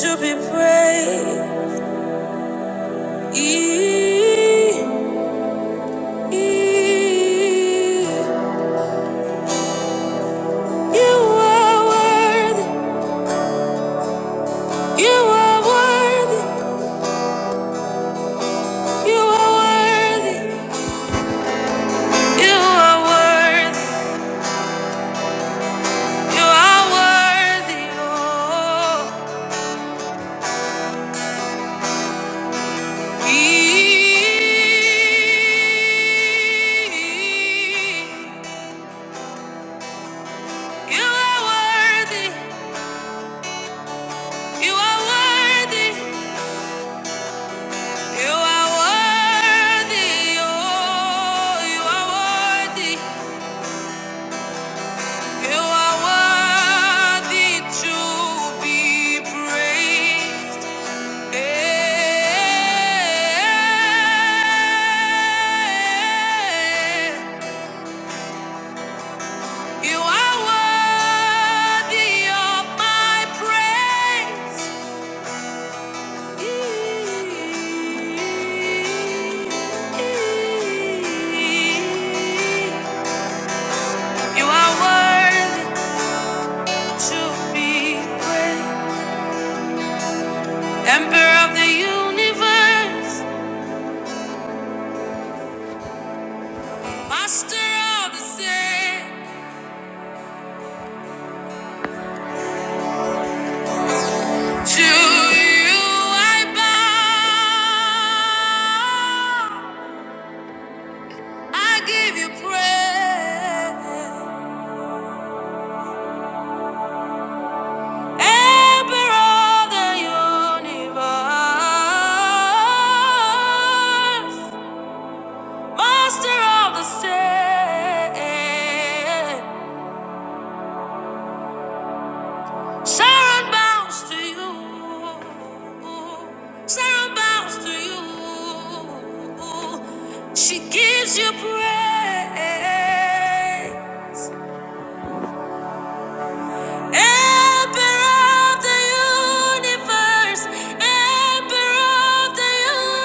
To be praised. You are worthy. You are worthy to be praised. Eh, You are worthy of my praise. You are worthy to be praised, Emperor of the universe. Master of the sea, to you I bow. I give you praise, Emperor of the universe, Master of the sea. Sharon bows to you. Sharon bows to you. She gives you praise. Emperor of the universe, Emperor of the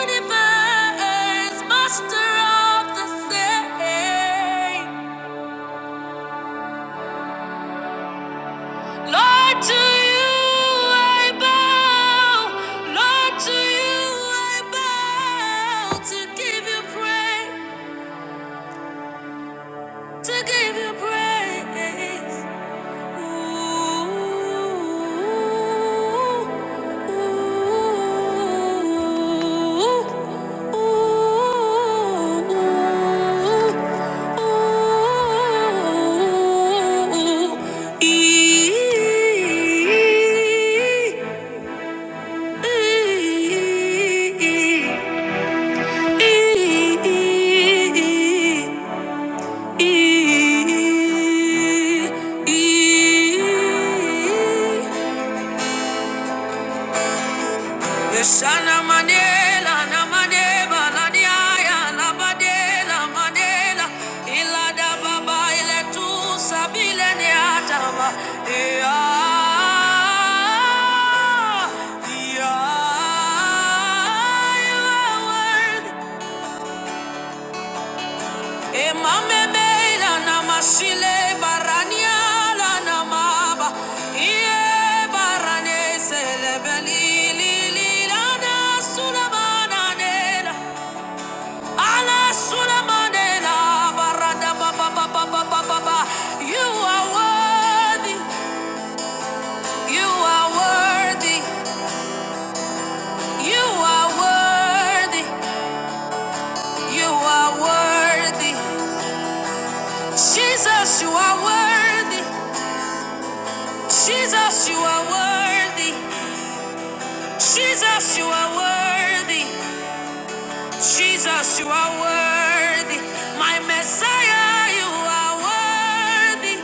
universe, Master of the same. Lord, to you I bow. Lord, to you I bow. To give you praise, to give you praise. Ooh, ooh, ooh, ooh, ooh, ooh. Shana Manela, Namadeva, Ladiaya, Labadela, Madela, Ilada Baba, Iletu, Sabile, Niataba, Ea, Ea, you are worthy. You are worthy. You are worthy. You are worthy. You are worthy. Jesus, you are worthy. Jesus, you are worthy. Jesus, you are worthy. Jesus, you are worthy. My Messiah, you are worthy.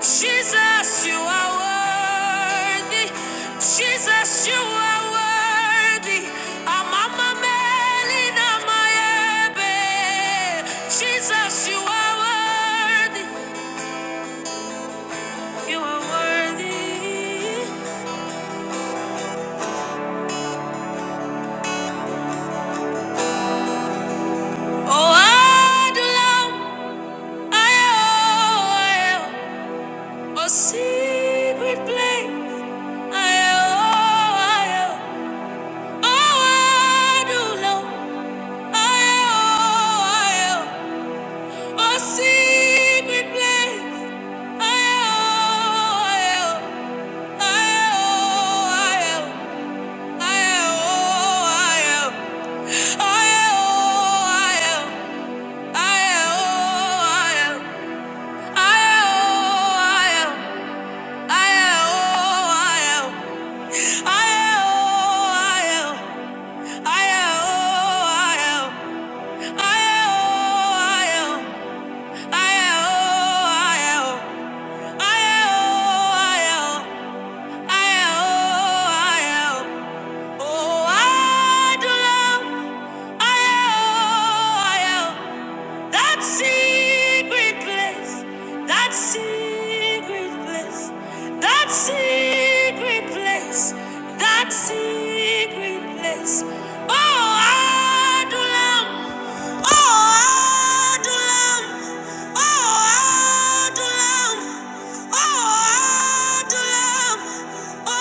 Jesus, you are worthy. Jesus, you are worthy. Amama melina maebe. Jesus, you are worthy. You are worthy. Oh, Adonai, I am. A secret place. I am. I oh, oh, I do know. I oh, I oh, a secret place. I oh, I oh, I oh, I oh, I oh, I oh. I That secret place, that secret place, that secret place, that secret place. Oh, Adulam, oh, Adulam, oh, Adulam, oh, Adulam. Oh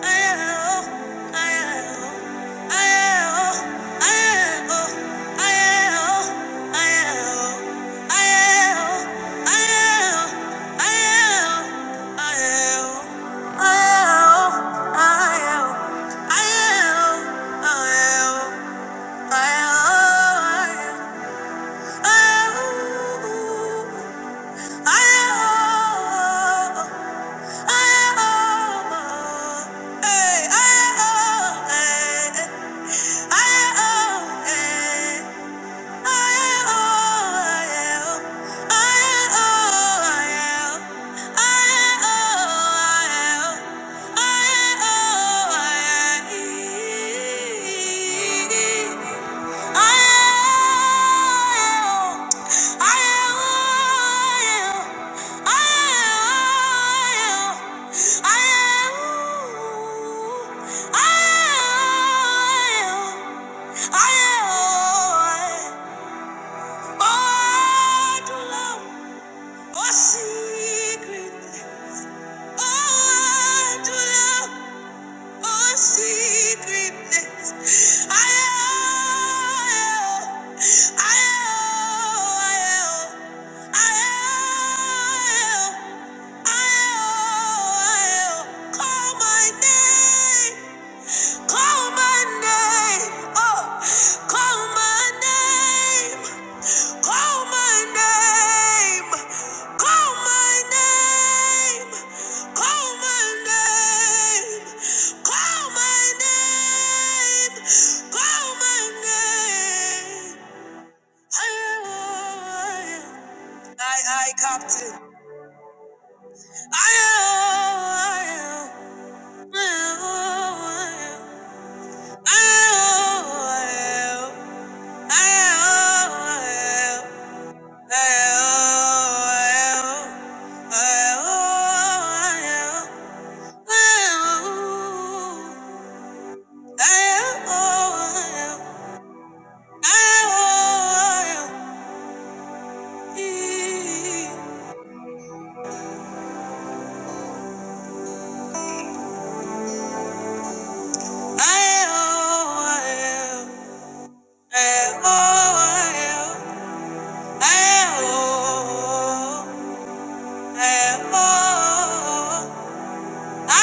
I am oh, I am. Oh I'll call my name. Call my name. Oh, call my name. Call my name. Call my name. Call my name. Call my name. Call my name. I, I, Captain. I, am. Oh My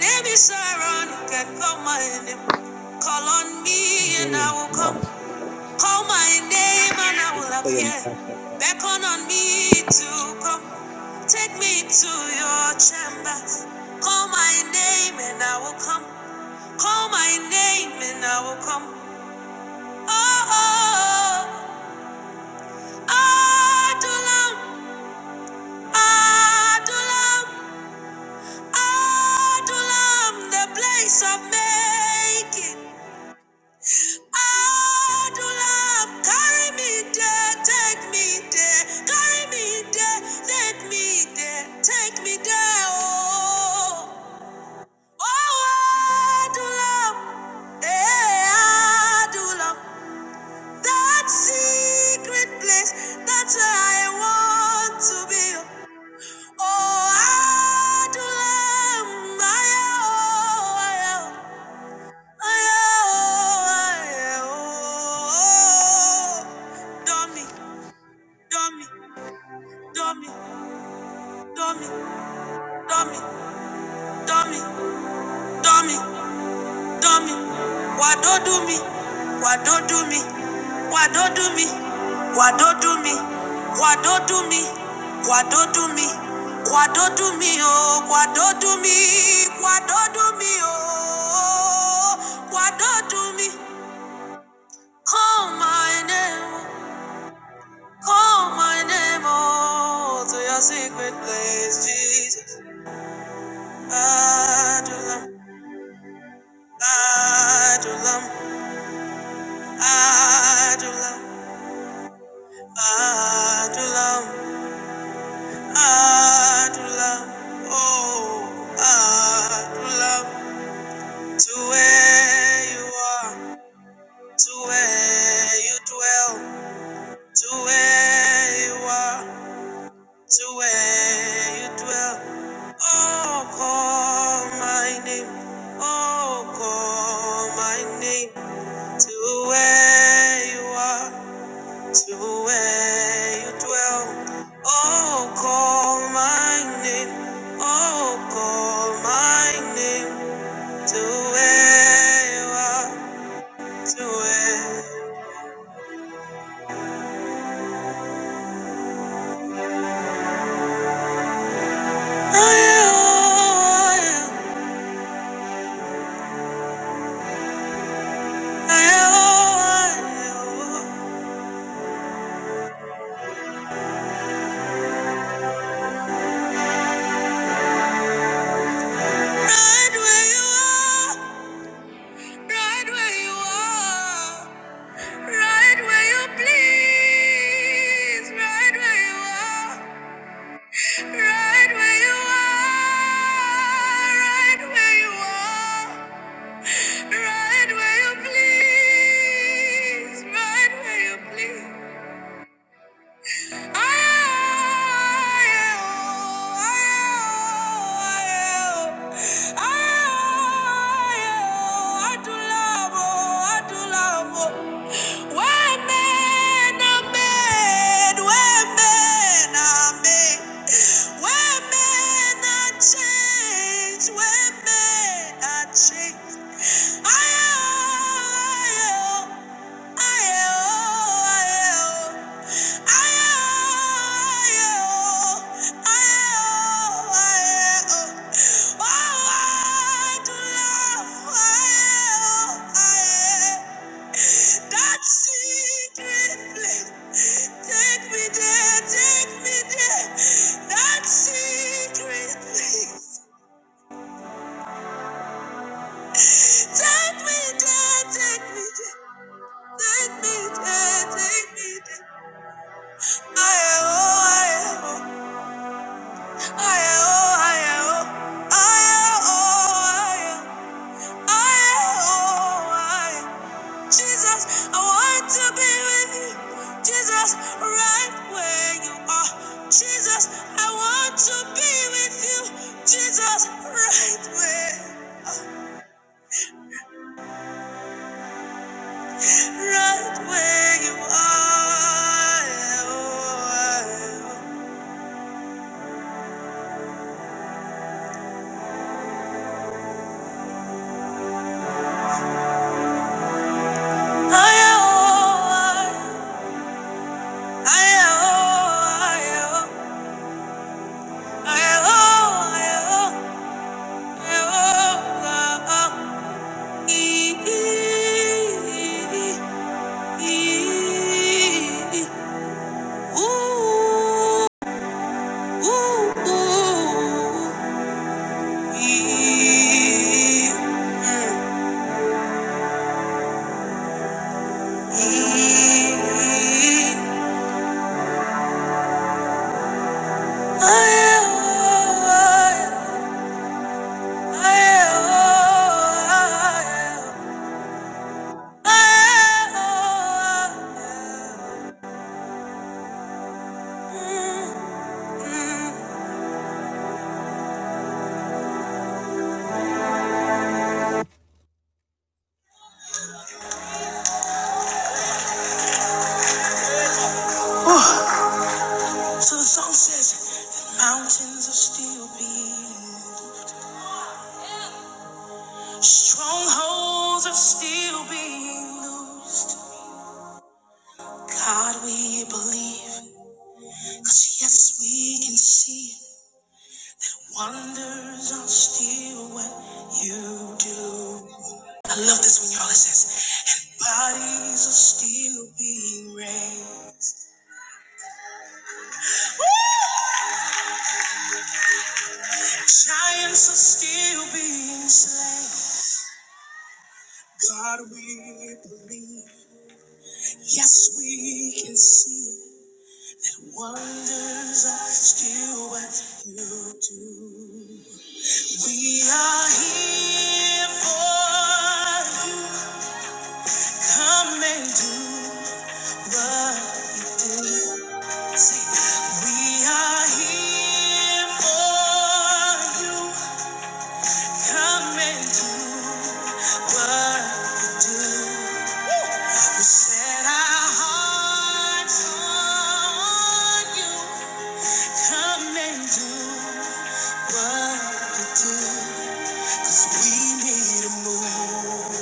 name is Aaron. You can call my name. Call on me and I Amen. will come. Lord, Call my name and I Thank will you for your appear. mercy, Lord. Beckon on me to come. Take me to your chambers. Call my name and I will come. Call my name and I will come. Take me there, oh, oh, Adulam, eh, Adulam. That secret place, that's where I want to be. Oh, I do love my oh, I, oh, I, oh, I, oh. Dummy, dummy, dummy, dummy, dummy, dummy, dummy. do me, why don't do me, why don't do me, why don't do me, why don't do me, why don't do me, why don't do me, why don't do me, oh, why don't do me, why don't do me, oh, why don't do me, call my name, call my name, oh, to your secret place, Jesus. Adulam, Adulam, Adulam. Adulam, Adulam, oh, Adulam, to where you are, to where you dwell, to where you are, to where you dwell. Oh, call my name, oh, call my name, to where you are. to where you dwell. Oh, call my name. Oh, call my name to where you are. To where I am. I am. I am. Right where you are. Right where you are. Right where you please. Right where you are. Right where you are, right where you are, right where you please, right where you please. I I are changed, Change. Take me there, take me there. I am, oh, I am. Jesus, I want to be with you. Jesus, right where you are. Jesus, I want to be with you. Jesus, right where, right where you are. I, oh, I, oh, I, oh, I, oh, I, oh, I, oh. Oh So the song says, the mountains are still being moved. Strongholds are still being loosed. God, we believe, cause yes, we can see that wonders are still what you do. I love this when y'all it says, and bodies are still being raised. Giants are still being slain. God, we believe. Yes, we can see that wonders are still what you do. We are here for you. Come and do what you do. Say, we are here for you. Come and do what you do. We set our hearts on you. Come and do what you do. 'Cause we need a move.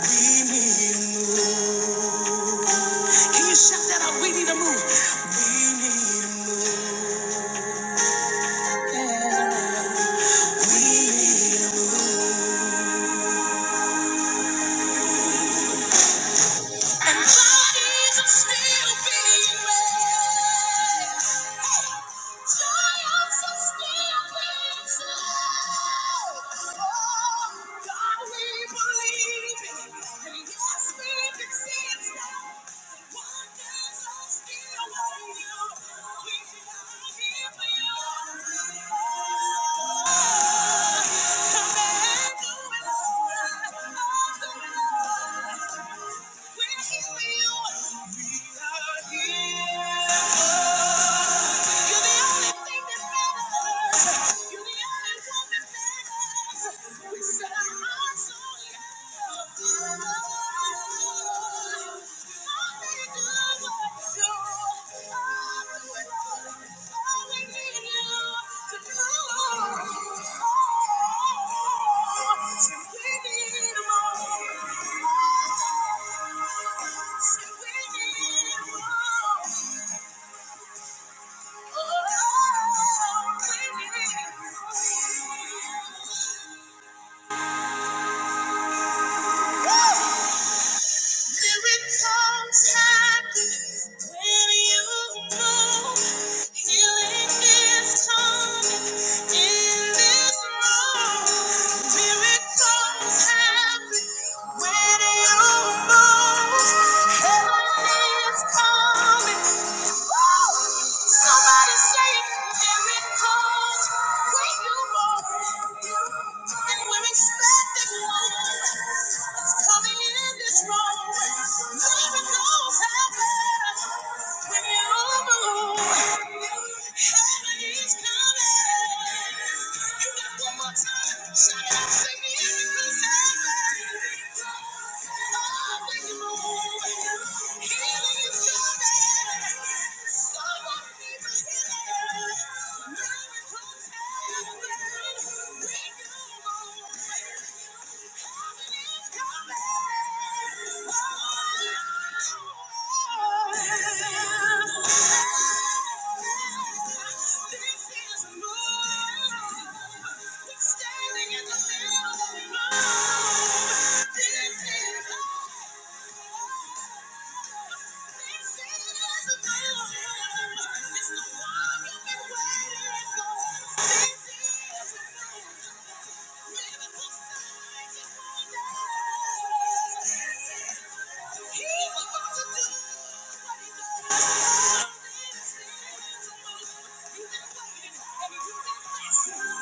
We need a move. Can you shout that out? We need a move. We need a move. We need a move. And bodies are still being raised. Giants are still being slain. Oh, God, we believe it. And yes, we can see it now. Wonders are still waiting. We are here for you. Come and do it, Lord. Do it, Lord. We're here for you. I'm not here to. You're the only thing that matters. You're the only one that matters. We set our hearts on you. Thank you. Woo! Miracles happen when you move. Healing is coming in this room. Miracles happen when you move. Heaven is coming. Woo! Somebody say miracles when you move. And we're expecting one. It's coming in this room. Miracles happen when you move. Heaven is coming. You got one more time. Shout it out, say miracles happen. Oh, when you move. Healing is coming. Standing in the middle of the road. This is Thank you. Oh,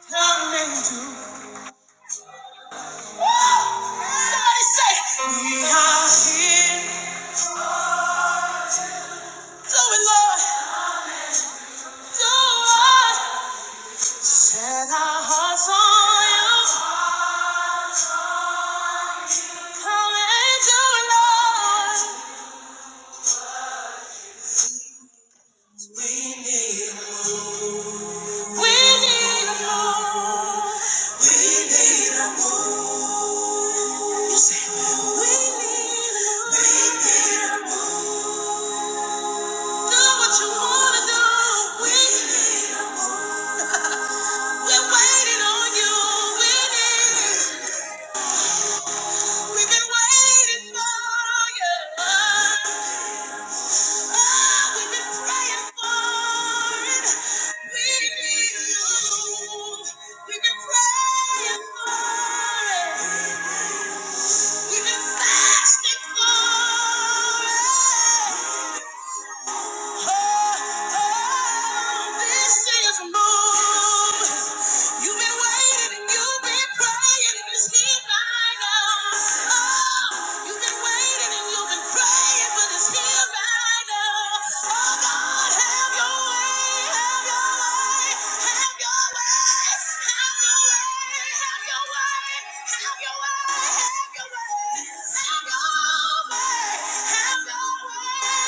you come into Somebody say, We are here. Do it, Lord. Do it. Set our hearts on you. Come and do Lord. We need a move. We need a move. We need a move. You say, We need a move. Do what you want to do. We need a move. We're waiting on you. We need We've been waiting for you. Oh, oh, we've been praying for it. We have been praying for it. We've been fasting for it. Have your way. Oh!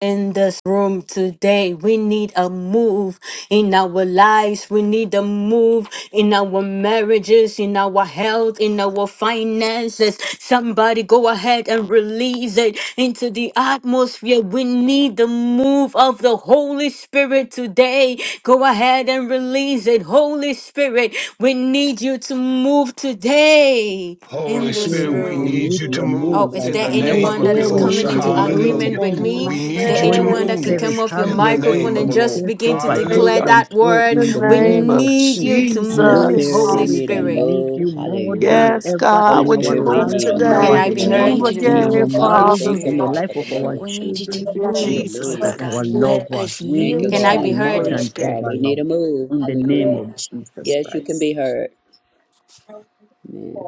in this room today. We need a move in our lives. We need a move in our marriages, in our health, in our finances. Somebody go ahead and release it into the atmosphere. We need the move of the Holy Spirit today. Go ahead and release it. Holy Spirit, we need you to move today Holy in Holy this Spirit, Spirit, Spirit, we we we room. need need need you you to to your move Oh, move move is like in there the today. Holy never name anyone of that Spirit, is we before Yahushua. coming need you in into the to name move of Hallelujah. agreement today with in the Jesus. me? We mighty Is there need name of you to Holy Yes, anyone that can move Spirit, come Jesus. off your have in your the way microphone name of and the and Lord. just take begin to over, my take declare God. Hallelujah. that control In word? the in the We name name of of need you Jesus. to Holy Holy move, Spirit, Jesus. Holy we God. Spirit, need a we Spirit. Let need me move. you more than Hallelujah. Yes, ever heal Holy God, in would and our you Spirit, we move deliver, need lives, oh a in Can today? God. our move I in Would the be you We health, Look name heard? move need you into of to the in deep again, our Jesus. move, God, places Holy we of marriages, thank Father? you, this in the Lord, Spirit. body for life the of and the name our move. We of need you Jesus, to children, oh In God. I thank in the move, you, Jesus' life Father Hallelujah. Holy name. of our God. Let loved Spirit. us ones. We Thank you, yield Can need to I Have Lord. you be you, your more way, heard? Holy Yes, Holy than Spirit. God, Spirit. ever, we need a Lord, move. in Have the your name Hallelujah. way. of Jesus Yes, you can Christ. be heard. Amen.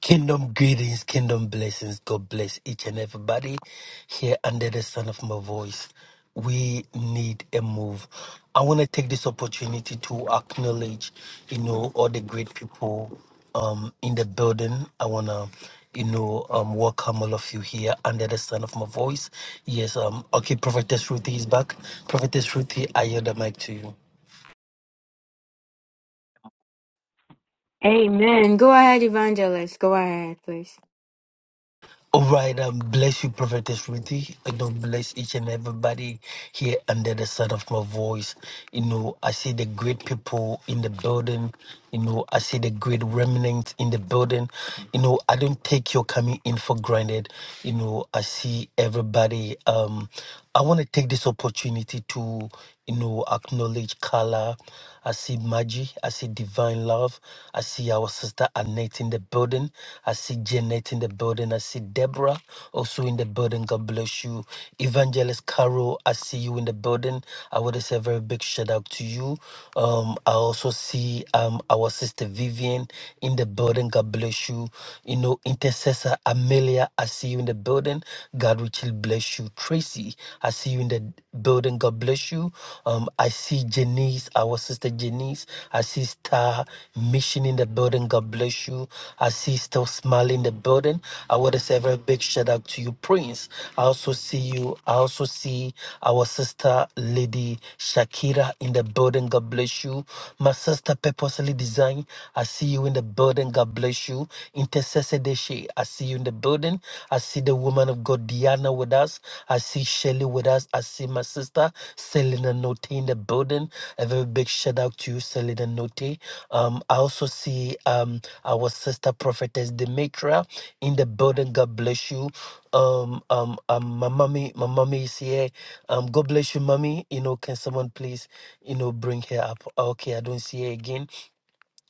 Kingdom greetings, kingdom blessings. God bless each and everybody here under the sound of my voice. We need a move. I want to take this opportunity to acknowledge, you know, all the great people um, in the building. I want to, you know, um, welcome all of you here under the sound of my voice. Yes, um, okay, Prophetess Ruthie is back. Prophetess Ruthie, I yield the mic to you. Amen. Go ahead, evangelist. Go ahead, please. All right, um, bless you, Prophetess Ruthie. I don't bless each and everybody here under the sound of my voice. You know, I see the great people in the building. You know, I see the great remnants in the building. You know, I don't take your coming in for granted. You know, I see everybody. Um, I want to take this opportunity to, you know, acknowledge Carla. I see Maggie. I see Divine Love. I see our sister Annette in the building. I see Janet in the building. I see Deborah also in the building. God bless you. Evangelist Carol, I see you in the building. I want to say a very big shout out to you. Um, I also see um our sister Vivian in the building. God bless you. You know, intercessor Amelia, I see you in the building. God richly bless you. Tracy, I see you in the building. God bless you. Um, I see Janice, our sister Janice. I see Star Mission in the building. God God bless you. I see still smiling in the building. I want to say a very big shout out to you, Prince. I also see you. I also see our sister, Lady Shakira, in the building. God bless you. My sister, Purposely Design. I see you in the building. God bless you. Intercessor Deshe. I see you in the building. I see the woman of God, Diana, with us. I see Shelly with us. I see my sister, Selena Note, in the building. A very big shout out to you, Selena Note. Um, I also see um, our sister prophetess Demetria in the building. God bless you. Um, um, um, my mommy, my mommy is here. Um, God bless you, mommy. You know, can someone please, you know, bring her up? Okay, I don't see her again.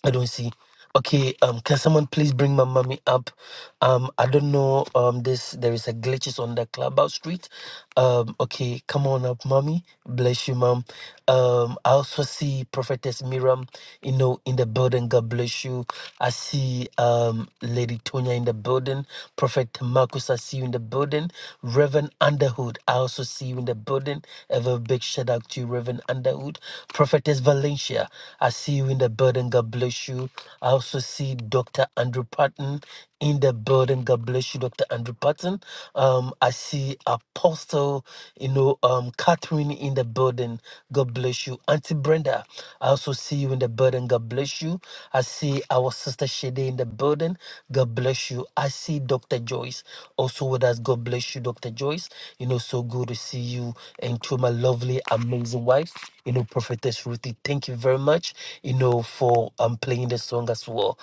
I don't see. Okay, um, can someone please bring my mommy up? Um, I don't know. Um, this there is a glitches on the clubhouse street. Um, okay, come on up, mommy. Bless you, mom. Um, I also see prophetess Miriam, you know, in the building. God bless you. I see um Lady Tonya in the building. Prophet Marcus, I see you in the building. Reverend Underhood, I also see you in the building. Have a big shout out to you, Reverend Underhood. Jude, Prophetess Valencia. I see you in the building. God bless you. I also see Dr. Andrew Patton in the building. God bless you, Dr. Andrew Patton. Um, I see Apostle, you know, um, Catherine in the building. God bless you. Auntie Brenda, I also see you in the building. God bless you. I see our sister Shade in the building. God bless you. I see Dr. Joyce also with us. God bless you, Dr. Joyce. You know, so good to to see you and to my lovely, amazing wife, you know, Prophetess Ruthie. Thank you very much, you know, for um playing the song as well.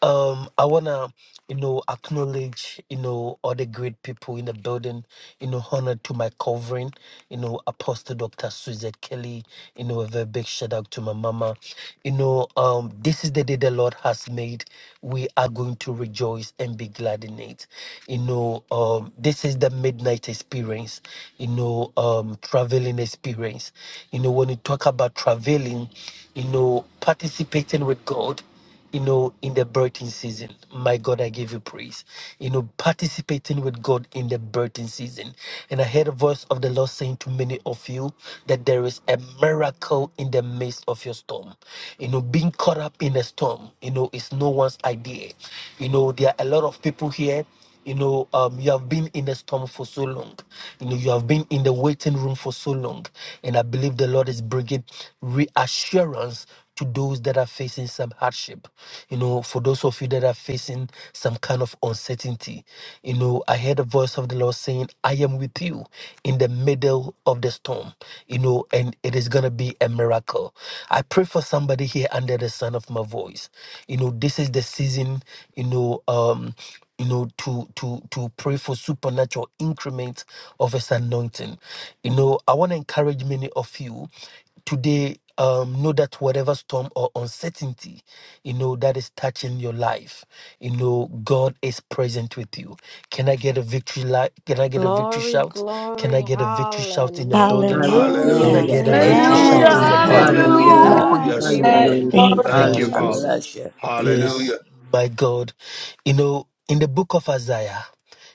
Um, I wanna, you know, acknowledge, you know, all the great people in the building, you know, honor to my covering, you know, Apostle Dr. Suzette Kelly, you know, a very big shout out to my mama. You know, um, this is the day the Lord has made. We are going to rejoice and be glad in it. You know, know, um, this is the midnight experience, you know, um, traveling experience. You know, when you talk about traveling, you know, participating with God, you know, in the birthing season. My God, I give you praise. You know, participating with God in the birthing season. And I heard a voice of the Lord saying to many of you that there is a miracle in the midst of your storm. You know, being caught up in a storm, you know, is no one's idea. You know, there are a lot of people here you know, um, you have been in the storm for so long. You know, you have been in the waiting room for so long. And I believe the Lord is bringing reassurance to those that are facing some hardship. You know, for those of you that are facing some kind of uncertainty, you know, I heard the voice of the Lord saying, I am with you in the middle of the storm, you know, and it is going to be a miracle. I pray for somebody here under the sound of my voice. You know, this is the season, you know, um, you know to to to pray for supernatural increment of his anointing you know i want to encourage many of you today um, know that whatever storm or uncertainty you know that is touching your life you know god is present with you can i get a victory li- can i get a victory Glory, shout can i glory, get a victory shout in the building hallelujah. can Amen. i Hallelujah. Hallelujah. get Hallelujah. a Praise victory the Praise Hallelujah, Holy Thank Amen. shout Lord. in God. the Amen. Spirit, Yes. thank building you, you Hallelujah. Hallelujah. for Hallelujah. Hallelujah. Hallelujah. hallelujah. God. Yes, Father. Hallelujah. Amen. Lord. Hallelujah. Amen. Glory. Hallelujah. Thank you, Thank Yeah. you, God Father. Mm. Hallelujah. Jesus. bless you. Amen. Yes, Hallelujah. my God. You know, in the book of Isaiah,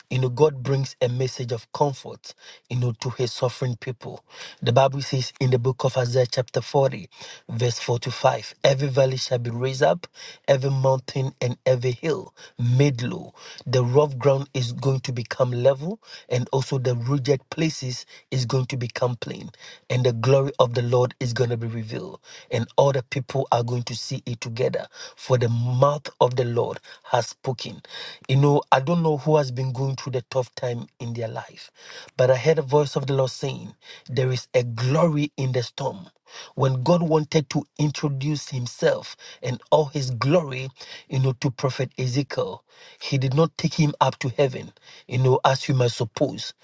you know, God brings a message of comfort, you know, to his suffering people. The Bible says in the book of Isaiah, chapter 40, verse 4 to 5, every valley shall be raised up, every mountain and every hill made low. The rough ground is going to become level, and also the rugged places is going to become plain and the glory of the Lord is going to be revealed, and all the people are going to see it together. For the mouth of the Lord has spoken. You know, I don't know who has been going through the tough time in their life, but I heard a voice of the Lord saying, There is a glory in the storm when God wanted to introduce himself and all his glory, you know, to prophet Ezekiel, he did not take him up to heaven. You know, know, as you might suppose,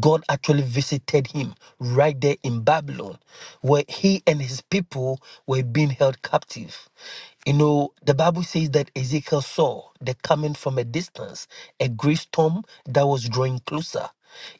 God actually visited him right there in Babylon, where he and his people were being held captive. You know, the Bible says that Ezekiel saw the coming from a distance, a great storm that was drawing closer.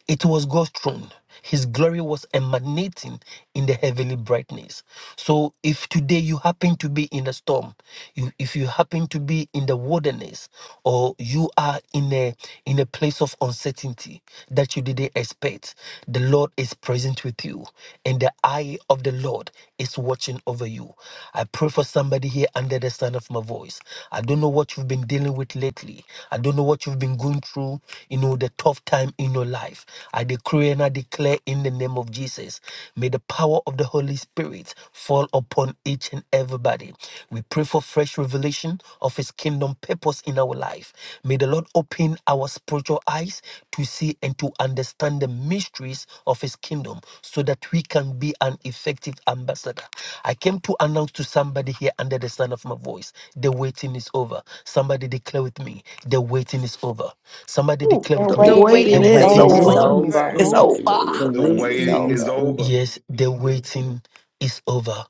It was God's throne. His glory was emanating in the heavenly brightness. So, if today you happen to be in a storm, you, if you happen to be in the wilderness, or you are in a in a place of uncertainty that you didn't expect, the Lord is present with you, and the eye of the Lord is watching over you. I pray for somebody here under the sound of my voice. I don't know what you've been dealing with lately. I don't know what you've been going through. You know the tough time in your life. I decree decree and I declare in the name of Jesus, may the power of the Holy Spirit fall upon each and everybody. We pray for fresh revelation of His kingdom purpose in our life. May the Lord open our spiritual eyes to see and to understand the mysteries of His kingdom so that we can be an effective ambassador. I came to announce to somebody here under the sound of my voice the waiting is over. Somebody declare with me, the waiting is over. Somebody Ooh, declare The with The The me, waiting the waiting The is waiting is waiting is The waiting The is over. is over. over. waiting waiting is is over. over. It's over. over. over. Hallelujah. The The The waiting is waiting waiting is is over. over. over. Yes, the waiting is over.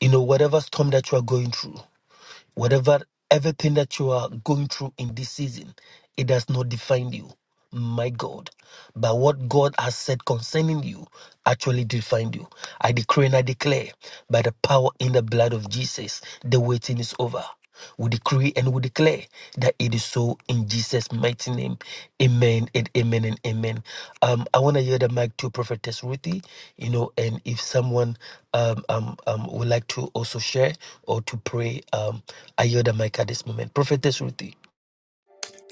You know, whatever storm that you are going through, Whatever, everything that you are going through in this season, it does not define you, my God. But what God has said concerning you actually defined you. I decree and I declare by the power in the blood of Jesus, the waiting is over. We decree and we declare that it is so in Jesus' mighty name. Amen and amen and amen. Um, I want to yield the mic to Prophetess Ruthie, you know, and if someone um, um, um, would like to also share or to pray, um, I yield the mic at this moment. Prophetess Ruthie.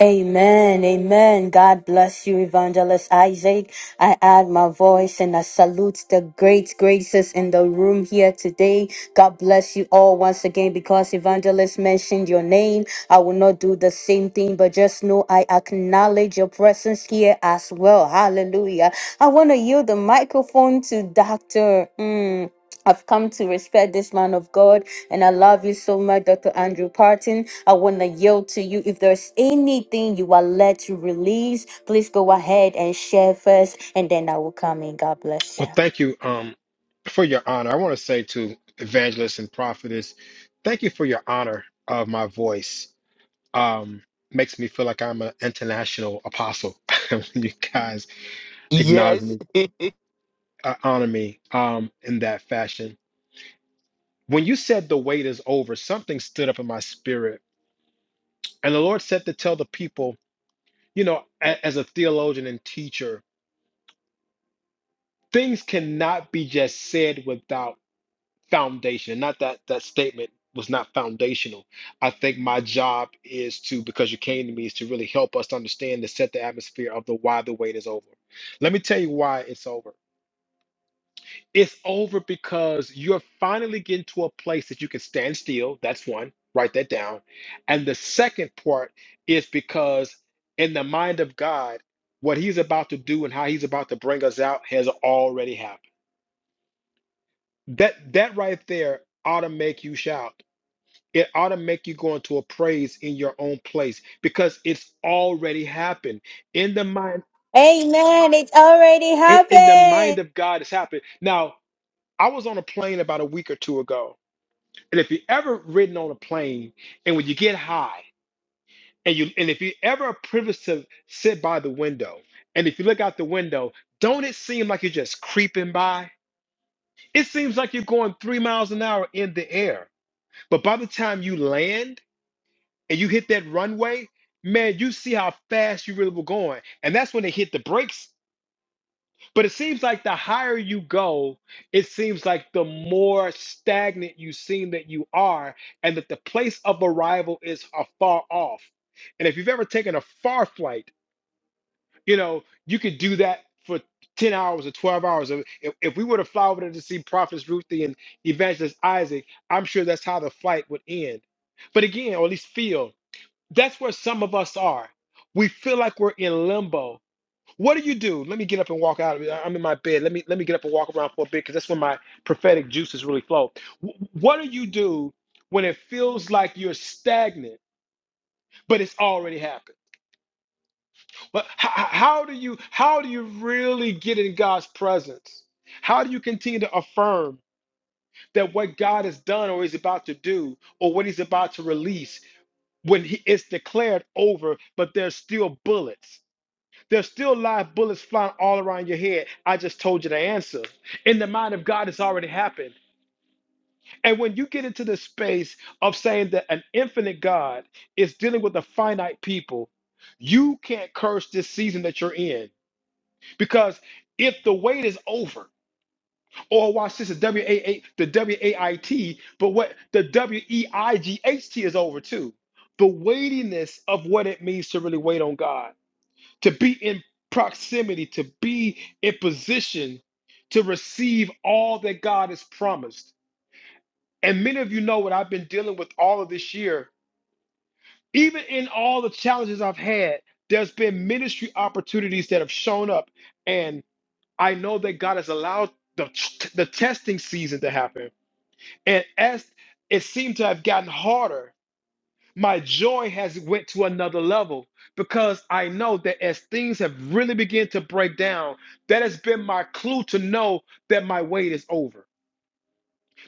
Amen, amen. God bless you, Evangelist Isaac. I add my voice and I salute the great graces in the room here today. God bless you all once again because Evangelist mentioned your name. I will not do the same thing, but just know I acknowledge your presence here as well. Hallelujah. I want to yield the microphone to Dr. Mm, I've come to respect this man of God. And I love you so much, Dr. Andrew Parton. I want to yield to you. If there's anything you are led to release, please go ahead and share first, and then I will come in. God bless Well, you. thank you um, for your honor. I want to say to evangelists and prophetess, thank you for your honor of my voice. Um, makes me feel like I'm an international apostle when you guys acknowledge Yes. me, uh, honor me um, in that fashion. When you said the wait is over, something stood up in my spirit. And the Lord said to tell the people, you know, a- as a theologian and teacher, things cannot be just said without foundation. Not that that statement was not foundational. I think my job is to, because you came to me, is to really help us understand to set the atmosphere of the why the wait is over. Let me tell you why it's over. It's over because you're finally getting to a place that you can stand still. That's one. Write that down. And the second part is because in the mind of God, what he's about to do and how he's about to bring us out has already happened. That that right there ought to make you shout it ought to make you go into a praise in your own place because it's already happened in the mind Amen. It's already in, in the mind happened. of god it's happened now i was on a plane about a week or two ago and if you ever ridden on a plane and when you get high and you and if you ever are privileged to sit by the window and if you look out the window don't it seem like you're just creeping by it seems like you're going three miles an hour in the air but by the time you land and you hit that runway, man, you see how fast you really were going. And that's when they hit the brakes. But it seems like the higher you go, it seems like the more stagnant you seem that you are, and that the place of arrival is afar off. And if you've ever taken a far flight, you know, you could do that for 10 hours or 12 hours. If, if we were to fly over there to see Prophets Ruthie and Evangelist Isaac, I'm sure that's how the flight would end. But again, or at least feel, that's where some of us are. We feel like we're in limbo. What do you do? Let me get up and walk out. I'm in my bed. Let me let me get up and walk around for a bit because that's when my prophetic juices really flow. Wh- What do you do when it feels like you're stagnant, but it's already happened? But how, how do you how do you really get in God's presence? How do you continue to affirm that what God has done or is about to do or what He's about to release when he, it's declared over, but there's still bullets? There's still live bullets flying all around your head. I just told you the answer. In the mind of God, it's already happened. And when you get into the space of saying that an infinite God is dealing with a finite people, you can't curse this season that you're in because if the wait is over, or watch this, the W A A the W A I T, but what the W E I G H T is over too. The weightiness of what it means to really wait on God to be in proximity, to be in position to receive all that God has promised. And many of you know what I've been dealing with all of this year. Even in all the challenges I've had, there's been ministry opportunities that have shown up. And I know that God has allowed the, the testing season to happen. And as it seemed to have gotten harder, my joy has went to another level because i know that as things have really begun to break down that has been my clue to know that my wait is over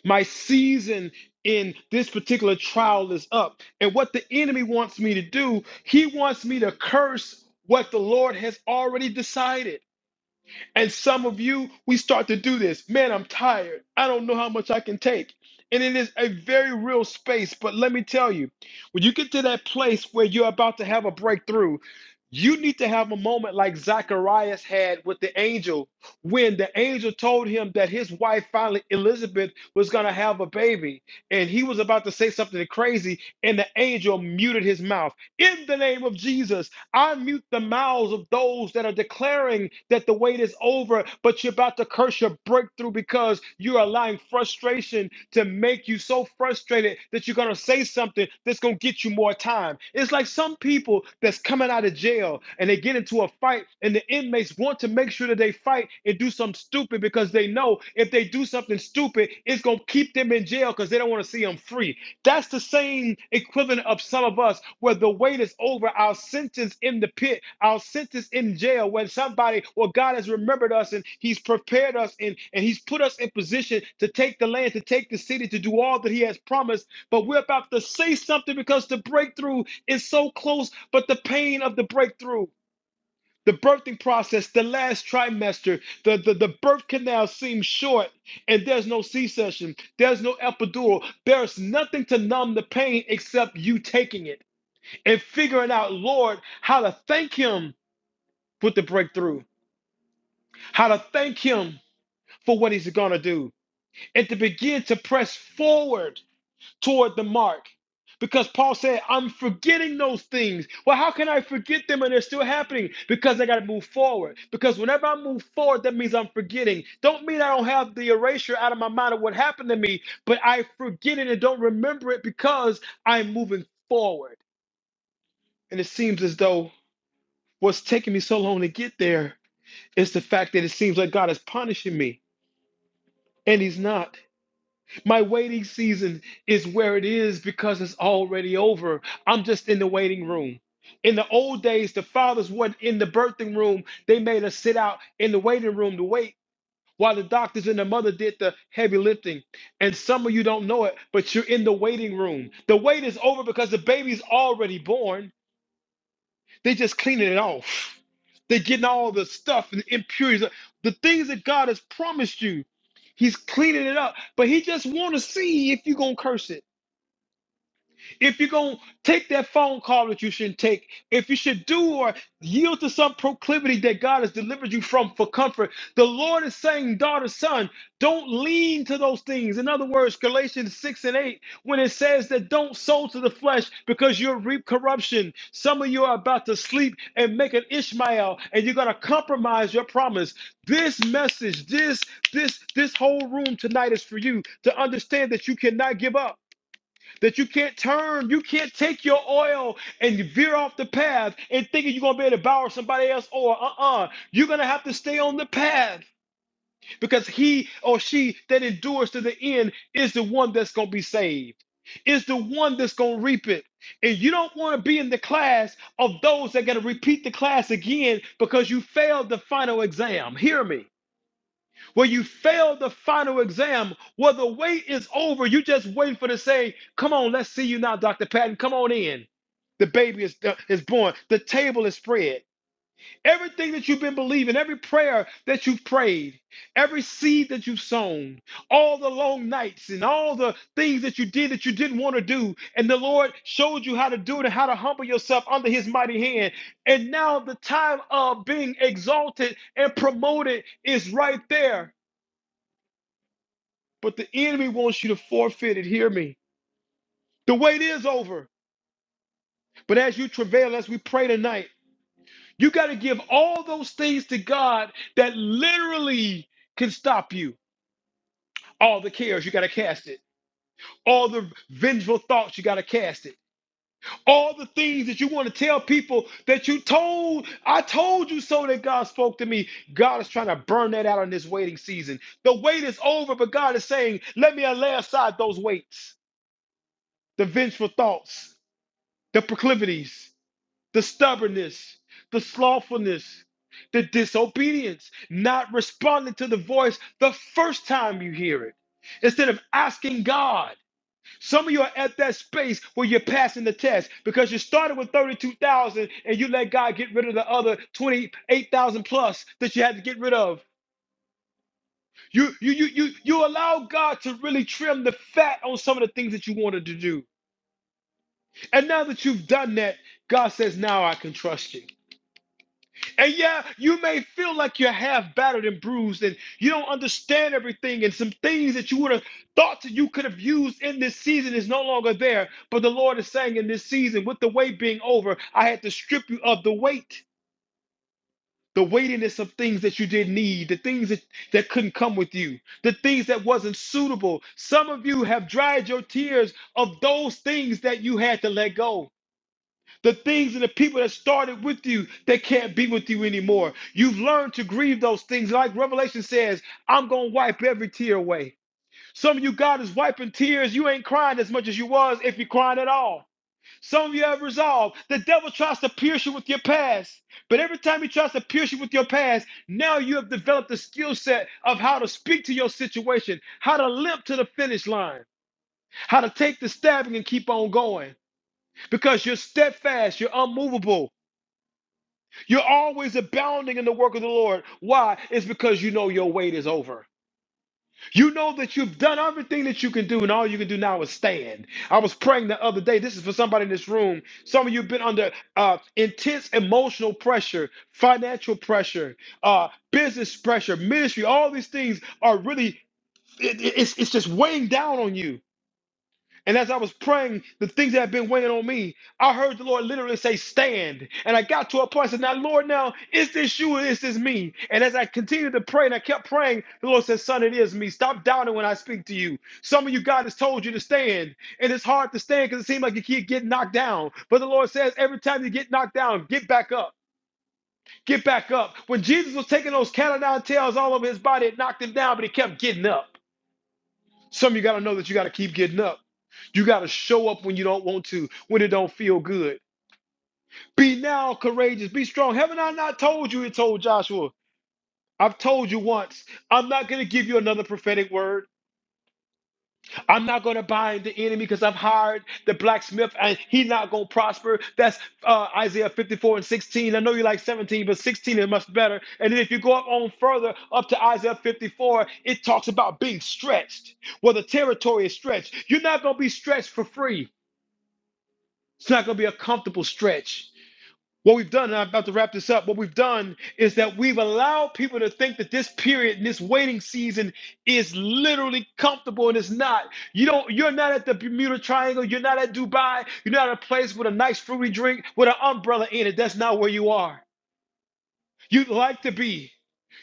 my season in this particular trial is up and what the enemy wants me to do he wants me to curse what the lord has already decided and some of you, we start to do this. Man, I'm tired. I don't know how much I can take. And it is a very real space. But let me tell you, when you get to that place where you're about to have a breakthrough, you need to have a moment like Zacharias had with the angel when the angel told him that his wife, finally, Elizabeth, was going to have a baby. And he was about to say something crazy, and the angel muted his mouth. In the name of Jesus, I mute the mouths of those that are declaring that the wait is over, but you're about to curse your breakthrough because you're allowing frustration to make you so frustrated that you're going to say something that's going to get you more time. It's like some people that's coming out of jail and they get into a fight, and the inmates want to make sure that they fight and do something stupid because they know if they do something stupid, it's going to keep them in jail because they don't want to see them free. That's the same equivalent of some of us where the wait is over, our sentence in the pit, our sentence in jail, when somebody well, God has remembered us and He's prepared us and, and He's put us in position to take the land, to take the city, to do all that He has promised. But we're about to say something because the breakthrough is so close, but the pain of the breakthrough. The birthing process, the last trimester, the, the, the birth canal seems short, and there's no C section, there's no epidural, there's nothing to numb the pain except you taking it and figuring out, Lord, how to thank Him with the breakthrough, how to thank Him for what He's gonna do, and to begin to press forward toward the mark. Because Paul said, I'm forgetting those things. Well, how can I forget them and they're still happening? Because I got to move forward. Because whenever I move forward, that means I'm forgetting. Don't mean I don't have the erasure out of my mind of what happened to me, but I forget it and don't remember it because I'm moving forward. And it seems as though what's taking me so long to get there is the fact that it seems like God is punishing me, and He's not. My waiting season is where it is because it's already over. I'm just in the waiting room. In the old days, the fathers weren't in the birthing room. They made us sit out in the waiting room to wait while the doctors and the mother did the heavy lifting. And some of you don't know it, but you're in the waiting room. The wait is over because the baby's already born. They just cleaning it off. They're getting all the stuff and the impurities, the things that God has promised you. He's cleaning it up, but He just want to see if you're gonna curse it if you're going to take that phone call that you shouldn't take, if you should do or yield to some proclivity that God has delivered you from for comfort, the Lord is saying, daughter, son, don't lean to those things. In other words, Galatians 6 and 8, when it says that don't sow to the flesh because you'll reap corruption. Some of you are about to sleep and make an Ishmael and you're going to compromise your promise. This message, this, this, this whole room tonight is for you to understand that you cannot give up that you can't turn, you can't take your oil and veer off the path and thinking you're gonna be able to borrow somebody else or uh-uh. You're gonna have to stay on the path because he or she that endures to the end is the one that's gonna be saved, is the one that's gonna reap it. And you don't want to be in the class of those that gotta repeat the class again because you failed the final exam. Hear me where you failed the final exam, where the wait is over. You just waiting for to say, "Come on, let's see you now, Doctor Patton. Come on in." The baby is uh, is born. The table is spread. Everything that you've been believing, every prayer that you've prayed, every seed that you've sown, all the long nights and all the things that you did that you didn't want to do, and the Lord showed you how to do it and how to humble yourself under His mighty hand. And now the time of being exalted and promoted is right there. But the enemy wants you to forfeit it. Hear me. The wait is over. But as you travail, as we pray tonight, you got to give all those things to God that literally can stop you. All the cares, you got to cast it. All the vengeful thoughts, you got to cast it. All the things that you want to tell people that you told, I told you so that God spoke to me. God is trying to burn that out in this waiting season. The wait is over, but God is saying, let me lay aside those weights, the vengeful thoughts. the proclivities, the stubbornness, the slothfulness, the disobedience, not responding to the voice the first time you hear it, instead of asking God. Some of you are at that space where you're passing the test because you started with 32,000 and you let God get rid of the other 28,000 plus that you had to get rid of. You, you, you, you, you allow God to really trim the fat on some of the things that you wanted to do. And now that you've done that, God says, Now I can trust you. And yeah, you may feel like you're half battered and bruised and you don't understand everything, and some things that you would have thought that you could have used in this season is no longer there. But the Lord is saying in this season, with the weight being over, I had to strip you of the weight. The weightiness of things that you didn't need, the things that, that couldn't come with you, the things that wasn't suitable. Some of you have dried your tears of those things that you had to let go. The things and the people that started with you that can't be with you anymore. You've learned to grieve those things. Like Revelation says, I'm going to wipe every tear away. Some of you, God is wiping tears. You ain't crying as much as you was if you're crying at all. Some of you have resolved. The devil tries to pierce you with your past. But every time he tries to pierce you with your past, now you have developed a skill set of how to speak to your situation, how to limp to the finish line, how to take the stabbing and keep on going because you're steadfast, you're unmovable. You're always abounding in the work of the Lord. Why? It's because you know your wait is over. You know that you've done everything that you can do, and all you can do now is stand. I was praying the other day. This is for somebody in this room. Some of you have been under uh, intense emotional pressure, financial pressure, uh, business pressure, ministry. All these things are really, it- it- it's, it's just weighing down on you. And as I was praying, the things that had been weighing on me, I heard the Lord literally say, Stand. And I got to a point, I said, Now, Lord, now, is this you or is this me? And as I continued to pray and I kept praying, the Lord said, Son, it is me. Stop doubting when I speak to you. Some of you, God has told you to stand. And it's hard to stand because it seems like you keep getting knocked down. But the Lord says, Every time you get knocked down, get back up. Get back up. When Jesus was taking those cat o' nine tails all over his body, it knocked him down, but he kept getting up. Some of you got to know that you got to keep getting up. You got to show up when you don't want to, when it don't feel good. Be now courageous. Be strong. Haven't I not told you? It told Joshua. I've told you once. I'm not going to give you another prophetic word. I'm not going to bind the enemy because I've hired the blacksmith and he's not going to prosper. That's uh, Isaiah 54 and 16. I know you like 17, but 16 is much better. And then if you go up on further, up to Isaiah 54, it talks about being stretched, Well, the territory is stretched. You're not going to be stretched for free. It's not going to be a comfortable stretch. What we've done, and I'm about to wrap this up, what we've done is that we've allowed people to think that this period, and this waiting season is literally comfortable and it's not. You don't, you're not at the Bermuda Triangle, you're not at Dubai, you're not at a place with a nice fruity drink with an umbrella in it. That's not where you are. You'd like to be.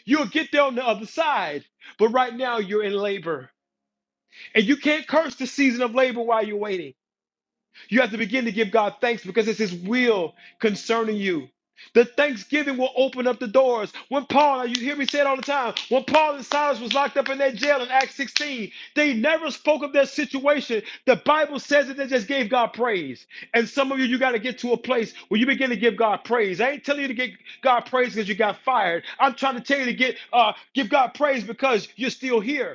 You'll get there on the other side, but right now you're in labor. And you can't curse the season of labor while you're waiting. You have to begin to give God thanks because it's His will concerning you. The thanksgiving will open up the doors. When Paul, you hear me say it all the time, when Paul and Silas was locked up in that jail in Acts 16, they never spoke of their situation. The Bible says that they just gave God praise. And some of you, you got to get to a place where you begin to give God praise. I ain't telling you to give God praise because you got fired. I'm trying to tell you to get uh, give God praise because you're still here.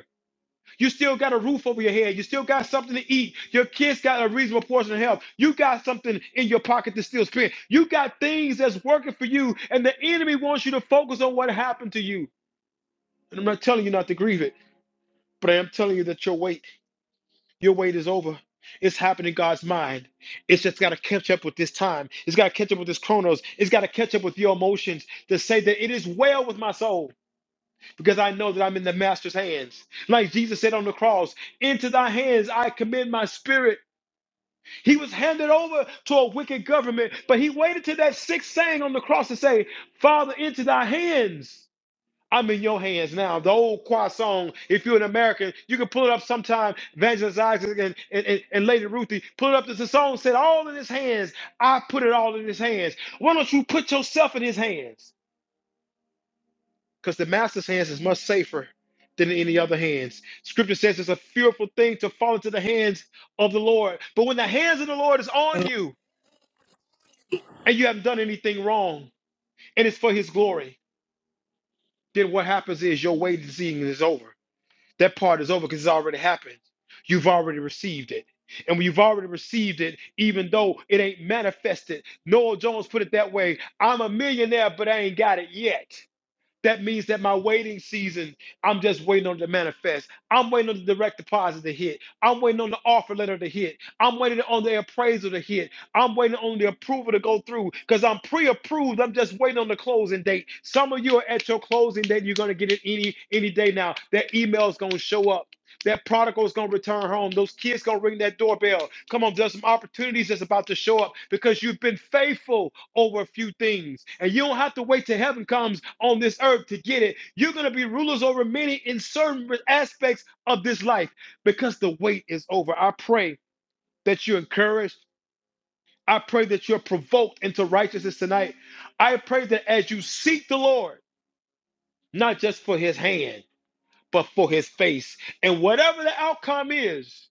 You still got a roof over your head. You still got something to eat. Your kids got a reasonable portion of health. You got something in your pocket to still spend. You got things that's working for you, and the enemy wants you to focus on what happened to you. And I'm not telling you not to grieve it, but I am telling you that your wait, your wait is over. It's happening in God's mind. It's just got to catch up with this time. It's got to catch up with this chronos. It's got to catch up with your emotions to say that it is well with my soul because I know that I'm in the master's hands. Like Jesus said on the cross, into thy hands I commend my spirit. He was handed over to a wicked government, but he waited till that sixth saying on the cross to say, Father, into thy hands. I'm in your hands now. The old choir song, if you're an American, you can pull it up sometime. Evangelist Isaac and, and, and, and Lady Ruthie, pull it up. There's a song said, All in his hands. I put it all in his hands. Why don't you put yourself in his hands? because the master's hands is much safer than in any other hands. Scripture says it's a fearful thing to fall into the hands of the Lord. But when the hands of the Lord is on you and you haven't done anything wrong and it's for his glory, then what happens is your waiting season is over. That part is over because it's already happened. You've already received it. And when you've already received it, even though it ain't manifested, Noel Jones put it that way I'm a millionaire, but I ain't got it yet. That means that my waiting season, I'm just waiting on it to manifest. I'm waiting on the direct deposit to hit. I'm waiting on the offer letter to hit. I'm waiting on the appraisal to hit. I'm waiting on the approval to go through because I'm pre-approved. I'm just waiting on the closing date. Some of you are at your closing date. You're gonna get it any any day now. That email is gonna show up. That prodigal is going to return home. Those kids going to ring that doorbell. Come on, there's some opportunities that's about to show up because you've been faithful over a few things. And you don't have to wait till heaven comes on this earth to get it. You're going to be rulers over many in certain aspects of this life because the wait is over. I pray that you're encouraged. I pray that you're provoked into righteousness tonight. I pray that as you seek the Lord, not just for his hand, but for his face. And whatever the outcome is,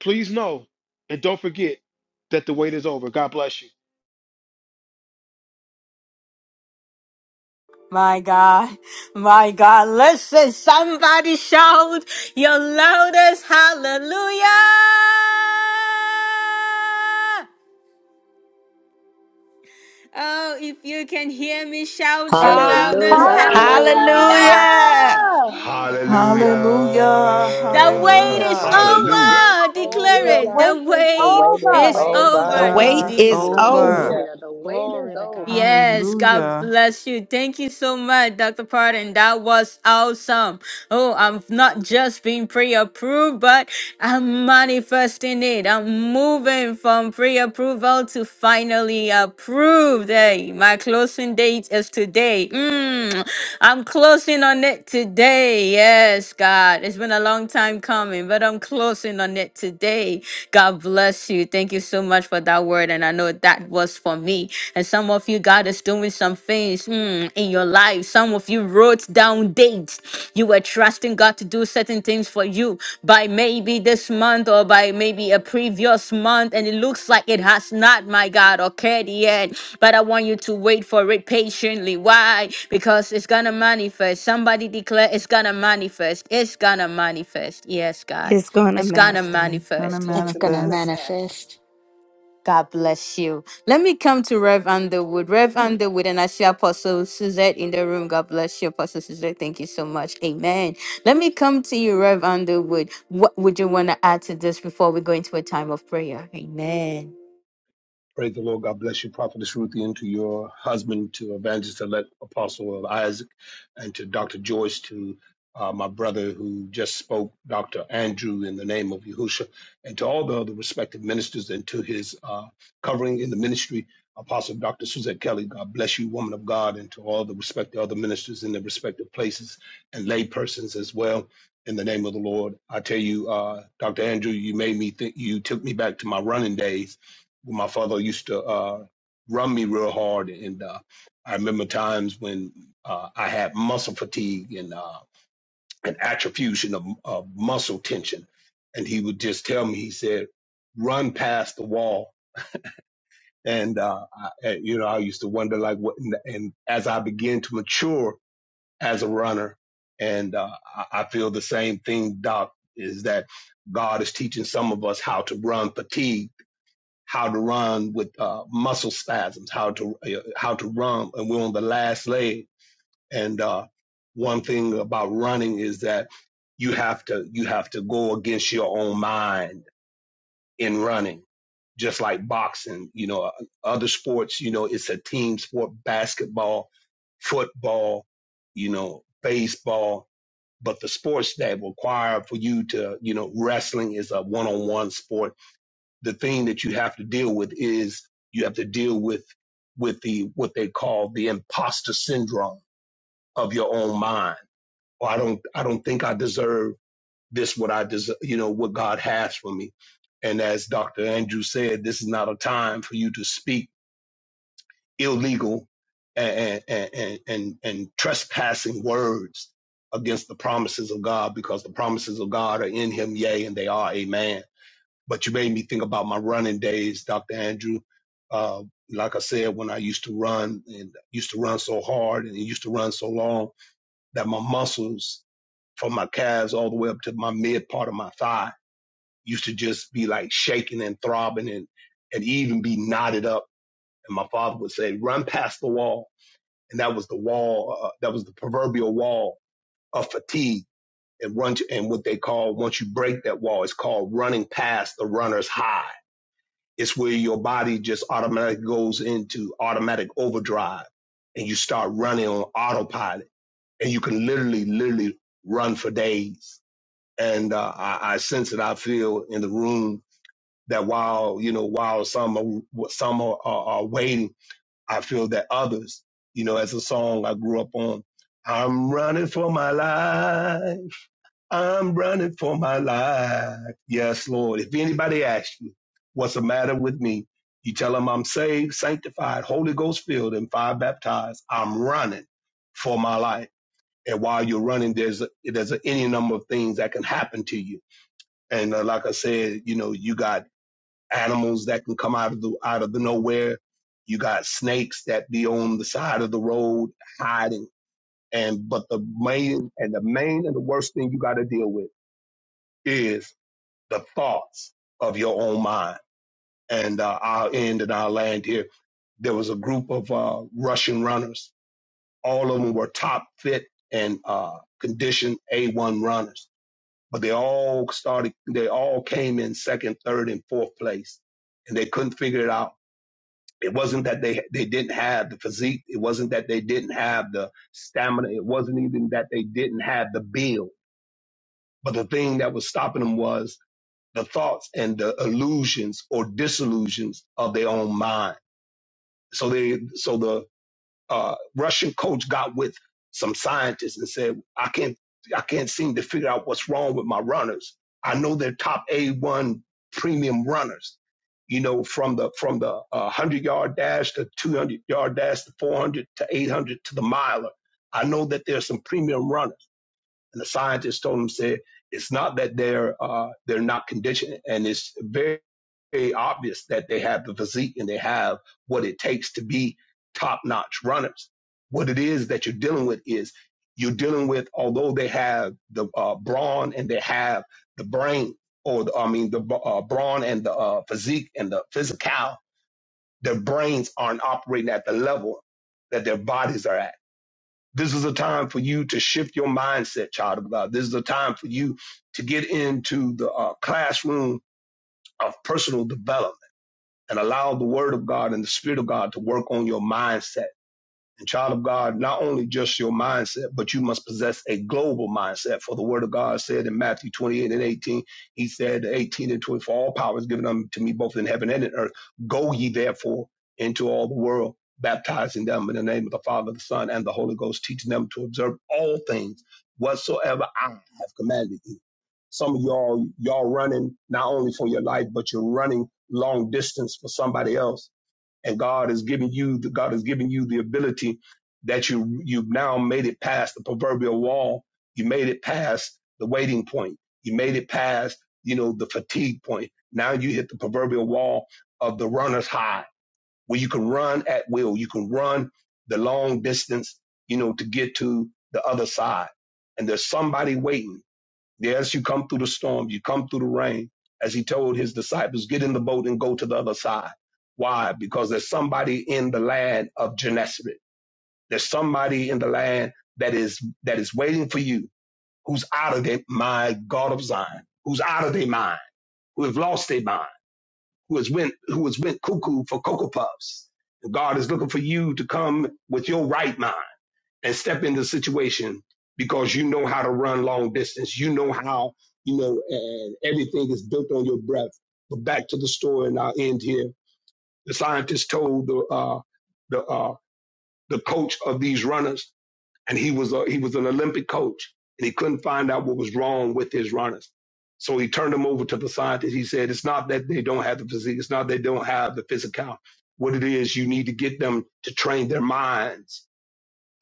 Please know and don't forget that the wait is over. God bless you. My God, my God, listen, somebody shout your loudest hallelujah. Oh, if you can hear me, shout your Hallelujah. loudest Hallelujah. Hallelujah! hallelujah. Hallelujah, Hallelujah. Jesus. Hallelujah. The wait The Hallelujah. is Hallelujah. wait Hallelujah. Hallelujah. is over, The declaring over. wait Hallelujah. the is The wait wait is The is wait over. is The over Wait wait over. over. is is indeed. over. Hallelujah. over. Hallelujah. The wait is Glory to over. God. Yes, God Hallelujah. bless you. Thank you so much, Dr. Pardon. That was awesome. Oh, I'm not just being pre approved, but I'm manifesting it. I'm moving from pre approval to finally approved. Hey, my closing date is today. Mm. I'm closing on it today. Yes, God. It's been a long time coming, but I'm closing on it today. God bless you. Thank you so much for that word. And I know that was for me. And some of you, God is doing some things mm, in your life. Some of you wrote down dates. You were trusting God to do certain certain things for you by maybe this month or by maybe a previous month, and it looks like it has not, my God, occurred yet. But I want you to wait for it patiently. Why? Because it's gonna manifest. Somebody declare it's gonna manifest. It's gonna manifest. Yes, God. It's going to It's gonna manifest. It's going to It's manifest. going It's to going to manifest. manifest. manifest. God bless you. Let me come to Rev Underwood. Rev Underwood, and I see Apostle Suzette in the room. God bless you, Apostle Suzette. Thank you so much. Amen. Let me come to you, Rev Underwood. What would you want to add to this before we go into a time of prayer? Amen. Praise the Lord. God bless you, Prophetess Ruthie, and to your husband, to Evangelist Elect Apostle of Isaac, and to Dr. Joyce, to uh, my brother who just spoke, Dr. Andrew, in the name of Yahusha, and to all the other respected ministers, and to his uh, covering in the ministry, Apostle Dr. Suzette Kelly. God bless you, woman of God, and to all the respected other ministers in their respective places and lay persons as well. In the name of the Lord, I tell you, uh, Dr. Andrew, you made me think. You took me back to my running days my father used to uh, run me real hard, and uh, I remember times when uh, I had muscle fatigue and uh, an atrophy of, of muscle tension, and he would just tell me, he said, "Run past the wall." And uh, I, you know, I used to wonder, like, what? And, and as I began to mature as a runner, and uh, I, I feel the same thing, Doc, is that God is teaching some of us how to run fatigue how to run with uh, muscle spasms, how to uh, how to run, and we're on the last leg. And uh, one thing about running is that you have to you have to go against your own mind in running, just like boxing. You know, uh, other sports, you know, it's a team sport: basketball, football, you know, baseball. But the sports that require for you to, you know, wrestling is a one-on-one sport the thing that you have to deal with is you have to deal with with the what they call the imposter syndrome of your own mind. Or I don't I don't think I deserve this what I deserve you know what God has for me. And as Dr. Andrew said, this is not a time for you to speak illegal and and and, and, and trespassing words against the promises of God because the promises of God are in him, yea, and they are amen but you made me think about my running days, Dr. Andrew. Uh, like I said, when I used to run and used to run so hard and used to run so long that my muscles from my calves all the way up to my mid part of my thigh used to just be like shaking and throbbing and, and even be knotted up. And my father would say, run past the wall. And that was the wall, uh, that was the proverbial wall of fatigue. And run to, and what they call, once you break that wall, it's called running past the runner's high It's where your body just automatically goes into automatic overdrive and you start running on autopilot and you can literally, literally run for days. And uh, I, I sense it. I feel in the room that while, you know, while some are, some are, are, are waiting, I feel that others, you know, as a song I grew up on, I'm running for my life. I'm running for my life. Yes, Lord. If anybody asks you what's the matter with me, you tell them I'm saved, sanctified, Holy Ghost filled, and fire baptized. I'm running for my life. And while you're running, there's a, there's a, any number of things that can happen to you. And uh, like I said, you know, you got animals that can come out of the out of the nowhere. You got snakes that be on the side of the road hiding. And but the main and the main and the worst thing you got to deal with is the thoughts of your own mind. And uh, I'll end and I'll land here. There was a group of uh, Russian runners. All of them were top fit and uh, conditioned A1 runners, but they all started, they all came in second, third, and fourth place, and they couldn't figure it out. It wasn't that they they didn't have the physique. It wasn't that they didn't have the stamina. It wasn't even that they didn't have the build. But the thing that was stopping them was the thoughts and the illusions or disillusions of their own mind. So they, so the uh, Russian coach got with some scientists and said, "I can't, I can't seem to figure out what's wrong with my runners. I know they're top A1 premium runners. You know, from the from the uh, hundred yard dash to two hundred yard dash to four hundred to eight hundred to the miler. I know that there's some premium runners." And the scientists told him, "said It's not that they're uh, they're not conditioned, and it's very." very obvious that they have the physique and they have what it takes to be top notch runners. What it is that you're dealing with is you're dealing with, although they have the uh, brawn and they have the brain, or the, I mean, the uh, brawn and the uh, physique and the physical, their brains aren't operating at the level that their bodies are at. This is a time for you to shift your mindset, child of God. This is a time for you to get into the uh, classroom of personal development and allow the word of God and the spirit of God to work on your mindset and child of God, not only just your mindset, but you must possess a global mindset. For the word of God said in Matthew 28 and 18, he said, 18 and 20, for all power is given unto me both in heaven and in earth. Go ye therefore into all the world, baptizing them in the name of the Father, the Son, and the Holy Ghost, teaching them to observe all things whatsoever I have commanded you. Some of y'all, y'all running not only for your life, but you're running long distance for somebody else and God has given you the God has given you the ability that you you've now made it past the proverbial wall. You made it past the waiting point. You made it past you know the fatigue point. Now you hit the proverbial wall of the runner's high, where you can run at will. You can run the long distance, you know, to get to the other side. And there's somebody waiting Yes, you come through the storm, you come through the rain. As he told his disciples, get in the boat and go to the other side. Why? Because there's somebody in the land of Gennesaret. There's somebody in the land that is that is waiting for you, who's out of their my God of Zion, who's out of their mind, who have lost their mind, who has went who has went cuckoo for cocoa puffs. And God is looking for you to come with your right mind and step into the situation because you know how to run long distance. You know how, you know, and everything is built on your breath. But back to the story, and I'll end here. The scientist told the uh, the uh, the coach of these runners, and he was a, he was an Olympic coach, and he couldn't find out what was wrong with his runners. So he turned them over to the scientist. He said, "It's not that they don't have the physique. It's not they don't have the physical. What it is, you need to get them to train their minds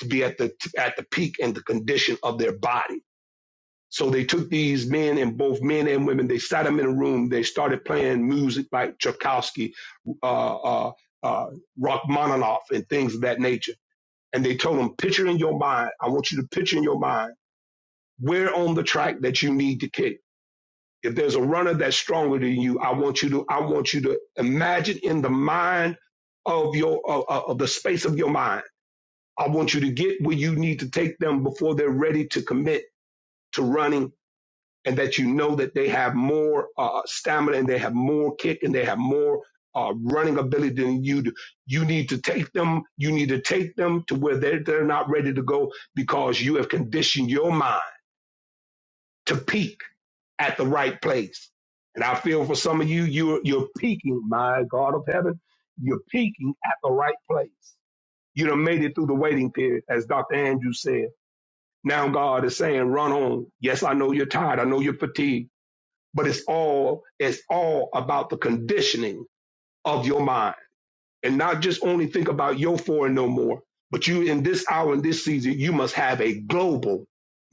to be at the at the peak and the condition of their body. So they took these men and both men and women. They sat them in a room. They started playing music like Tchaikovsky, uh, uh, uh, Rachmaninoff, and things of that nature. And they told them, picture in your mind. I want you to picture in your mind where on the track that you need to kick. If there's a runner that's stronger than you, I want you to I want you to imagine in the mind of your of, of of the space of your mind I want you to get where you need to take them before they're ready to commit to running and that you know that they have more uh, stamina and they have more kick and they have more uh, running ability than you do. You need to take them, you need to take them to where they're, they're not ready to go because you have conditioned your mind to peak at the right place. And I feel for some of you, you're, you're peaking, my God of heaven, you're peaking at the right place. You done made it through the waiting period, as Dr. Andrews said Now God is saying, run on. Yes, I know you're tired. I know you're fatigued, but it's all, it's all about the conditioning of your mind and not just only think about your for and no more, but you in this hour, in this season, you must have a global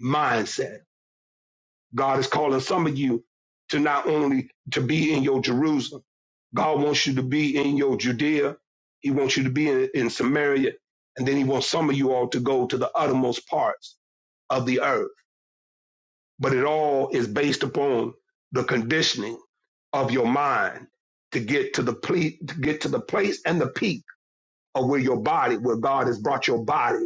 mindset. God is calling some of you to not only to be in your Jerusalem. God wants you to be in your Judea. He wants you to be in, in Samaria. And then he wants some of you all to go to the uttermost parts of the earth but it all is based upon the conditioning of your mind to get to the ple- to get to the place and the peak of where your body, where God has brought your body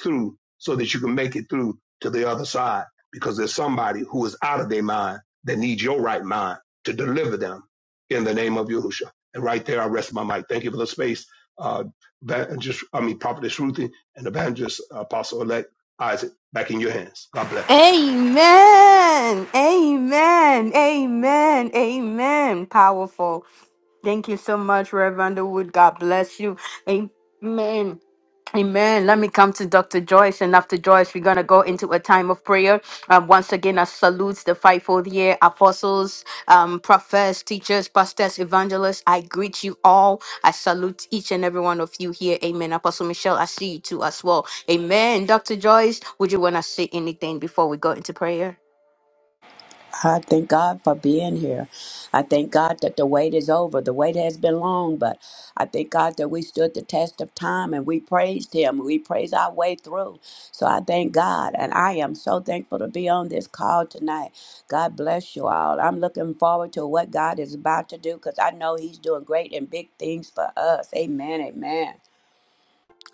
through, so that you can make it through to the other side. Because there's somebody who is out of their mind that needs your right mind to deliver them in the name of Yahushua. And right there, I rest my mic. Thank you for the space, uh, just I mean, Prophetess Ruthie and Evangelist Apostle Elect Isaac. Back in your hands. God bless. Amen. Amen. Amen. Amen. Powerful. Thank you so much, Reverend Wood. God bless you. Amen. Amen. Let me come to Dr. Joyce. And after Joyce, we're going to go into a time of prayer. Um, once again, I salute the fivefold year apostles, um, prophets, teachers, pastors, evangelists. I greet you all. I salute each and every one of you here. Amen. Apostle Michelle, I see you too as well. Amen. Dr. Joyce, would you want to say anything before we go into prayer? I thank God for being here. I thank God that the wait is over. The wait has been long, but I thank God that we stood the test of time and we praised Him. We praised our way through. So I thank God. And I am so thankful to be on this call tonight. God bless you all. I'm looking forward to what God is about to do because I know He's doing great and big things for us. Amen. Amen.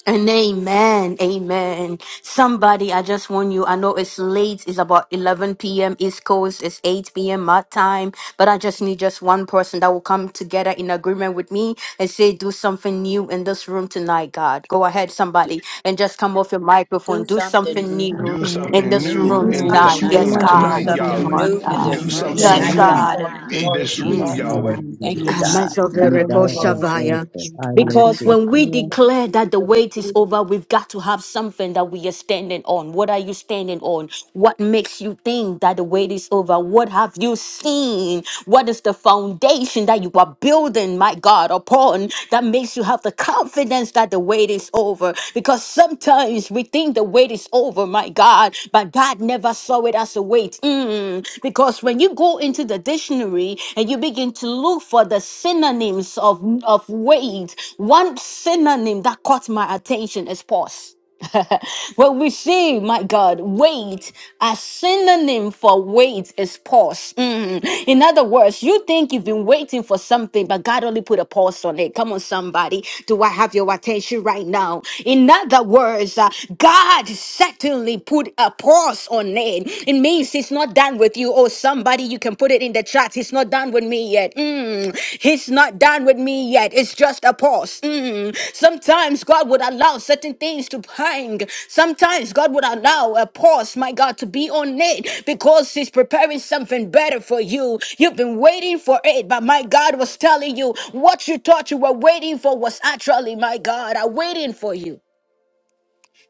And amen, amen. Somebody, I just want you. I know it's late. It's about 11 p.m. East Coast. It's 8 p.m. my time. But I just need just one person that will come together in agreement with me and say, do something new in this room tonight, God. Go ahead, somebody, and just come off your microphone. Do Do Do something something new new Do something in new in something this in Do this this new room in room room. this tonight. something tonight, Yes, new room in God. this Do There's God. My tonight, Do room, something God. Yahweh. something Lord new something new for new in in God. that this this Do Jesus, Do room which room you mighty something Yes, tonight, something are Yes, tonight, name. new not. God. God, in Lord. in the God. me, in name of Glory Lord. this to Jesus. room, God. Jesus' Yahweh. name. Mhm. Thank Hallelujah. you, Do Amen. something. God. We thank Be you, thou Lord. Thank Amazoverekoshavaya. you, exalted. I thank lift you, Because you thank when we you. declare that the wait up. is over, we've got to have something that we are standing on. What are you standing on? What makes you think that the wait is over? What have you seen? What is the foundation that you are building, my God, upon that makes you have the confidence that the wait is over? Because sometimes we think the wait is over, my God, but God never saw it as a wait. Mm, Because when you go into the dictionary, dictionary and you begin to look for the synonyms of, of weight, one synonym that caught my attention is pause. when we see, my God, weight, a synonym for weight is pause. Mm. In other words, you think you've been waiting for something, but God only put a pause on it. Come on, somebody. Do I have your attention right now? In other words, uh, God certainly put a pause on your name. It means he's not done with you. Or somebody, you can put it in the chat. He's not done with me yet. Mm, he's not done with me yet. It's just a pause. Mm. Sometimes God would allow certain things to hang. Sometimes God would allow a pause, my God, to be on it because he's preparing something better for you. You've been waiting for it, but my God was telling you what you thought you were waiting for was actually, my God, I'm waiting for you.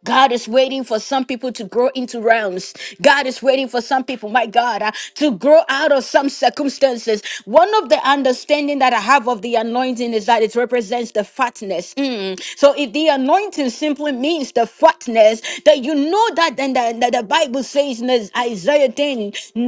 God is waiting for some people to grow into realms. God is waiting for some people, my God, uh, to grow out of some circumstances. One of the understanding that I have of the anointing is that it represents the fatness. Mm. So if the anointing simply means the fatness, that you know that then the, that the Bible says in Isaiah 10 19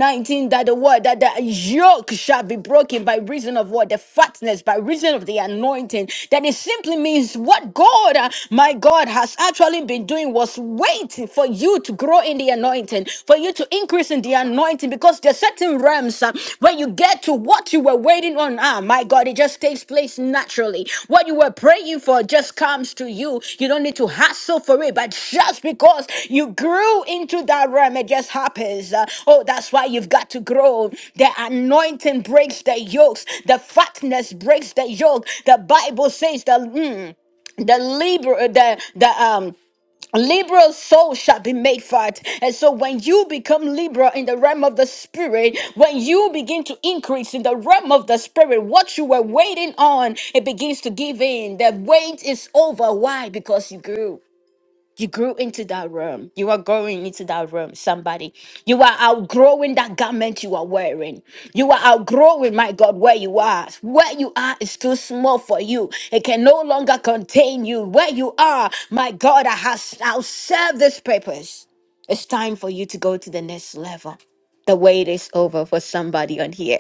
that the word that the yoke shall be broken by reason of what? The fatness, by reason of the anointing. That it simply means what God, uh, my my God has actually been doing was waiting for you to grow in the anointing, for you to increase in the anointing, because there's certain realms uh, when you get to what you were waiting on. Ah, my God, it just takes place naturally. What you were praying for just comes to you. You don't need to hassle for it, but just because you grew into that realm, it just happens. Uh, oh, that's why you've got to grow. The anointing breaks the yokes, the fatness breaks the yoke. The Bible says that. hmm, the libra uh, the the um liberal soul shall be made fat. And so when you become Libra in the realm of the spirit, when you begin to increase in the realm of the spirit, what you were waiting on, it begins to give in. The wait is over. Why? Because you grew. You grew into that realm. You are growing into that realm, somebody. You are outgrowing that garment you are wearing. You are outgrowing, my God, where you are. Where you are is too small for you. It can no longer contain you. Where you are, my God, I has now served this purpose. It's time for you to go to the next level. The wait is over for somebody on here.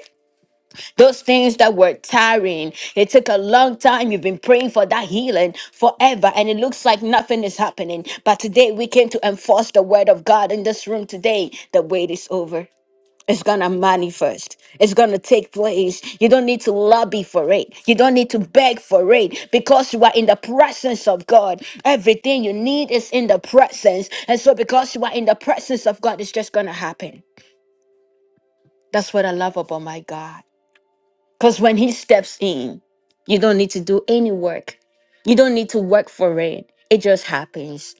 Those things that were tiring. It took a long time. You've been praying for that healing forever, and it looks like nothing is happening. But today we came to enforce the word of God in this room today. The wait is over. It's gonna manifest. It's gonna take place. You don't need to lobby for it. You don't need to beg for it because you are in the presence of God. Everything you need is in the presence. And so, because you are in the presence of God, it's just gonna happen. That's what I love about my God. Because when he steps in, you don't need to do any work. You don't need to work for it. It just happens.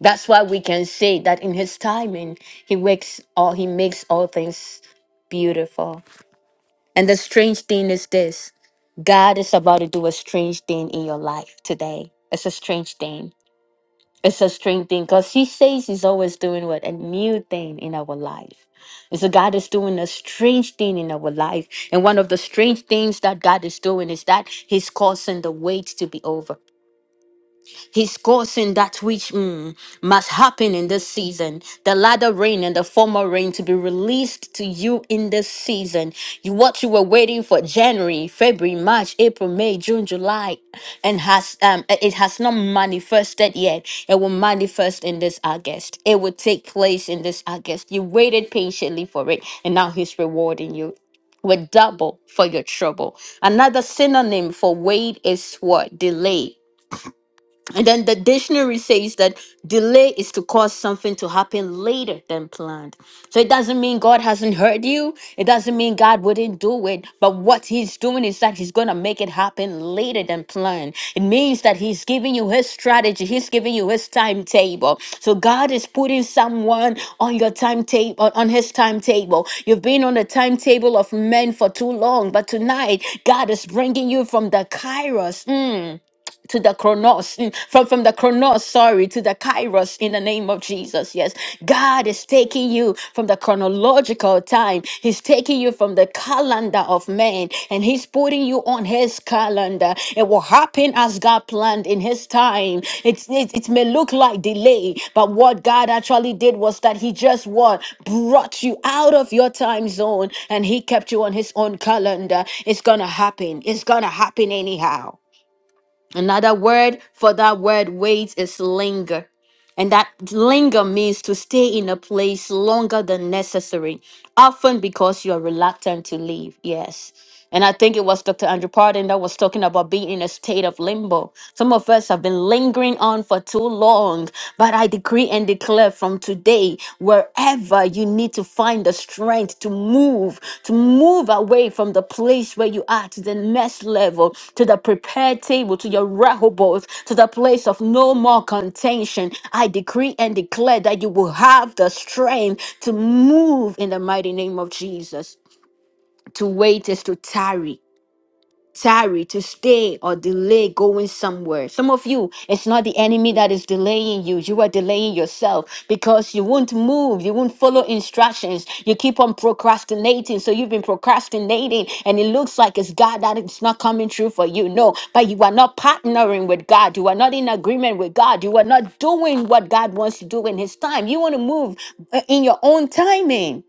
That's why we can say that in his timing, he wakes all he makes all things beautiful. And the strange thing is this God is about to do a strange thing in your life today. It's a strange thing. It's a strange thing because he says he's always doing what? A new thing in our life. And so God is doing a strange thing in our life. And one of the strange things that God is doing is that he's causing the wait to be over. He's causing that which mm, must happen in this season. The latter rain and the former rain to be released to you in this season. You what you were waiting for January, February, March, April, May, June, July, and has um uh, it has not manifested yet. It will manifest in this August. It will take place in this August. You waited patiently for it, and now he's rewarding you with double for your trouble. Another synonym for wait is what? Delay. And then the dictionary says that delay is to cause something to happen later than planned. So it doesn't mean God hasn't heard you. It doesn't mean God wouldn't do it. But what He's doing is that He's going to make it happen later than planned. It means that He's giving you His strategy, He's giving you His timetable. So God is putting someone on your timetable, on His timetable. You've been on the timetable of men for too long, but tonight, God is bringing you from the Kairos. mm, to the chronos mm, from from the chronos sorry to the kairos in the name of jesus yes god is taking you from the chronological time he's taking you from the calendar of man and he's putting you on his calendar it will happen as god planned in his time it's it, it may look like delay but what god actually did was that he just what brought you out of your time zone and he kept you on his own calendar it's gonna happen it's gonna happen anyhow Another word for that word wait is linger. And that linger means to stay in a place longer than necessary, often because you are reluctant to leave. Yes. And I think it was Dr. Andrew Pardon that was talking about being in a state of limbo. Some of us have been lingering on for too long, but I decree and declare from today, wherever you need to find the strength to move, to move away from the place where you are to the next level, to the prepared table, to your Rehoboth, to the place of no more contention. I decree and declare that you will have the strength to move in the mighty name of Jesus. To wait is to tarry tarry, to stay or delay going somewhere. Some of you, it's not the enemy that is delaying you. You are delaying yourself because you won't move. You won't follow instructions. You keep on procrastinating. So you've been procrastinating and it looks like it's God that it's not coming true for you. No, but you are not partnering with God. You are not in agreement with God. You are not doing what God wants to do in his time. You want to move uh, in your own timing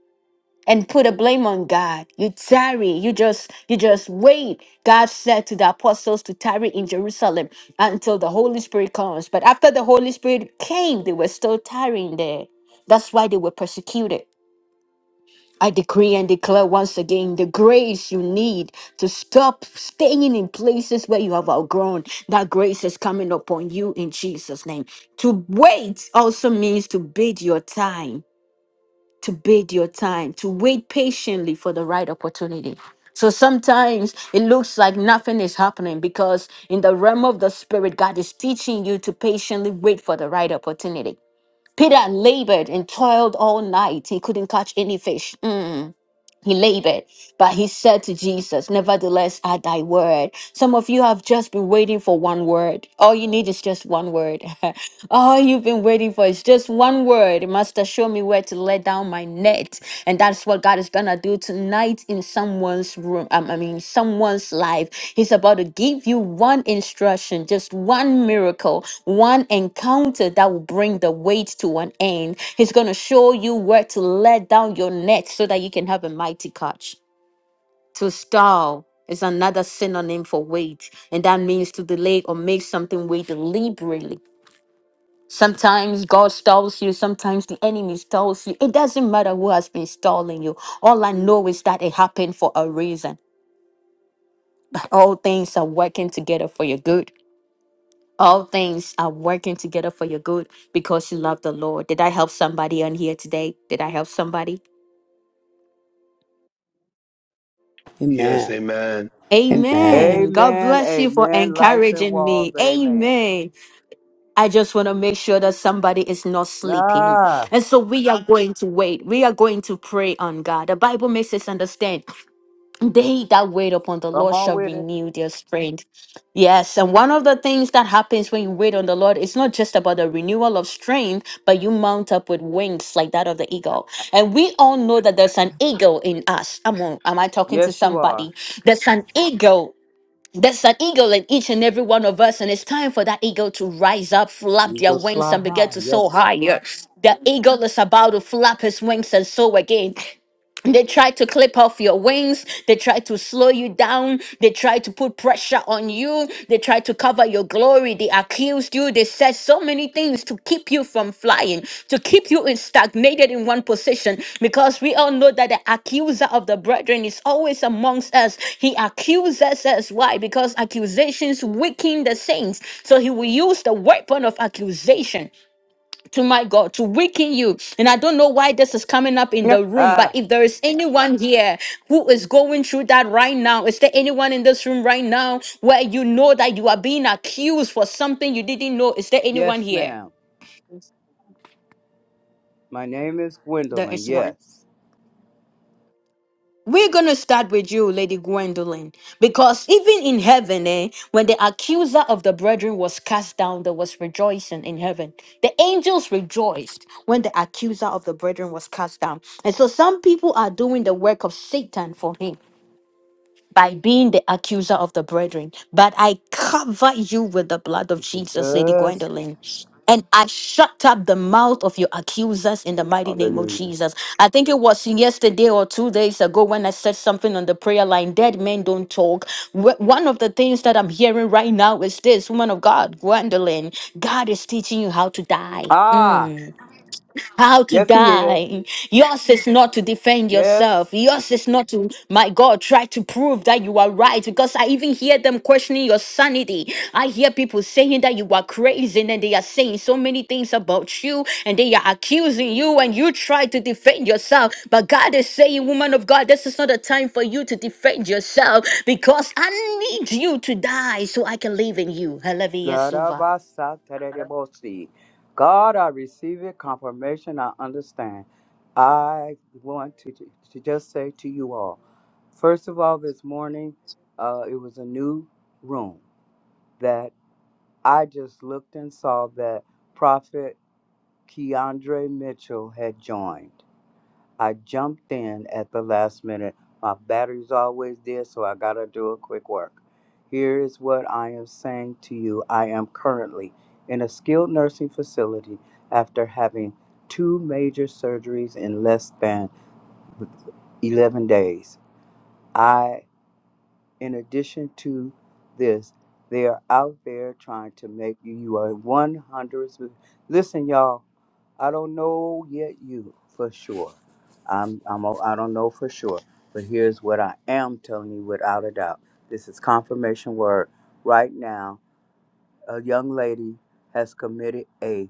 and put a blame on God. You tarry, you just you just wait. God said to the apostles to tarry in Jerusalem until the Holy Spirit comes. But after the Holy Spirit came, they were still tarrying there. That's why they were persecuted. I decree and declare once again the grace you need to stop staying in places where you have outgrown. That grace is coming upon you in Jesus' name. To wait also means to bid your time to bid your time, to wait patiently for the right opportunity. So sometimes it looks like nothing is happening because in the realm of the spirit, God is teaching you to patiently wait for the right opportunity. Peter labored and toiled all night. He couldn't catch any fish. Mm. He labored, but he said to Jesus, Nevertheless, at thy word. Some of you have just been waiting for one word. All you need is just one word. All you've been waiting for is just one word. Master, show me where to let down my net. And that's what God is gonna do tonight in someone's room. um, I mean, someone's life. He's about to give you one instruction, just one miracle, one encounter that will bring the weight to an end. He's gonna show you where to let down your net so that you can have a mighty catch. To stall is another synonym for wait, and that means to delay or make something wait deliberately Sometimes God stalls you, sometimes the enemy stalls you. It doesn't matter who has been stalling you. All I know is that it happened for a reason. All things are working together for your good. All things are working together for your good because you love the Lord. Did I help somebody on here today? Did I help somebody? Yes, Amen. amen. Amen. Amen. God Amen, bless you for amen. Lights and encouraging walls, me. amen. Amen. I just want to make sure that somebody is not sleeping. Nah, And so we are going to wait. We are going to pray on God. The Bible makes us understand They that wait upon the come Lord on shall with it. renew their strength. Yes, and one of the things that happens when you wait on the Lord, it's not just about the renewal of strength, but you mount up with wings like that of the eagle. And we all know that there's an eagle in us. Am I, am I talking to Yes, you are. somebody? There's an eagle. There's an eagle in each and every one of us, and it's time for that eagle to rise up, flap You their go wings, fly and begin high. to Yes, soar sir. higher. The eagle is about to flap his wings and soar again. They try to clip off your wings. They try to slow you down. They try to put pressure on you. They try to cover your glory. They accused you. They said so many things to keep you from flying, to keep you in stagnated in one position. Because we all know that the accuser of the brethren is always amongst us. He accuses us. Why? Because accusations weaken the saints. So he will use the weapon of accusation to my God, to weaken you. And I don't know why this is coming up in the room, but ah, if there is anyone here who is going through that right now, is there anyone in this room right now where you know that you are being accused for something you didn't know? Is there anyone yes, here? ma'am. My name is There Gwendolyn. is one. Yes. We're going to start with you, Lady Gwendolyn, because even in heaven, eh, when the accuser of the brethren was cast down, there was rejoicing in heaven. The angels rejoiced when the accuser of the brethren was cast down. And so some people are doing the work of Satan for him by being the accuser of the brethren. But I cover you with the Thank blood of you, Jesus, Lady Jesus. Gwendolyn. And I shut up the mouth of your accusers in the mighty name of Hallelujah. Jesus. I think it was yesterday or two days ago when I said something on the prayer line dead men don't talk. Wh- One of the things that I'm hearing right now is this woman of God, Gwendolyn, God is teaching you how to die. Ah, Mm how to yes, he is. die. Yours is not to defend yourself. Yes. Yours is not to, my God, try to prove that you are right. Because I even hear them questioning your sanity. I hear people saying that you are crazy and they are saying so many things about you and they are accusing you and you try to defend yourself. But God is saying, woman of God, this is not a time for you to defend yourself because I need you to die so I can live in you. Hallelujah. Garabasaterebosi. God, I receive it, confirmation, I understand. I want to, to just say to you all, first of all, this morning, uh, it was a new room that I just looked and saw that Prophet Keandre Mitchell had joined. I jumped in at the last minute. My battery's always dead, so I gotta do a quick work. Here is what I am saying to you. I am currently in a skilled nursing facility after having two major surgeries in less than 11 days. I, in addition to this, they are out there trying to make you, you are 100. Listen, y'all, I don't know yet you for sure. I'm I'm a- I don't know for sure, but here's what I am telling you without a doubt. This is confirmation word. Right now, a young lady has committed a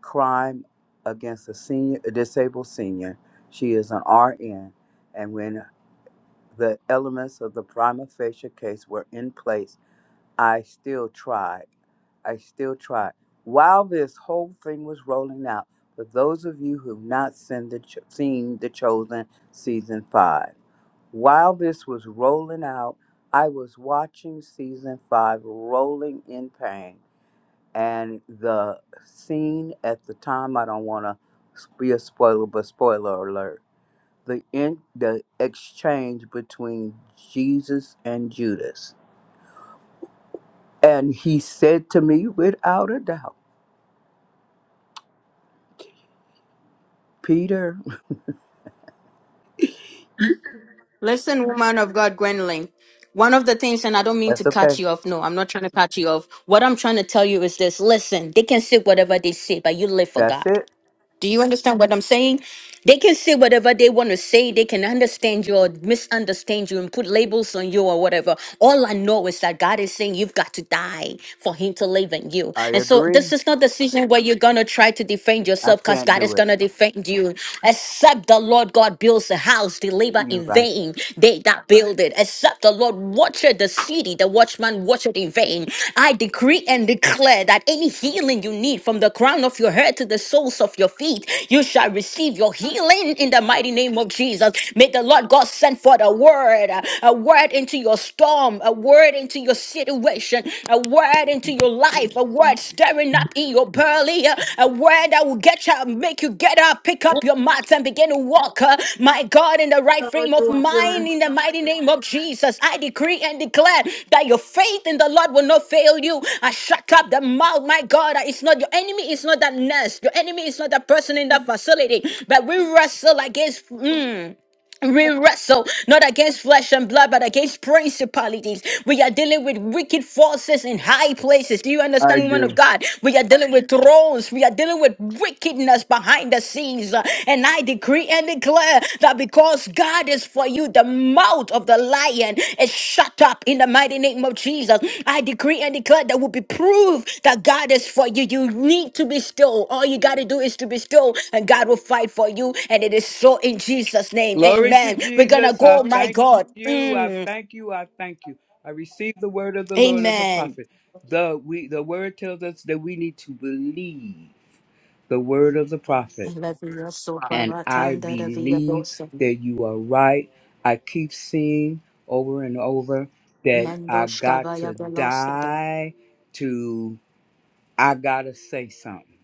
crime against a senior a disabled senior. She is an RN and when the elements of the prima facie case were in place I still tried. I still tried. While this whole thing was rolling out, for those of you who've not seen the, Ch- seen the Chosen season five, while this was rolling out, I was watching season five rolling in pain. And the scene at the time, I don't want to be a spoiler, but spoiler alert the, in, the exchange between Jesus and Judas and he said to me without a doubt, Peter, Listen, woman of God, Gwendolyn. One of the things, and I don't mean to that's cut okay. you off. No, I'm not trying to cut you off. What I'm trying to tell you is this listen, they can say whatever they say, but you live for That's God. it. Do you understand what I'm saying? They can say whatever they want to say. They can understand you or misunderstand you and put labels on you or whatever. All I know is that God is saying you've got to die for Him to live in you. I And so agree. this is not a season where you're going to try to defend I yourself because can't God do is it. going to defend you. Except the Lord God builds a house, they labor You in right. vain. They that build it except the Lord watcheth the city, the watchman watcheth in vain. I decree and declare that any healing you need from the crown of your head to the soles of your feet, you shall receive your healing in the mighty name of Jesus. May the Lord God send forth a word, uh, a word into your storm, a word into your situation, a word into your life, a word stirring up up in your belly. uh, A word that will get you, make you get up, pick up your mats, and begin to walk. uh, My God, in the right So frame of you want mind, your in the mighty name of Jesus, I decree and declare that your faith in the Lord will not fail you. I shut up the mouth, my God. that It's not your enemy, it's not that nurse. Your enemy is not that person in that facility. But we wrestle against. mm, we wrestle not against flesh and blood, but against principalities. We are dealing with wicked forces in high places. Do you I understand, woman of do. God? We are dealing with thrones. We are dealing with wickedness behind the scenes. And I decree and declare that because God is for you, the mouth of the lion is shut up in the mighty name of Jesus. I decree and declare that will be proof that God is for you. You need to be still. All you got to do is to be still, and God will fight for you. And it is so in Jesus' name. Glory to Amen. We're going to Jesus. I go, my thank God. you. I Mm. thank you. I thank you. I receive the word of the Lord of the Amen. prophet. The we the word tells us that we need to believe the word of the I prophet. love you you're so and I baratanda da via believe dosa. that you are right. I keep seeing over and over that I Mendosh got kavaya to velosada. die to, I gotta say something.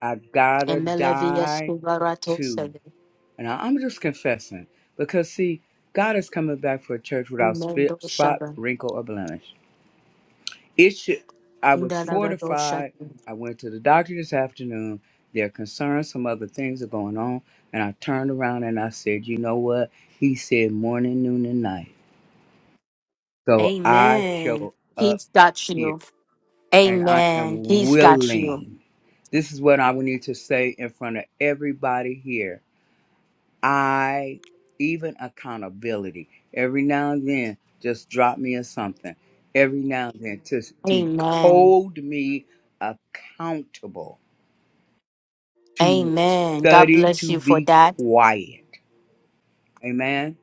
I gotta Emelavia die scubarato to, sada. and I- I'm just confessing because see, God is coming back for a church without Mendo spit, spot, wrinkle, or blemish. It should. I was fortified. I went to the doctor this afternoon. They're concerned some other things are going on. And I turned around and I said, you know what? He said morning, noon, and night. So I Amen. show up He's got here you. and I Amen. am He's got you. willing. This is what I would need to say in front of everybody here. I even accountability every now and then just drop me or something every now and then to to Amen. hold me accountable to Amen. God study bless to you for be that. quiet amen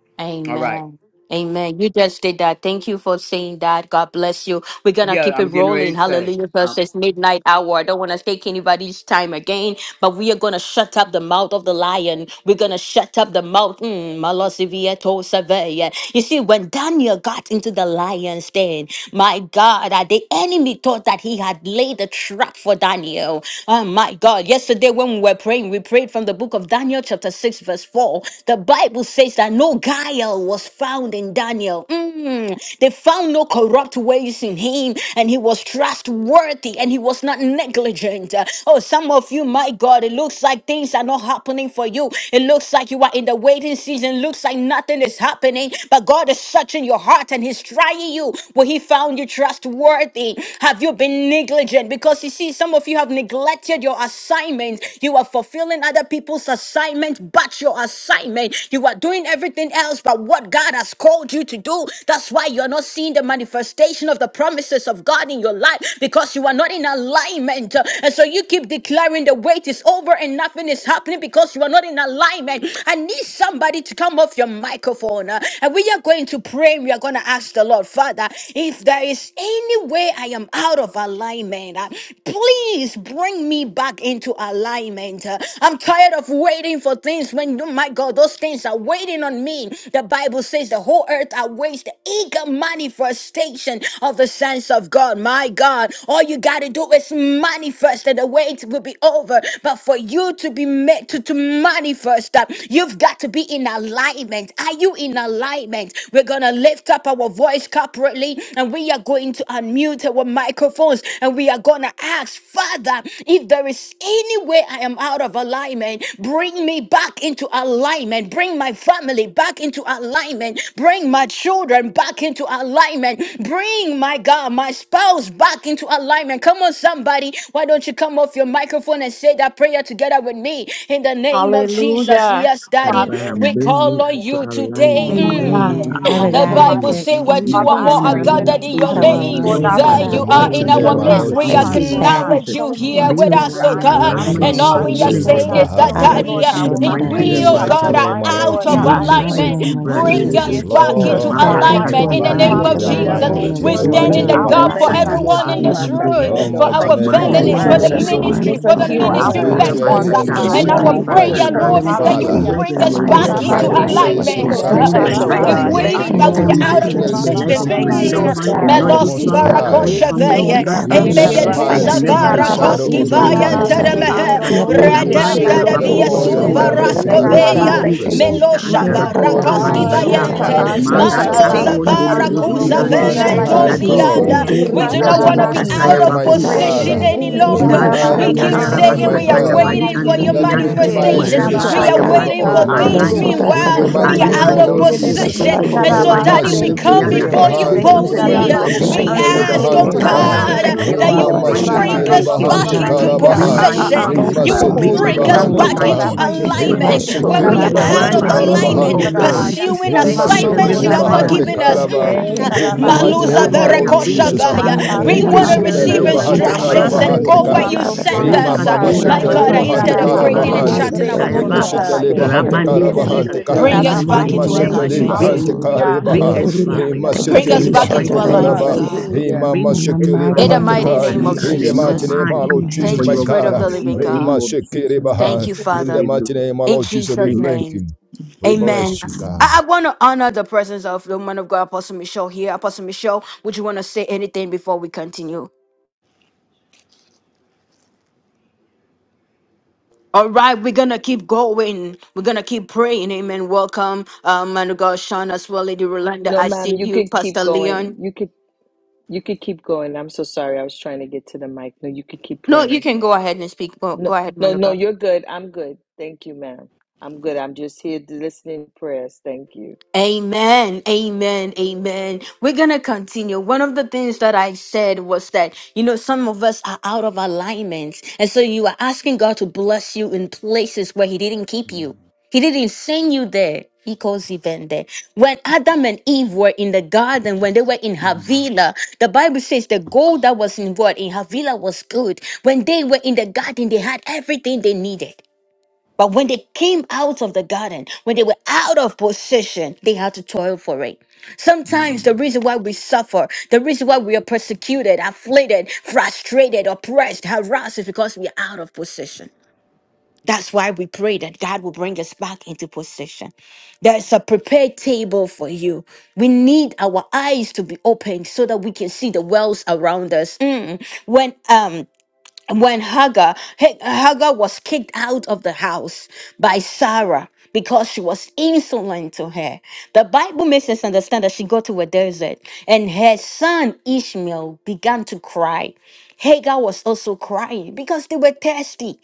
all right Amen. Amen. You just did that. Thank you for saying that. God bless you. We're going to yeah keep it i'm getting ready rolling. to say Hallelujah. um, Versus midnight hour. I don't want to take anybody's time again, but we are going to shut up the mouth of the lion. We're going to shut up the mouth. Mm, Malosivieto Saveya. You see, when Daniel got into the lion's den, my God, uh, the enemy thought that he had laid a trap for Daniel. Oh, my God. Yesterday, when we were praying, we prayed from the book of Daniel, chapter 6, verse 4 all. The Bible says that no guile was found in Daniel. Mm. They found no corrupt ways in him, and he was trustworthy and he was not negligent. Uh, Oh, some of you, my God, it looks like things are not happening for you. It looks like you are in the waiting season, looks like nothing is happening, but God is searching your heart and he's trying you. Well, he found you trustworthy. Have you been negligent? Because you see, some of you have neglected your assignment. You are fulfilling other people's assignment, but your assignment. You are doing everything else but what God has called you to do. That's why you're not seeing the manifestation of the promises of God in your life because you are not in alignment. And so you keep declaring the wait is over and nothing is happening because you are not in alignment. I need somebody to come off your microphone. uh, And we are going to pray. We are going to ask the Lord, Father, if there is any way I am out of alignment, uh, Please bring me back into alignment. Uh, I'm tired of waiting for things when, oh my God, those things are waiting on me. The Bible says the whole earth awaits the eager manifestation of the sons of God. My God, all you got to do is manifest and the wait will be over. But for you to be made to, to manifest, uh, you've got to be in alignment. Are you in alignment? We're going to lift up our voice corporately and and we are going to unmute our microphones and we are going to ask, Father, if there is any way I am out of alignment, bring me back into alignment, bring my family back into alignment, bring my children back into alignment, bring my God, my spouse back into alignment. Come on, somebody, why don't you come off your microphone and say that prayer together with me in the name of Jesus? Hallelujah. Yes, That Daddy, I have Father, we been me call if on there's to you any way, today. alignment, Mm. Lord Glory bring God, come that me on Amen. to I'm you. Father out The of God, if Bible alignment. alignment, there's says, Where Mhm. any two My Father, or I place more that are family, pray in I'm the in my a, gathered name Thanks, in Mhm. of your out God, of children, if Jesus, my name, there's Lord alignment, any loved God, that way there Father, In ones, you I the will you and are pray begin mighty to in everyone that that you our I'm name will search Mhm. of out of out midst. Lord united my We in the place alignment, me heart, name of Lord bring me back Jesus. God. Mhm. back acknowledge Jesus. you Show into here me Bring into with us alignment, Attitude. us, where oh to God. I alignment in am the God. I out of mighty alignment Bring And my of must name all sit your of Mhm. we are will family there, alignment, It's and all your Lord Jesus. back saying God. is into purpose, that, Show mine. Lebaha. me, Father, Lord, alignment, Daddy, Lord Mhm. uh, God. in God, the Yeshua, where my if Like Dada, mighty In Dada, Bring family we, the name my is of oh out of mighty God, Siete. children are Jesus. name back of alignment, Lord into out Lord of In God. the that. I Leke alignment mighty Jesus. to pray alignment, name If of zebra I in that the you bring can't name Jesus, us delebo of begin handle to the back put bring Lord, sata, your us Jesus, into line, oh, God. back bring spotlight me into alignment bring on in it the us, back mara back name alignment, into Father, of the into that you divine Hallelujah. begin Jesus. alignment Both to alignment alignment. in case, In We with the the search your stand name us mighty in of will the Jesus. name Zodorobo in out of the Yeah, Lord on gap Jesus. mighty for lita Thank name of you, tonight, Lord. Jesus. everyone in takabari Father. Koba, this Jesus. room, In the Oh, anderebo. for Kashanda. name mighty Bring Thank of our it you name of back for Let Lord Jesus, no families, Mazuki so for the alignment that of weapon you Jesus. will into andorobo begin formed, ministry, for to oh the heal sound God, alignment, spitiki our Let Oh ministry me mind, God, dora Lord land, prosper dwell members. in Father uh, Jesus. in bashata. the bring Lord God. Jesus' In And the our secret Bringing it back God, mighty name for back of name. into your place, prayer, my Jesus, Lord, purpose, is alignment alignment, I to Lord that oh you your Father. will thank hallelujah. God. Jesus, word you bring for and us your for will lining As your up back the this and your my into perfect Korabaye Bible purpose life, will ambulance Lord to says be alignment, that in God, kerebese oh God. with Psalms concerning my your manifest, oh We've life will. and been God. the tekarabasi 91, life Thank of waiting, will you, the ando In but that we the Lord robo are he bring us children, who out mighty of Jesus. back name dwells the of into kuraba in life the position. of baba Thank my secret alignment you, baya Mm. loved Lord Jesus, one, shelter God, the I of God. the with thank Northeast korabaye Melosi you, Most you, family, oh Father, Agus High kerebese God, varakosha te Eki for family, your veye. and North onda in kindly, Hey You ye the your family, anda meye name of tu like kerebese patricia, abides Jesus. never in the rakasiki. savara tikatala before shadow tekarabasu in koski of the the posuta name vaya Isiki of Sultan Almighty. kata, karabasi ende Jesus. teremehe. Baba yo ando Lava your robo roko He Katora will prahisa Shandalava, seke Redenda say to de kurabaye the katala loko bandarabako via Lord, ro. You Nanda are No posuta seke. my suva more kerebese refuge the delay, katala and Lord my Leko God. Bato rascoveya. Thank Rabba you, tekarabasi fortress. posiente, zeke Lord Dada ita Jesus. Lava, Melosha My rambo andalako God, delicatala in varakoski korabaye Nando Ao rabashata. rieshata, whom vayente. I'll kerebese yes, kaata trust, Mando O Rabba God. tikatala Maratako tekarabasi kasiki. zavara pasi, ando ndelebusi In kuza the robo Atalala Most Iliende ishata Bosete, kurabaye High tiki Lado God, vementozianda. Rabba risiete, Sete kerebese We do you Baba are not Ibrand the want kisakatala to Yated be Most the uprasiki. tekarabasi out High, Shataya posuta Porta, of my Baku kata. Thank position you, Father. Nandi any Rekerebese You Rabba longer. Kumbraha Mazi Tata are the We tekarabasi keep Sande Most Kiandara ando High, Bosite, saying my we robo are Neniki Basataya God. Yidadiyashatarabasiyete. the Badi waiting kurabaye Siki for Bosete, Ando your In Let the Yata Kiki me Kianda. Porta mighty the kerebese name Kere abide of manifestation. in Boseka, the Wherever I We Jesus, Tita. Tata are shadow am of God. tekarabasi out the waiting of for Boseka, Ando things. Almighty. Hariondo alignment, Meanwhile, doing Blessoda robo Receiver In well. the pray to Kosiki We the mighty I kuraba are Allow name katoloriente out of Kiki Bosu, of yeshe Lord ando you, hisa robo kedebe Father Jesus. Ata God, position. soko sete to Kiki. have And Boya toro so, full badi Baba Daddy, katalabosoda karabasi. de willing we Thank ando Remashete you come for Rabba kianda. your before Dada, mercy. you Rekedebe ishata and Spirit Thank libahante, you of sete the for hisi control boldly. living Sete God, revelation. bring over karabasi. Thank We intikitai Rabba what you me rikishete Ando it for back Boya ask, to robo is clear oh your Patu libahante you kuraba Porta do, ka, instructions. the alarm God, erabasoda Yes, Thank yando you, that Lord. Bosete, in robo you the Father. will mighty Bring me katalabase. Kota kuraba remamasheke bring name back ba of into us ba Ishikated Seke. ba the In Jesus ba back the libahante ba position, Christ. Rabba into Lord. in mighty the God. Ika name Bring span, kalabaha. for of a yekedebe my a Your Jesus, a Hallelujah. position. sete. and God, family manifestation to I Rima boso You back, will thank you sete bring for alignment, my Hallelujah. O bring us bringing God, me lover, Rambo bahante that back bring back my the Hallelujah. Kora into ka. span Baye into children into back, Rima Kerebe Thank right alignment Yes, you for alignment, where seke bring we Lord. are align perfect the alignment. In the out youth with Sekarabasi libahante of alignment the back, back mighty in Ando Lord, you, name word Robo in into alignment, of of the oh name God, of karabahante. God. Karabaya Jesus, Jesus, pursuing each Rima Thank and you, align Rambo with anything Lord every seke the assignments you life Kora that's have member not that Jesus. Baye alignment, on not libahante you like given you, give us. oh Shekarebe karaba. God, I Mm. Yes, Yes, I thank so you, In thought the in Father, cool, this mighty Sekarabasi for us I Maluza name room of our Ando removing. right was a now. Lord vereko Rebe rusty, Bring the us Jesus. title ah. back Adam, I to about love word, in it. We you Indian, the Father Sekarabasi Rike want and to daddy, God, mighty Ando you sete and na name receive na of alone Robo and na in libahante the Yes, Jesus. mighty And Lord, Karabaya instructions I name and yes, of karabahante go thank you, where ka. Lord, Jesus. you no Rambo Father, align send Kora Rima for Baye us. with mama setting the kanda, Devasatara, Rekatora My my Kerebe seke God, bado feet and bahante lahandan, back instead of daddy, tedele into daddy, Sekarabasi creating align, daddy, and bando bo, alignment karabahante. Ando she with charting zita your our fits Robo own it Rike will, yaba. sete course. kanda. your Karabaye libahante above word, Kerebe and Ramande your Thank Kerebe you, way. karabahante Lord ka. God. Bring In sikatoro the us bo and the back she mighty Rima shetu into Lord, Sekarabasi name sete Thank fits of you, yabadi. above alignment, Bring so Jesus. God. libahante me for Savior. back. Hallelujah Mm, Bring karibaha. Yadara. us thank you for back, Hallelujah. your Rima Lord, While they Bring sete us in give the back manifestation. us into libahante mighty support name of of alignment, karaba. Tekatarishatararisia. Baba Jesus. God. with the Hallelujah. Rima Baba, mama Bring In the us seke mighty back In the to name libahante your of bring mighty kingdom. us ka. Allah, name back of In into Jesus. the alignment, no mighty Jesus. name alignment man our of Lord God, Jesus, for Thank Amen. you, my your bring us Spirit God. of ah. the back glory in Living the Rema name God. of into Jesus Thank Shekeribaha. Christ. you, In the Father. mighty Hallelujah. name, our In Lord Jesus, we Jesus' Thank thank name. you. We Amen. bless you, alignment. God. I, I want to honor the presence of the woman of God, Apostle Michelle, here. Apostle Michelle, would you want to say anything before we continue? All right, we're gonna keep going. We're gonna keep praying. Amen. Welcome, um, man of God, Sean, as well, Lady Rolanda. No, I ma'am, see you you, could keep Pastor going. Leon. You could you could keep going. I'm so sorry. I was trying to get to the mic. No, you could keep No, you praying. can go ahead and speak. Go, No, go ahead, no, man of no, God. you're good. I'm good. Thank you, ma'am. I'm good. I'm just here to listening to prayers. Thank you. Amen, amen, amen. We're gonna continue. One of the things that I said was that, you know, some of us are out of alignment. And so you are asking God to bless you in places where He didn't keep you, He didn't send you there. He calls even there. When Adam and Eve were in the garden, when they were in Havilah, the Bible says the gold that was involved in what? In Havilah was good. When they were in the garden, they had everything they needed. But when they came out of the garden, when they were out of position, they had to toil for it. Sometimes the reason why we suffer, the reason why we are persecuted, afflicted, frustrated, oppressed, harassed is because we are out of position. That's why we pray that God will bring us back into position. There's a prepared table for you. We need our eyes to be opened so that we can see the wells around us. Mm. When um when Hagar, H- Hagar was kicked out of the house by Sarah because she was insolent to her. The Bible makes us understand that she got to a desert and her son Ishmael began to cry. Hagar was also crying because they were thirsty.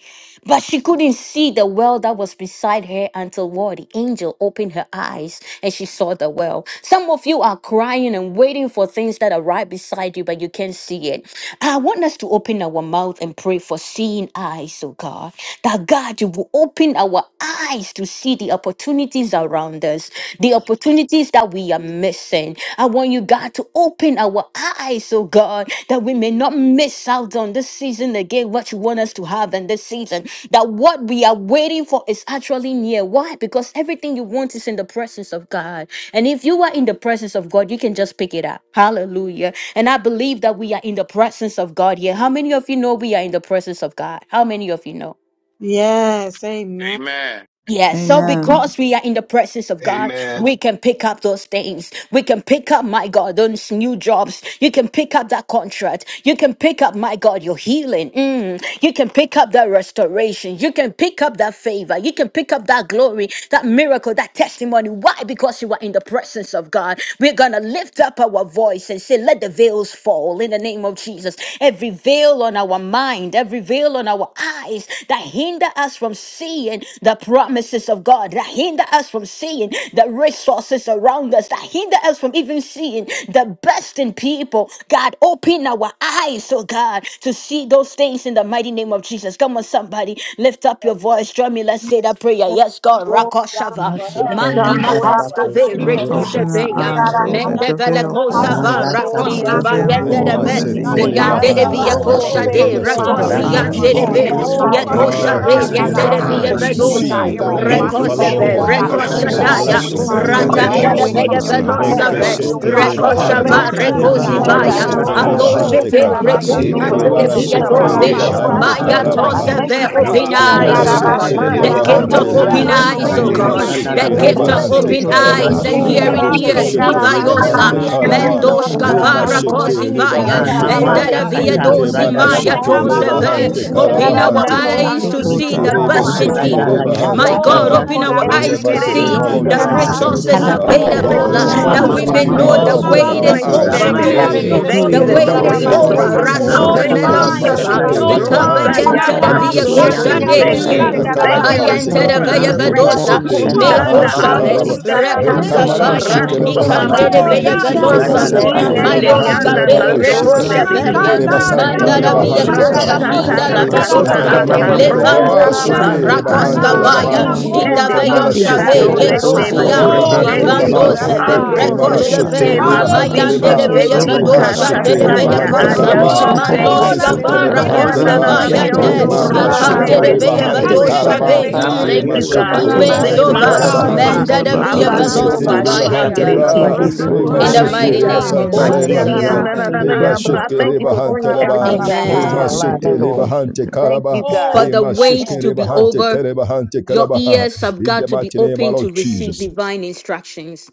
But she couldn't see the well that was beside her until what? The angel opened her eyes and she saw the well. Some of you are crying and waiting for things that are right beside you, but you can't see it. I want us to open our mouth and pray for seeing eyes, oh God. That God, you will open our eyes to see the opportunities around us, the opportunities that we are missing. I want you, God, to open our eyes, oh God, that we may not miss out on this season again, what you want us to have in this season that what we are waiting for is actually near. Why? Because everything you want is in the presence of God. And if you are in the presence of God, you can just pick it up. Hallelujah. And I believe that we are in the presence of God here. How many of you know we are in the presence of God? How many of you know? Yes, amen. Amen. Yes, so Glory Amen. because we are in the presence of God, Amen. we can pick up those things. We can pick up, my God, those new jobs. You can pick up that contract. You can pick up, my God, your healing. Mm. You can pick up that restoration. You can pick up that favor. You can pick up that glory, that miracle, that testimony. Why? Because you are in the presence of God. We're going to lift up our voice and say, Let the veils fall in the name of Jesus. Every veil on our mind, have revealed on our eyes that hinder us from seeing the promises of God, that hinder us from seeing the resources around us, that hinder us from even seeing the best in people. God, open our eyes, oh God, to see those things in the mighty name of Jesus. Come on, somebody, lift up your voice. Join me. Let's say that prayer. Yes, God. God, Rakoshava. for Yes, love, yeah, God, Mandi Lord, I'm so not yet Mahaskove. Lord, I connected. God, open our Say Rikushave. to God, eyes, I oh, Yendele know you. la let the you. Mendevele veil sonda la open Father, my fall. bakia Kozava. open eyes, up boshi Malata my Sheri Let God. la the eyes kozo ando veil to see babasa. fall Rema korobo in the siki, Rakoski. clearly, Release name of Lord sendere every God, Yandele what yanda Jesus. Yandere la veil, you Setelebahante. via basuka Father have God. ya roko baso God, ordained kosha bari. for open seki de Likereba me, sende In the la Father, ende, our in the name rakosi babasa. of name eyes Setelebaha. ante of and de Jesus, Father, Ramandere let the ve give Jesus. God. us Oh, yikarata boche veil Have your kete prophetic Father way, fall yakosha roko Ah, Hallelujah. Lord de yada God, clarity in God. restore siki. Father, In in this the the my I Thank yandere you name we hour, satala pray mighty via of in for eyes this believe to against, name baku. Lord of seeing, Jesus, season, God, vedosa oh see, in the every God. Jesus. oh name in you. Re my Thank of We demonic you, bo Father bo Yahushua. trust veil, bo Father rekozeve bo Lord, Lord Open God, in bo God, our God, for you, help every cause seeing rekosha us eyes, the the my to O sadala veil Father that daya eyes see, was to God, oh baku blessing let God, the trying God, see, that to opportunities of tere Father, veil the re keep as and me right Lord you ratanda what baya. fall. de in you away see, Almighty. from via your say, in called promise Le the us velosa Kotarabaya and Barnabas. your ve name of bando will, to, si ears do, Dananaba. to Yahushua. Father. Lord. kata hear. rekosha lebahante, I va Hallelujah. Knowing pray, Okoreshi that Ekete In Lord mazadala the rekosi reke God, we name can of waku Brasura kanda Glory vaya hold to Jesus. sete sata ya on, Korabaye Rabaso bari. Boshataba. Father aloze lebahante ka, God, ve to rekus you, Re Thank Mande Kotarabasi, you Shekerabayando do for reke do Robo andere Lord. scales si Urepede via de Rabaso Allow coming seke kato off. Bando tose Ramandesha Sutukarabasi. rabari lebahante power Rabasa to maya Tabahaya, be ande Obasanda. I karabaha, tose siyan. Thank ve you Danaboshiki. for open manifested Rekedebekebese reke Rabaso alignment, before eyes oh Mare us, divine God Urepede Torabesi karabasi God. sete de kato alignment the with Kete you, gift sato Bosuri karabasi of lebahante Lord Yandele Rabasi, la God, isa open le, in Pedalara andorobo eyes andara sync oh basondo with la bo Rede rima Bonde. you. God kurabaye bakia Bosia the sadala seke gift baye. of Reha boshi. shekedebese Kobreke lebahante open te. Sukota seki, eyes karabaha. and hearing Mazende Tabasekete Brasara hearing Yekedebese Reke Yanderabario wikende te ears, Boshiki. rebo Koshe, karabasi senda Ivayosa, Open lebahante our kozo andorobo eyes, kalaba, Iriamando O isa Mendosh suti God, rima open raste to Kavara our karabasi Yanderabario eyes. seke boresi kedebese Kozivaya, te Na Let the lebahante and mama veil ka, ya karabasi. fall Koshe, Daravia in the kata reke name of zada la Dozimaya Yende Jesus. seke na baku In Kurabaye the Ikando baba Tozeve. bas, rode lebahante kedebese glory seki of te yende shudere Open God. na our karabahante bos, bakuya karabasi ka. na ananano eyes bos, to nidi see andorobo Asukota the yende Baba best na in kurabaya. bas, Rega soba. masada la people. Dada ya My Oh, Bushite, dunki God, Rambo open bless Abasuki open our yandoro our In eyes, the eyes Korabaye to bozo mighty see name Kedebese of tezi God. open Lord esereriondo. the our Jesus. eyes, oh kabayandoro Tekarabasi resources bo God, and into Oh Hallelujah. Usukure Robo real Lord available uh, Eh, of fall. Halapatararisia, that mama we Korabaye mama may majesty, In the mama know Lord, Oh, the ingumbrahando mama name Shekedebese tekatalakatsu, Baba open of wait our kobre bos, is Jesus. eyes yende over. rama na tekatalayante, shendere. doro Yekedebe wide. Mario Hey, Mm, bozo Thank the isiete, you bos, Kedebese In the that Kuya, de yende the wait mighty is wait koze Bale, na name is of isotaya. Shekarabasi over. Lord basa. kete over. Bale, and ya Jesus. No anda Bale, Razove Kobre la Robo Bosha, badun blind, Melosava, Kitty, shata Losotarapasia, the ya kesheke Sukarabasi no Bush, Hamashekereba baku rosa Kitty, blind. Kedebese hante. na Ikabayenta Bosso, Te na tekatalapasatai, Kota, bas, the maye Davia Bundy, yende yabasoko kiyando na Koshande. Rikashekereba bos, bozo senge. Yekedebese Mm, Kissicata, santa the yende isiete, tori na Thank kalaba badi Bosha, you, Tekarabasi basa. andi Kata, hanteka. Full Mayantere the restorer Kedebese of veya Lodaria the yando. breach. Rima vision. Baya, vedosa, Dovodari Tekarabasi Oko sete re and leba Shatara baba meko shanda hante Robo baba shave, ambo Hallelujah. kalaba. Baseti. doza Full seke reko kayanda Sukarabasi la and Rekamara vision. Mishikata, savaya, baku ndombra Ishantara the Robo kete shikeleba ya hante. ikande badi Bushite, de Karabaya Sikitara Lord, veya sobabasiki. ah, la Likireba velosa Rambo Randi, Yasikitalia ve, Kata, sete Radalabaku, boshende Paladia Korabaye leba the da hante mayoska Ishirienderiana bashe. Bunda, Kedebese Mazutuli ve, Tikatakatara labado nando reko Dan, shike. Base. Bundiri Randi, dan, Tekarabasi shaveya, seri. dan, and In Kosuko, Kiyanda Likireba the da, ria, mighty santa name mandara leba of Ino Sadorobo via Rabashanda, hante the koshanda, Ka. Jesus, cosa, da, O rasha Sitabayu, Kedebese God, minda Bushita, Te Likiriba brother boshenda, karaka da, Rabasha, Hita the Santa Rama Ye lavadosa, boshe. saaka kere Mama Korea, Labahante, ro bese Cataliente, te Oh, Mandala Rama okoba. Dora, Basi bless Shuki you, karabasi Nole Bade, ando levando and Rebahante Kiki, Ando Condali Dora, God. the robo si Vaya Labaha, Ria, susu Shatai, Rabande. in Basudiri, the viende bosha, Likemana karabasi bario, rindera kere Shiki ro Veyoshavel, Sikatara Likete koshe. Reba besa Pasuta doku taya. recebo Santa Basakabadi, Yekozia, Oh, Cataliente, Lebahante rebedete Rambo bless de crescenge. Mazutiri Livando Lebaha, you, Bu, kodaba Isondaria. Zeve, ye posokori God. Ando ande kere Rekemana de In the bese te Shiki Rekoshaven, mighty roseva Uzutiri basokora name Lebahante of Kiki, si karabasi bande. Hallelujah, Mayande de Leba, ando Jesus, Veya Satura O bless robo kieti Roku you, Badi, God. Rima Vedoshan Father. karabaya. de Shiki darabande Father, Veya katasaya be hori Sayabanda Lebahante that Rambo it Kosa, is abede Rabaku, Kalabaha, de Oh, de kodaba Shatara ye ayatoseye. glory, kere Maloska Pasota Likisita bese posakatabra. te baria, Catai, Lebahante dera, Varakoski Mazudiri Rande karabasi Leba, ria, kere Shatai, kutori Kiyandoro Vayande, bese Yanananariondo te Rima koshanda, Hisi abande Bosha da, kure Ikande Mashuko bashe. de rosebe karabasi. bebe Darabasu Veya Tikataliente, bebe Lebahante Chaku, siki. Re be do Yandera, kere Isodara Karaba, ria, Vedoshave, be uri kere koshanda, Thank Base. bandi Rima mm, Ramade bese you, ura te God. Shuko ria, bandi. Ramade Bose Totally Lebahante and karabasi the Ura Sadora Imezova, ando koshanda, bandi ria, Baku, Handarari masupa Kalabahantika, Manda uya robo keke, de Siete baba Veya kuraba bande boshe. Ibele ba Likisita de. ba Veloski apastoba ba Busi Itakatari ba ya. Lebahante shengere Sakura Vayanda. Leba, Ole Badi Rekete tiki. de Rambo and the Rima In Bless the Sotarari buya. kodaba Shiki Kiyanda, ye you, mighty Reba Hallelujah. kere God. name Shata of Ye Santa bese ma te Bless Bose Magic you, ye Lebahante Jesus, Leba, God. popo Kiyandara. karabasi ye Rima baso. ando rianananayambra. Shiki Thank you robo for Lebahante bringing Oh, bless kuraba Leba, ba everything ba back ba you, ba into Tore Rema God. ya. bede amen. de alignment, shete de Lord. lebahante posete. Thank you, karaba. For God. Oh, the Rema bless wait sheke you, to Mm. be Lord. lebahante over, kerebahante your karabaha. ears have In got the to be mighty name open of to Lord Mm. receive Jesus. divine instructions.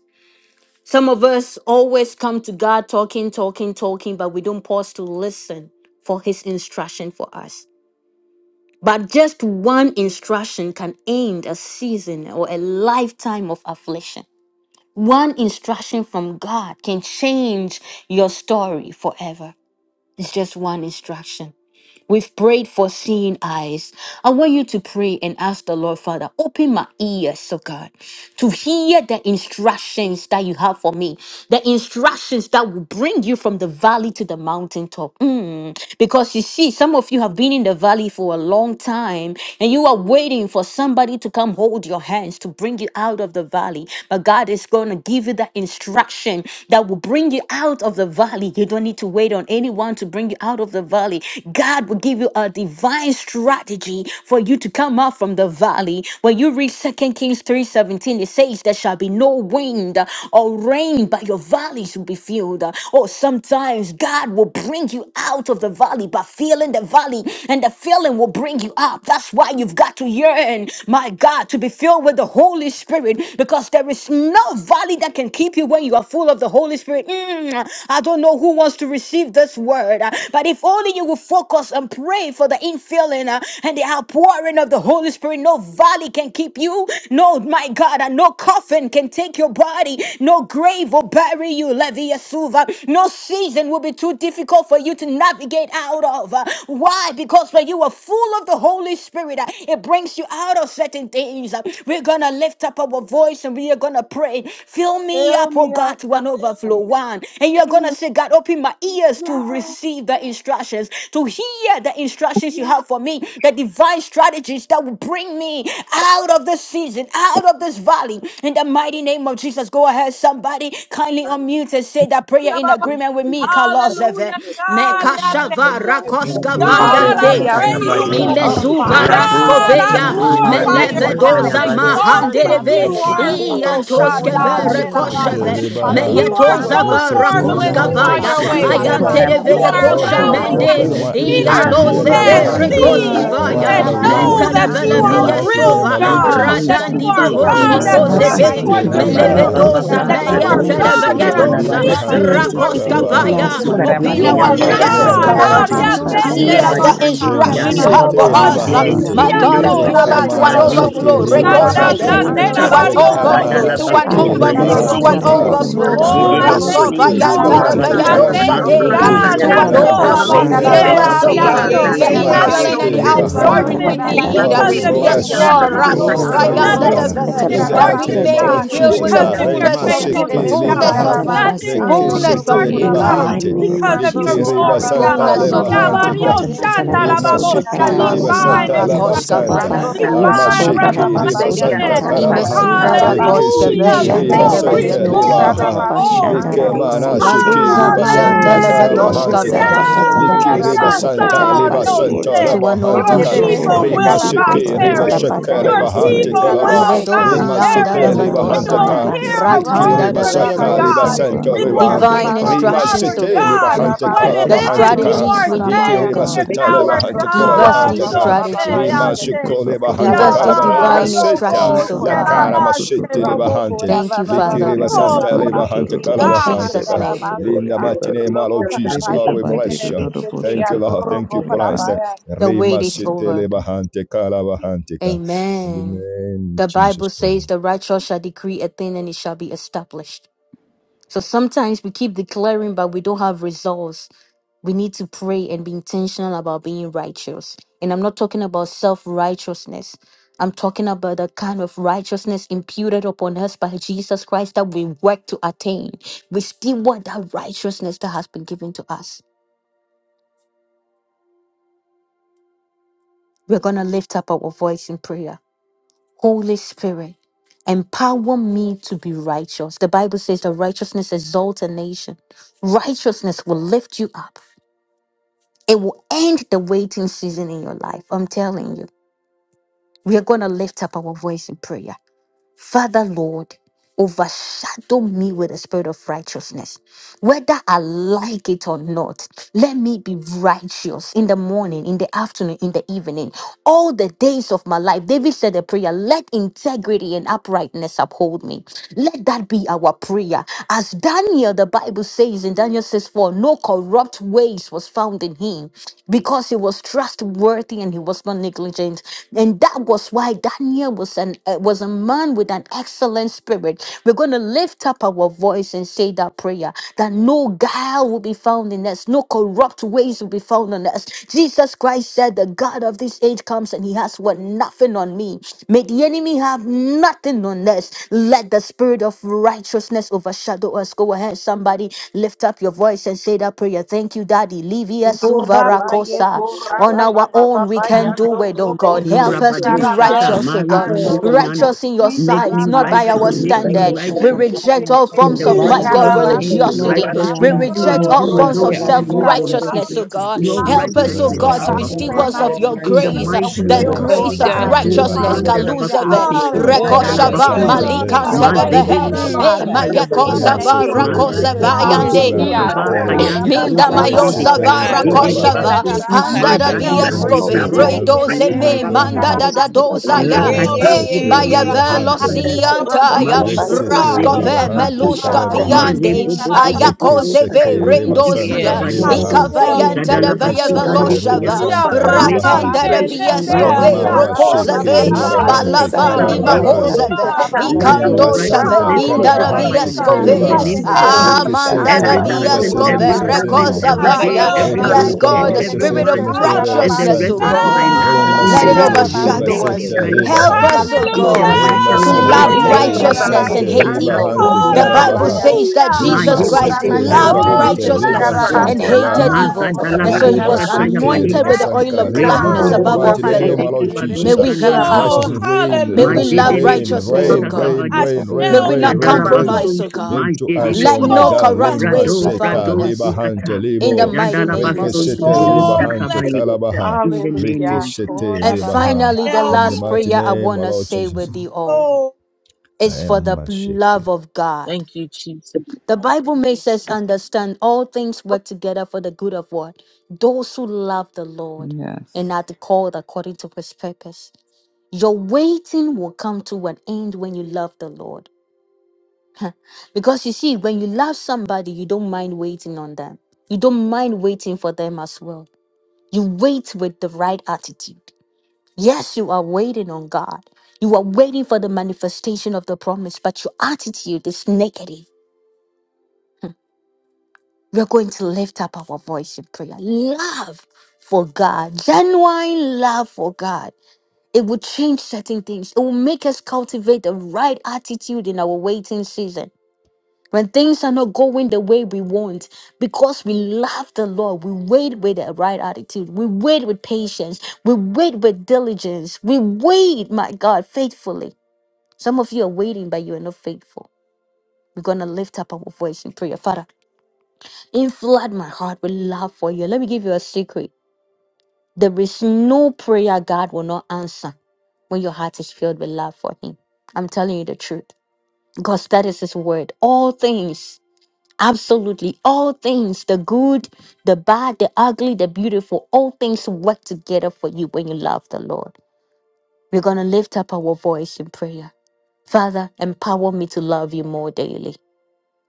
Some of us always come to God talking, talking, talking, but we don't pause to listen for His instruction for us. But just instruction can a season or a life lesson from God can change your forever. An instruction. Prayed for eyes. Ask the Lord, Father, open my eyes so to. instructions that you have for me, the instructions that will bring you from the valley to the mountaintop. Mm. Because you see, some of you have been in the valley for a long time and you are waiting for somebody to come hold your hands to bring you out of the valley. But God is going to give you that instruction that will bring you out of the valley. You don't need to wait on anyone to bring you out of the valley. God will give you a divine strategy for you to come out from the valley. When you read Second Kings three seventeen, it says says there shall be no wind or rain, but your valleys will be filled. Or sometimes God will bring you out of the valley by feeling the valley, and the feeling will bring you up. That's why you've got to yearn, my God, to be filled with the Holy Spirit, because there is no valley that can keep you when you are full of the Holy Spirit. Mm, I don't know who wants to receive this word, but if only you will focus focus and pray for the infilling uh, and the outpouring of the Holy Spirit. No valley can keep you. No, my God, and no coffin can take your body. No grave will bury you, Levi Yasuva. No season will be too difficult for you to navigate out of. Uh, Why? Because when you are full of the Holy Spirit, uh, it brings you out of certain things. Uh, We're going to lift up our voice and we are going to pray. Fill me Fill up, oh me God, up, to an overflow. God. One. And you're going to Mm. say, God, open my ears to Yes. receive the instructions, to hear the instructions you have for me, the divine strategies that will bring me out of this season, out of this valley. In the mighty name of Jesus, go ahead, somebody kindly unmute and say that prayer in agreement with me. Kalos Thank you Hallelujah, for the God, very Open I my act thank of ears Mekashavara God. you. to Oh Thank hear you, God, Father, Yandurubu Father God, open I that my Hallelujah. Koskavayante. that ears praise and you, Fill to is yabadi. uh, hear me search your up, us Lord. to open to Imezuva bring the instruction. me Father. out of Father, Ladosi God, this I Open instruction. fill raskoveya my my valley, Katumba ears, God, O glorify ears, in your Hallelujah. the God. name. Lord I name God, thank of melevedoza with you, Satayabas, O your Lord, Jesus. Father, she's word. Exalted like Father, deliver mahandereve us, you never fill O my God. Ikira are ears before. baba with The so your shila places Open voice. my of Shaddai, the mama iantoskeve Father, ears rich, to shila fill Shete hear Merabah, me. baba your rekosheve I shila Father, instruction, lebaha. listen from O you the mama to the are crown Father. of shila. words meyetoza of so my Yes, head to Jesus. shete In the the I'm marvelous Okala in soles name hearing of all lelemate of you, baba varakuskavaya my your feet, Father shila ways, Jesus, Father, God. mama God. open shekereba. my fill shila I You Thank Isikarabaya ayantereveye me you baba in are the for ears, Oh shila my kosha name Lord, of allowing eyes O baba us O mende open to Jesus. shila. socorrobolos. God, my that I Ude ears may to hear hear hear see, Ina thy your Yanduruki and mama and ialozeve my word, shila instruction, ears mama are Yandurubu see the Ankorabayekelebese O shila rekoskivaya Sata, attentive word and to of baba Father your Mari shila God. life. know voice. tekarabasi In mama that the Anduki you In shila. name the So are I Yandu, Yes, can mighty hear of name real, mentereveleviyesova of Lord something, God, Mama Jesus, Father O Udele that shila andorobosusukarabasi. Jesus. God, you God, baba radandiva are so Siti, double. your shila hosh God Rambo word Kimanda, that's is mama Renama bringing Really, shila ikozeve 15, forth shete and Salapasuta mama your Bashoto, shila. sheep deliverance, is korabayekelebese lebaha. your Isikarabaya voice. melevedoza cataleposuta Rabababa that Koreanda, you So I are tekarabasi socorro. Reke Rabanda. thank Kadozo God you, that catalepati Lord, shete are Will meyentereveyedoza Jesus, mute Ishkalabarita your for speaking my lebahante to Holy siete ande our situation. Kibo Spirit, andorobokorabayekelebese O 15, and karabaha. la God, rakoskavaya to give te. us suta open Mazeki You Isikarabaya In our the Rabandi. are socorro. mighty Yandoro catalapata ears oh name, Yekerebesete my the God. Lord Ukata God Bustonto Hallelujah. karabasi to Jesus. Sita Thank Brasoria you, hear Lord the rishatarabasiete. Kurabari Bandi, andorobosu God, ande for this instruction Open you Kiyando our karabasi have Adula for ears, Remasete O bless us. Baraba Uh, God, in Zidele kerebesete. the us, Bandi libahante. My Yobobashiya mighty God, Zedole bless Uria I name so us, feel of Bandi, Sata us Lord to I God, Jesus, an rabatiya Rekamala allow for so. us this even Mazeki to with overflow. Yeshekerebekerebesete shekeli Rosukutor blessing. receive Kido Dan its dan karabasi instructions, bahante. Rabo return dan Forgive Rekosaden. Bushete in de me To Lord for Sata an andorobo Jesus' God. Baboso rabario mighty name. Topa, overflow, koshe. overstepping, Rekamana to God. an In Zadalabaku Father, sheke Derediya the korabayekerebesete name Manu bless overflow, I the of kedo to thank Urebe an libahante karabasi. you de koshe. Sekitu for ka. Jesus, your God. Bundo overflow. cataleposuta Rambo mercy Oh, Ori I and Zedele your Baba shodabosu thank catalete, grace. you, Rimasete Busita Bandi, Rasovayanta Lord. da karabasi libahante Kurabari I He kalam. Isikarabaya thank Rishikete veyadosha you, kerebesete. da socorro. Mazodole God. To Rekele Yang Malakota an la la Boseke, la Yaso doshe Yekerebesete overflow. Mm. palapakata Randu la Fill re karabasi keleba. us, babashera oh Yeah, Kusukor yeah, Rebababa God, siete yeah, y riaso. kerebesete the yeah, Dore Bushete, yeah, Rekamana siete. Baku Nothing yeah, infilling hidden karabasi. and sete the yeah. in Rebele Rambo Resanta libahante. outpouring da la we darkness patara Boso need. Uh, Lord, pa because we Help Rabba of your me, siete. Yes, korabayekerebesete Bandi, bless presence, you. Lord. Open We it in karabasi the Lord. me is. glorify Okuria eyes you, to Razuvayanda Así Nothing Bandi, da God. es. see. andorobosu hidden Uri ve. in Catale In the pa Bandi, That Give mighty darkness, we karabasi me, name Kurita may of siete. be Lord Lord God, Baso God, filled with Jesus. Y bring the kerebesete. because la Kote Ah, me of out of rieta your Basa. fullness this of cota la place faithfulness, you, Remaseke right Yes, Yekerebete pasuta Lord, God. now. fullness libaha. of catala dear, you, pa karabasi Nothing hidden siete. May in fullness andorobo of Rekesete hear darkness, you, In your Yes, the God kurabaya. God, also mighty libahante. God. for name because of of Rambo your Liki Jesus representative of riba your glory, God. korababa Holy santa God. baba Spirit fullness Holy of baba rieta libahante Mm. and baba you. ka. help Yabario hota me to catala hear your yekerebete pasuta voice. shandarababosha, Limaseke Isi riba catalaya. karabasi. Open my karaba Meloziva divine santa ears Fill to yoso us instruction, up, rakoshka hear, O O korobo labasanta. Rambo God, Father. yoso. Kora Yes, vayendeleve. in divine the Baba cota mighty la Baba Amasheke name of Baba liba pasuta Jesus, Sadia Yando the santa revelation. catala Robo Spirit pa of Shakara karabaha. the Lord Imesuva is siete. saying, Reke Sukarabasi. rakoshka Raseki. Y Hallelujah. sheke Open reba Thank my shatara Yekede you, Glory, Lord vayenteleve santa pasuti Besete God. leba ears dosade. glory, catala ha. pa Karabasi to Mm, hear, glory. Lord shatara Ando Reke O God, re Robo mana God, thank you siete. for sheke Maluza in your the leba care, Sukarabasi. mighty for Holy santa name viandeleve Hallelujah! of forgiving me karaba for Spirit, doshka Jesus. hanteka. Oku Yeshekede Risata everything raba Besete vayande. de de Katalapo Liki good da da reba that I Yes, Suta bo Karabasi did, de santa which God, bo leba that so you which ko is Karebesete. re santa Katalapasiente, said ma. To leba an wrong, your Ma di hanteka. Yekede which overflow, O is Ishata bo people Besete re God. Rema pe will pe Hisi pe not Kita pa sheke Karabasi ndo overtalking. reba perish. Ando sheke Your Robo leba Thank you for hanteka Katalapatarisiete, people your leba. love, will Sukarabasi Isota not God. Rema Ando Thank you sete perish. la for Robo Livedoziandeleve da leba your da We da bo will Kurabaya. dosava. hanteka. good de. hear a Olapatarapasiente. Liki Rambo Ratanda word reba Rando de from ko grace, Kora you, so saka re God. leba God. ba vayadosa. Bayekede ba santa We Besete will leba. Thank Divine you, hear, Karabasi Lord, Rema pe. instructions, Father O that sete Karebesete God. leba God, what hanteka I Risikete Karabasi The leba it dite is Ando you continue hanteka. to Robo strategies are we do boshata. that. need, Liki O saying Karabaya. reba in this God. Rande Thank sata you very leba hour, much. Rambo hanteka Give kosokoto leba That Koda us was God. these Baba hanteka. You rabosheke. Baba Baba say, I strategies. Rema Rande say, sheko leba kosokota Give us hanteka these leba Karabasi Yabar, leba raboshata. and divine seta. Yoko, instructions, Rambo O Rabba La Koda God. thank babande Baya Sheraba, you. kotoro karamashete Rambo Sherobo. lebahante. Koda rabosheke. Thank you, Baba Thank you Baba for Father. Rebe Likiriba your Baba bebe Oh, santa everlasting ba bless Baba lebahante yotoro In rabosheke God. kalabahante te Jesus' ka. baba name. and thank Karabasi In sokori the you for and mighty the name bebate. week. of Rambo Lord Turn Koda out Jesus, Rebe to Lord, the Baya we Chicken babande bless you. dodo Biscuit Thank you, and raboshata Lord. baba Thank Rambo you, kori Koda Christ. bande. Baya The wait Rima is Kori sete over. bande. lebahante kalabahante ka. In the Amen. name The of Jesus Bible says Christ. the righteous shall decree a thing and it shall be established. So sometimes we keep declaring, but we don't have results. We need to pray and be intentional about being righteous. And I'm not talking about self righteousness. I'm talking about the kind of righteousness imputed upon us by Jesus Christ that we work to attain. We still want that righteousness that has been given to us. We're going to lift up our voice in prayer. Holy Spirit, empower me to be righteous. The Bible says that righteousness exalts a nation. Righteousness will lift you up. It will end the waiting season in your life. I'm telling you. We are going to lift up our voice in prayer. Father, Lord, overshadow me with the spirit of righteousness. Whether I like it or not, let me be righteous in the morning, in the afternoon, in the evening, all the days of my life. David said a prayer, let integrity and uprightness uphold me. Let that be our prayer. As Daniel, the Bible says in Daniel says, for no corrupt ways was found in him because he was trustworthy and he was not negligent. And that was why Daniel was an uh, was a man with an excellent spirit. We're going to lift up our voice and say that prayer that no guile will be found in us, no corrupt ways will be found in us. Jesus Christ said, The God of this age comes and he has what nothing on me. May the enemy have nothing on us. Let the spirit of righteousness overshadow us. Go ahead, somebody, lift up your voice and say that prayer. Thank you, Daddy. Livia Suvara Kurabaye Kosa. On our own, we kurabababababaye can Father, do it, oh thank andorobo God. you, Lord, Help us to be Rabade We Shata, for shall. tukarabasi righteous, the oh Mari God. and right andorobo Fiando. Righteous in your We Make sight, me not The shall by tukarabasi righteous, our moving for spirit make be of saved. me standard. the We righteous, righteousness Lord. Father, reject all help me In forms be the of, We ekedebedebedebe my mighty Katalapasuta, God, name righteous overshadow of shall me. karabasi be Jesus, in your religiosity. saved. righteous We karabasi in Novariando, sight. you reject and all you Ota andorobo forms of Overshadow alone, in the self Reject me. name ones Hallelujah, of of Katalapasiente, God. righteousness, Jesus. tukarabasi oh justice, Let God. there Your be Isiete. Help nothing us, oh Hallelujah. righteousness, Aventareba found God, Father, to Father, me. be I Abba reject santa. thank ones declare you, Father. and stewards I Father, of of Oh, your Let for decree we that In the righteous. there serve there's grace, be uh, mighty no nothing. the name your the of filth, right. bahante Help Lord me, grace Jesus, to of the God. santa God, righteousness, to use Let of Katora righteousness. your name of there Father. Banda lebahante. Hallelujah. grace. Jesus. be I Kaluzeve, declare, Rabakuchete, Hallelujah. Lord Oh, God, Zadala Likiriba in Rabbi the Rekoshava, We name nothing. Bakuma, of santa Yes, Jesus, Yaseke. I Malikante, your have. lebahante I Mazedele have righteousness, heard lebahante. about Hey, it. I Mm. Father. Koshata am Mayako In Yabadi, Thank the Rema very Zava, name interested of setere, Rako in it. Holy Jesus, le Spirit, Maratakuze corsala, Lord hallelujah. Zavayande. Ikaba lettere, God, Kora ba Adarabasiyete make Kayanda, you. ba me Minda ba ba righteous, ba Roboshede, arese mayosa whether yando tele vara I robo ketalabadarisiyete. like Zedele su it or su not. rakoshava. terabahante, This is Baskunta, Handa da Yeshita karabasi. Rabbi Mazadi shall Leki Yaseke. be and filled. vieskove. Dekibo, resete Rekede I be shall, kede Redoze be katarabokotarabishata. se me te debetor manda Ribakabakaba, Father, da Mm. we da karabasi. take I upon Ando your dozaya. Yeah, shall robo yeah, be su rinasete righteousness, Rakatuzu Hey yeah, sete which su filled. is maya yeah, donodo in yeah. Christ I ribahante karabasi. shall Jesus. sikabaye, be filled. I Father, shall be. Rambo Thank velociantaya. you, ko ba God. Mayekute ba resete kotarabasotaya. ba zedika Raskove ba ribahante bakuya, yando melushka Ishata, robo filled. su karabahante Mare viande. su isiyete bobo I Mm. bobo karabasi. reke bobo shall ketalabasota Ayakozeve sheke katozo reba katarayete. rendozia. santa Yes, Lord, ishkalabaniki, Lord, rebaha let shall me isiyete be Ikavayanta back da to reke Via Zadalabasi you. you. sheke ande ketalabasota reba Baba, veloshava Ya santa Baba, make katarayete. mama me rebahante ratenda de Rabasi, ne ne righteous, Yes, ne Ishandoro make me Karaba, viescove Ramboko ya right, so go sheke Kuru, katarabasiyete. rokozeve your Robo, Rabababa, shedaba rebahante Yasu, righteous Kuru. shedaba in malavandi the Resadoro lo name of Yeshekebese lo karabahante lo Jesus. mahozeve ba ya Mm, Let Tekarabasi, rin te. your ikando katarabasiyete. shave masanta righteousness Ramboko take minda de Kisi over God, my karabahante Robo, life Hallelujah. in Rabayekebese Yasu. viescove the Lord, I kereba name of Father, shall be Jesus. we reke Tekarabasi, shout out amanda Ando de sete Every about reba second, Roboko and say, every Mm, viescove Rabaya, God, moment, Yes, senere I every I thank you, Karaba, day, rekozavaya Ramboko Father, shall every for be Reka Yasu, yes the week, reka Kuru, and god life the Robo, reka every healed. spirit sete of with Rabayeshekebese month Yasu, you, you oh leskere God. and the Tekarabasi, righteousness oh rest of basante. Thank you, Ando god my Father, for life. Robosu Rema allowing In the let our it Mm. life, name sete of Jesus, oh Yeah, liba Tekarabasi. overshadow make yeah, God, me yeah, us. sete with yeah, you, oh liba yeah, righteous, Hallelujah. God. Help Lord. yeah. us, Rambo hanteka. oh Thank In Hallelujah. you the God, mighty Rema Korabaye for to name sete right, of Yeah, shout Jesus, love out Kelebese yeah, that make yeah, shout me reba yeah, out righteousness about yeah, and sante righteous. Tekarabasi the yeah. hate La liba God, Ando evil. I yeah. love hante Help kunde us Robo de The me, Lord Bible and karabaha. Korabaya. say, basunto. God. says that Hallelujah. we Ma Rambo Rema Jesus shout out, Christ oh yekete sete God, Korabaye loved liba about zadoro Oh, hante Kelebese say, bosika righteousness liba bless bando. you, shout and Tekarabasi sente out, Mm. we hated la. Ando Ma seek God. it evil. Robo What up, zadala am And God, so he about Arima was kosha the taya Sukarabasi. God, seke I anointed reba love badita. with Bless the you. oil sanka of reba Remo Rambo gladness hante. In bobo Lord, the we above God. bo all get mighty God, Korabaye zede I name fellow. love de of Lord us, we kibado May Jesus, Kelebese I? uh, we shanda seek hate la it Tekarabasi. up, righteous Oh, evil. bakum. God, rain, May I Ma we righteous hallelujah. zede love le rain, righteousness, Lord, O we get rain, kusita God. rain, kabadi. I rain, rain, May shall we rain, be not rain, Zadala rain. filled. compromise, O basunto. God. Ma Into zede us, le Let oh ki. my no Oh, God, bless. corrupt Rema ways Brado, be because you. of our found seta in brado liba us. pastor. hante zikata. In the libo. mighty In Zadala name of Jesus' basunto Rekeshete mighty Jesus. Oh, name. robosika lebahante bless. baye kalabaha. in the name of Hallelujah. Jesus. Rekeshete And I lebaha. finally, the shall Korabababaya. In the be last filled. mighty prayer I name, want our to Lord say Jesus. with you all. Oh, I It's for am the Masheke. love of Thank God. The Bible makes us understand all things work together for the good of what? Those who love the Lord and Yes, are called according to his purpose. Your waiting will come to an end when you love the Lord. Because you see, when you love somebody, you don't mind waiting on them. You don't mind waiting for them as well. You wait with the right attitude. Yes, you are waiting on God. You are waiting for the manifestation of the promise, but your attitude is negative We're going to lift up our voice in prayer. Love for God, genuine love for God. It will change certain things. It will make us cultivate the right attitude in our waiting season. When things are not going the way we want, because we love the Lord, we wait with the right attitude. We wait with patience. We wait with diligence. We wait, my God, faithfully. Some of you are waiting, but you are not faithful. We're going to lift up our voice in prayer. Father, and Flood my heart with love for you. Let me give you a secret. There is no prayer God will not answer when your heart is filled with love for Him. I'm telling you the truth because that is His word. All things, absolutely all things, the good, the bad, the ugly, the beautiful, all things work together for you when you love the Lord. We're going to lift up our voice in prayer. Father, empower me to love you more daily.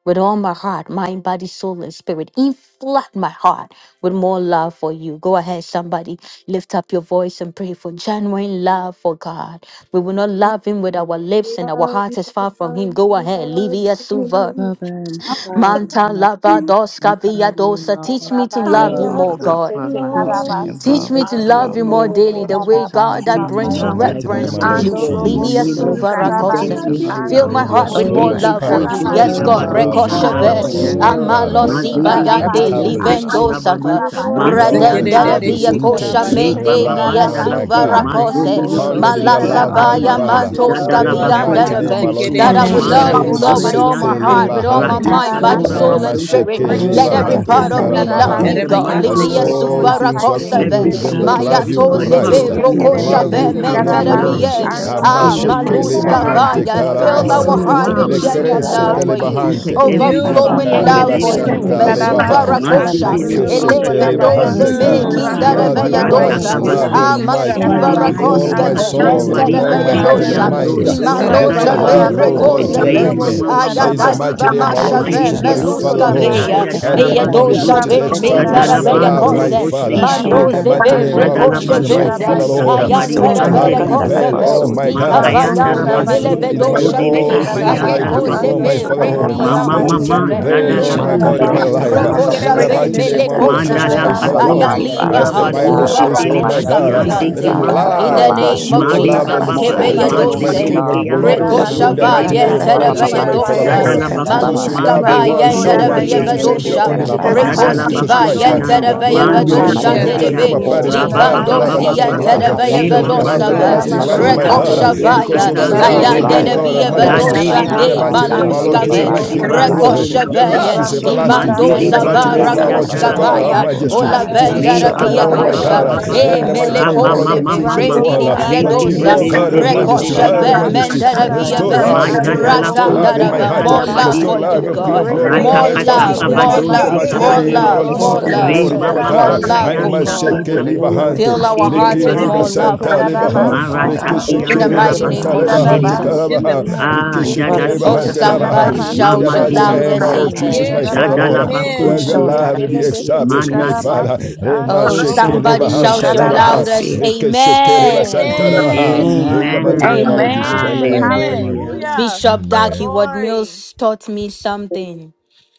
with all my heart, mind, body, soul, and spirit. In flood my heart with more love for you. Go ahead, somebody, lift up your voice and pray for genuine love for God. We will not love Him with our lips and our love heart you, is far from Him. love Go you, ahead, love Livia Suva. you. Father, I empower love Manta my lava you. heart, doska empower via me, in dosa. my Teach heart me to to I Rabaye love you love. Father love more, you, God, God. kebebese flood my heart Teach with Lord. me your tekarabasi to Teach love, me love with to the I ando you love love. you more more, robo daily, the Teach Lord. me koraba way to baba God Teach love you that me to In brings more, papaya. the love love Lord like mighty God, the name, reverence our to never you. Lord Ando you. Teach Lord, before in me robo the worship I Livia you. Jesus. to name of susu love you Jesus. Teach me Teach suvarakose. karabasi love to me daily. love to you. you I Fill ando love. my need more, your heart God, robo with with the more Holy Oh, right susu love for Spirit I you. to attitude. Reketozuki Yes, teach flood Fill me karabasi. to love God. my rabado my heart love you, you heart with with Rekosheve. the more, Ashe your oh shandalabadi. Lord. my genuine love, love, Father. kebebese Amalo Today, oh Lord. God. siva Ah, yande. Mazidereketo tekarabasi Rabashete, ando Established Rabayaseki. Livendo robo Rabashete, sava. yekurabaduta, korabaya. oh, I It's the Lord, kid Radenda de in love the Ashe established, via maziandelekibo, rooted Raboseke, kosha in kebebese you. your mende Tabasura, love, mi Shikarabayaseki. oh Rabashe, my tekarabasi rebababandalako, God. ando And robo Rekete, Lord, suvarakose. Founded susu in your mazodelekesete Rabosheke, overflow love, my my yabadi, karabasi Malasavaya heart Baraboshe, I with Father. ando your mantos love. robo In Ah, the Reseke, zadalabako kavianda mighty korabaya. name of Rabayaseki, Lord deve. I zitekima, Raboso, That I love will Jesus. Rambo Rabashe, love Hallelujah, you, Rema Lord, with Shikarabayaseki. korabaye all Reko, Jesus. my I my sete mandorobokianda, heart, Thank Sokoto, with you, kebebese all Lord my libahante. Raboso, God, Teach mind, for love your body, me, raikadora tekarabasi. soul, love. you. Rema Lord Raboso, and basoto. God, spirit. to I sheke Teach love love love me for Let how like every you, Hallelujah, to libahante love God, part God, Rekerebesete of you. me you. love karabaha. hallelujah, in Rabasheke, you, the karabasi God, God. mighty As name Livia hallelujah, of Yarabayaseki. andorobo all God. suva Jesus. kurapa Rabasheke, things work Show for Raboso, me Thank how good you, to Every to rakosave, them that Father, bone, love for maya love every yekerebesete. you, filling you, us tozeve fiber up Rabasheke, Christ. Lord of with God, your me, even in love teach the Love in rokoshave midst the you, me Yekerebesete Raboso, of how the King mighty to of name storm, that love, of glory. karabasi shit Lord. Jesus. that menteravie. I Retigator Ama might Ah, In andorobo the got Oh, to. sheke kutu And mighty I name Rabasukura maluska of Sota Bandi libahante Jesus. vaya. karabasi Catalan Fill Uribesha Oh, our karabahante. Because Brasia, love andorobo heart Rabbi, love with you kutu Tekis seek Lekre genuine you. Resigata love sete for karabasi. Cataliente, you, conquered libahante. Busukura. Vila every Fill Papa my fear Fill overflowing my in heart Payo the heart love de Lekareba with name for of for you. Yekerebesete genuine santa love Jesus. you, for Cataliposu de you, Mezuva libaha. Lord. karabasi Lord God. For rakosha, you, Mazedele ko andorobo Lord. Catalabasiete. eleve shataya kurabaya. Fill doze bando us up, me Ikeshetelebahanteka. O robo God, Rambo Mm. with sianda Love you, kindarave your koraba doza. love, Christ. O Yes, Love you, ratakabasi. God, Ah, seek yekerebesete that I Almighty. in might the masuva Zedele With mighty karabasi all bosi name my of rakoskeve kato Jesus soul, andorobo with mari mentere all my veya ande not heart the kurabaya. and I'm dosha love with of the Mm. kiando mind, way this Yes, I robo with got world, that my I but Rambo let your might shataya imaloza Father, got bando. attitude love, your to. of koraba vere O God, love or God, in the Oh, dwell whatever koseve Re in mighty they Rabbi, me. name mama yekerebesete of mama devotion. In the ayada Jesus. mama. karabasi mighty diva God, name of Rande our I Lord mashave thank you Jesus, for Mayeke my Kisikata andorobo dosi Father, meluska Sylvia Mm. Lord, kata kurabaya. Rabuseke, veya Shota Yes, Uh, seek yadala let that eya I Katala me might be basu. Reposha dosha rooted, Posuta Rambo ve Tada Katea established Koraba mentere Rabusha in Jadala your veya Kata love, bando Siente, my kose robo Yekerebese Brandi Father. sekitea. Kirabo, In the Ishonda mandoze Karabasi La mighty name Ando of vere our Poconda Reshikita Lord La Jadala Rambo Jesus, Mm. bando my kosheveya Koraba Ishada, Father, zita Lord, Uh, Yes, seek kabari let that ayantere your I Isonda Yekerebese La ande love veya might Rande Canta La rekebo. got prevail, ketere koseve oh to. my Posuta rabose God, ke Kete uh, Rambo Kete Le in Makayandara ikavayande my Koraba rese mileve basoto in ketere Paciente. my dosha Yes, Yekerebese zodele ve all Ah, rabosoko boshi things that Father, I rabose, andala Karabasi do, Kerabayasuke. ayekoze oh Ataria bakuya. Ando my ve Father, Shota roko La Rambo Lord. rendi yama Mama Koraba Let tere it Paciente, mama mahuzeve prevail, oh zadala rabose, Yekerebese my Ishonda God, konde in de my Mankandaro Canta Mm. rese Karabasi La life. boshi Yes, sika Bota ketere In andala. Rokosha the papa ve mighty Kerabayasuke. name, raboseke, my Katarishada. Lord Rekerebese Jesus, Madala melekosebe. my rande God, I papa Father, Karabasi soko kato thank Lord, you, papaya Ando toro Father, Ayaliva zokia as rolo the for your Rambo bado ke Bible sika love, hazuva oh papa says, Koraba Lord, God. oh shetele fill my reke papaya rakoshka basi my tere God, Thank torolo you, heart, let us viante. Yekerebese Father, Lord ande sika for rabosande papa In God. the love prasoko, Philia, as Karabasi name papaya. the of you Mare love Bota Rambo rese Jesus, In the, the Bababa, Moko church, ketere the Koraba keveya Basiente, name church, rabose torolo of my ke Mazedere dosen. King sika of Isoda, Yekerebese endo bobo Keando glory. ko La sika Rekosha In Karabasi the Bota Robote rolo mighty rabaseke Dere Ando tere sika name, Catara my vayente da papa Lord Basuya, Rambo rabose, Jesus, veya my papaya Basiente, Father, Koraba dosa. torolo rese Isa Lord, Zadala Yeah, sika ketere God. Baku, because papa. you Maluska love the Mandele raboseke Rambo world tere vayente so koda da much veya Thank baye that Bosiandere you you, raboseke, Norriento kere Mankandaro sent Kitu, God. your vadosha. bese sika That's only se papa Yes, begotten God. papaya. Son, Zadala karabasi Rekoski contrapaciente Jesus Topa y Baku to Kerabayasuke. ando Christ, uh, vayente vore Siand, da that pa shandai. robo veya those koda who pandi Oh, Mandele but vore believes baye in pa shatter Madalo him kere shall Bosia, me, sika ndedeve. never vela bese Lord se Shatarpaciente bobo perish but God. Show yarolo have me how karabasi to cotarapate Livandosi sika everlasting Rabababababa, papa love yente Rikete life. da like da Uh, papaya veya rekere Let you, poso Rema me bese torolo catarapaciente. Lord have se the Mandoro God, sika in repelere Y everlasting the da papa da life, Boku karabasi name my of God, ando uh, papaya. Yandoro Rekosha bolshoto Jesus. shotanariante robo because you vaya. have Boshata a Thank repa koda you, love, Lord oh baye sando Ande my God. Zodede, kisikitagai. de kere Bo God, kora via and pa bese sika se La Lapo Kerabayasuke. pande majesty. rolo Dere kore In the vedoshande pa karabasi sika mighty name, papa Basoto my catarapaciente ando papa Lord eka Jesus, maluskave Zotele my sata robo papaya King koda of Yeah. tabra so torolo baya kitakatarapase. Kibandoro glory, koro sika your papa do Y Makia, love rekosheveye papaya. is Rambo bolshekete shantai. pa Y koda everlasting. imando In Mazede the baye siete. Merero My, mighty Y kere I name, rekete zavara shika Mazede my ba bese de Lord can ba se da ba Jesus, da ba receive God Andarako ba sandaliente. of kuskavaya ya you. toro karabasi majesty, lo Yeah, God, ola I yeah, ando it is yeah, yeah, shika not thank ba you, Re yeah, vendera ba robo ba ba shaken, Father, yeah, ba ba yeah, yeah, koda via oh for ba my ba your baye yeah, yeah, yeah, ba kosha love ba God. kere ba. that you e In the bless the bese mighty yeah, mele Ra yeah, name, ma my yeah, Lord, ma yeah, on Kotoya the ma ma things so of ma. the ya Rambo rendi ba kote di world. Kitakatai. Re via koraba But ke you de yete dosa know, yeah. lepete de Yes. de de God rebe de of de kora Resando, sete pa se majesty, de Ndo, de God of ko karaba rekosheve pamboti majesty, Kondarisha, shata. mendera via restore si ve Ma Oh, love in right ja Ndarisiete. Rebo, me, ando heart yo, la oh ko robo restore God love Father, with si in susu I my ratandarava sorry, kata my heart, thank ya more baby. you, karaba ba spirit love de. I si. restore Father, for will for you love love your you in with King all of love, God my oh Ra Reke glory God, in Yeah, heart ta that more our yeah, ka you yeah, ta all yeah, my love bestowed yeah, establishment. mind more upon yeah, with yeah, all In us, yeah, the my si oh love si mighty soul God. yeah, more all name, yeah. ando my my Lord love Yeah, robo All Jesus, more strength the that's King oh, of it. Re but susu love glory, da Shut ma up, basuda ma I more ma karaba Jabakara, si guess. ka Take love I it oh katariete, kerebe must shake, God but from sete. ita with ko your ro love Rekete and bo Libahante, fill yeah, raba she our kindness, de you've le hearts robo ba with drawn Lekereba more us, suta. shekete oh love for Santa rabo God. you su. Lebaha, So, God Ma Fill si ra my Our Father, ta I heart hearts ando will thank with you in tell the for robo Rekeshekereba more that mighty filling fill Santa name susu our si my love of heart hearts, oh with de Lebahante your karaba God, bo. love, si. with Jesus O in the your God. Karabaha, mighty love. name Ah, More of Yeke love jada Father, for Rekeshekereba Oh, sita bota so Jesus. Hante Labaha. kabako, somebody ma ma In si rabasiete, the shout mama your mighty ando kisu she. name, loudest our robo denzia, Lord susu Jesus, my amen. Rekete karaba Father, Yay, jada kantararichatai, rete la si. Lord, rabo labako so let your called amen. siti, Rabba love Yeke be Shekete. ishontararisiete, established, my Father. Reshekete si isiente, rabo Rema ando so Oh, called robo Rabba somebody Shekereba so susu Hante shout your Lebaha, si. loudest usontararishatarabasi. Rekeshekereba Santa amen. Lebaha. Amen. In Amen. the Amen. If mighty Amen. name, our Lord Amen. Jesus, Amen. Amen. Amen. Amen. Hallelujah. Hallelujah. Bishop Darky Amen. Ward Glory. Mills taught me something.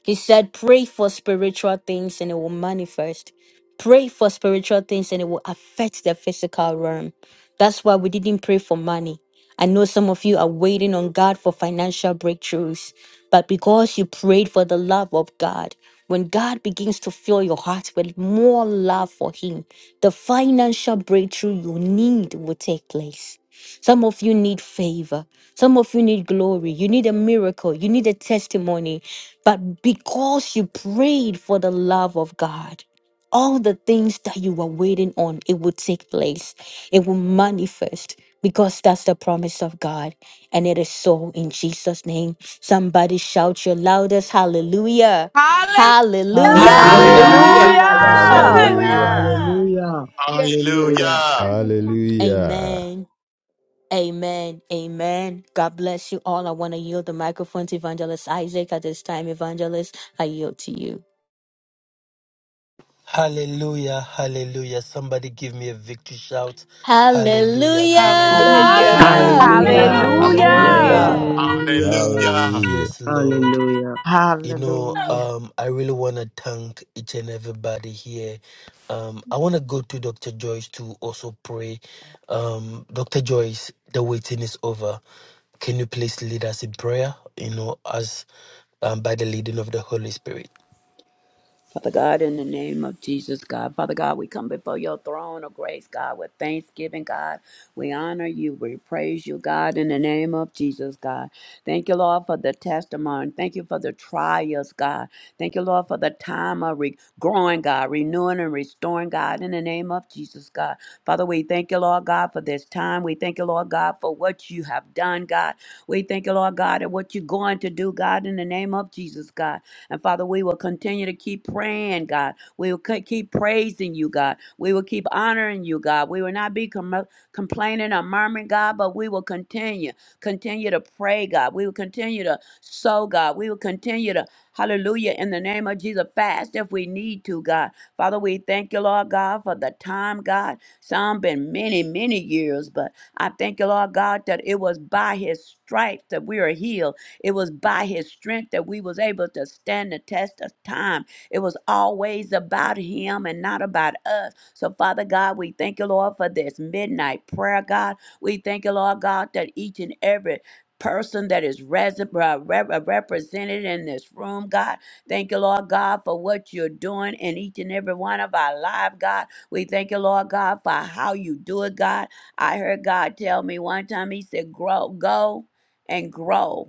He said, Pray for spiritual things and it will manifest. Pray for spiritual things and it will affect the physical realm. That's why we didn't pray for money. I know some of you are waiting on God for financial breakthroughs, but because you prayed for the love of God, when God begins to fill your heart with more love for Him, the financial breakthrough you need will take place. Some of you need favor. Some of you need glory. You need a miracle. You need a testimony. But because you prayed for the love of God, all the things that you were waiting on, it will take place. It will manifest because that's the promise of God. And it is so in Jesus' name. Somebody shout your loudest hallelujah! Hallelujah! Hallelujah. Hallelujah! Hallelujah. Hallelujah! Hallelujah. Hallelujah. Hallelujah! Hallelujah. Hallelujah. Hallelujah. Yeah. Hallelujah! Hallelujah. Hallelujah. Hallelujah. Amen. Amen. Amen. God bless you all. I want to yield the microphone to Evangelist Isaac at this time. Evangelist, I yield to you. hallelujah. Hallelujah. Somebody give me a victory shout. Hallelujah. Give me a victory. sh- Hallelujah! Hallelujah. Hallelujah! Hallelujah. Hallelujah. Hallelujah. Hallelujah. Hallelujah. Hallelujah. Hallelujah! Hallelujah. Hallelujah. Hallelujah. Hallelujah. Yes, Lord. Hallelujah. You know, Hallelujah. um, I really want to thank each and everybody here. Um, I want to go to Dr. Joyce to also pray. Um, Dr. Joyce, the waiting is over. Can you please lead us in prayer? You know, as um, by the leading of the Holy Spirit. Father God, in the name of Jesus, God. Father God, we come before your throne of grace, God, with thanksgiving, God. We honor you. We praise you, God, in the name of Jesus, God. Thank you, Lord, for the testimony. Thank you for the trials, God. Thank you, Lord, for the time of re- growing, God, renewing and restoring, God, in the name of Jesus, God. Father, we thank you, Lord God, for this time. We thank you, Lord God, for what you have done, God. We thank you, Lord God, and what you're going to do, God, in the name of Jesus, God. And Father, we will continue to keep praying, God. We will ke- keep praising you, God. We will keep honoring you, God. We will not be com- complaining or murmuring, God, but we will continue, continue to pray, God. We will continue to sow, God. We will continue to, hallelujah, in the name of Jesus, fast if we need to, God. Father, we thank you, Lord God, for the time, God. Some been many, many years, but I thank you, Lord God, that it was by his stripes that we are healed it was by his strength that we was able to stand the test of time. It was always about him and not about us. So Father God, we thank you, Lord, for this midnight prayer, God. We thank you, Lord God, that each and every person that is res- uh, rep- uh, represented in this room, God. Thank you, Lord God, for what you're doing in each and every one of our lives, God. We thank you, Lord God, for how you do it, God. I heard God tell me one time, He said, grow, go and grow.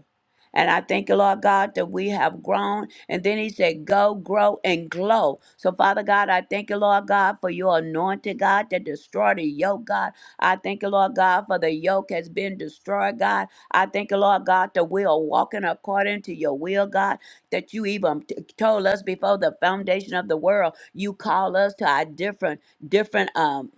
And I thank you, Lord God, that we have grown. And then he said, Go, grow, and glow. So, Father God, I thank you, Lord God, for your anointed God that destroyed the yoke, God. I thank you, Lord God, for the yoke has been destroyed, God. I thank you, Lord God, that we are walking according to your will, God, that you even t- told us before the foundation of the world, you call us to our different, different, um,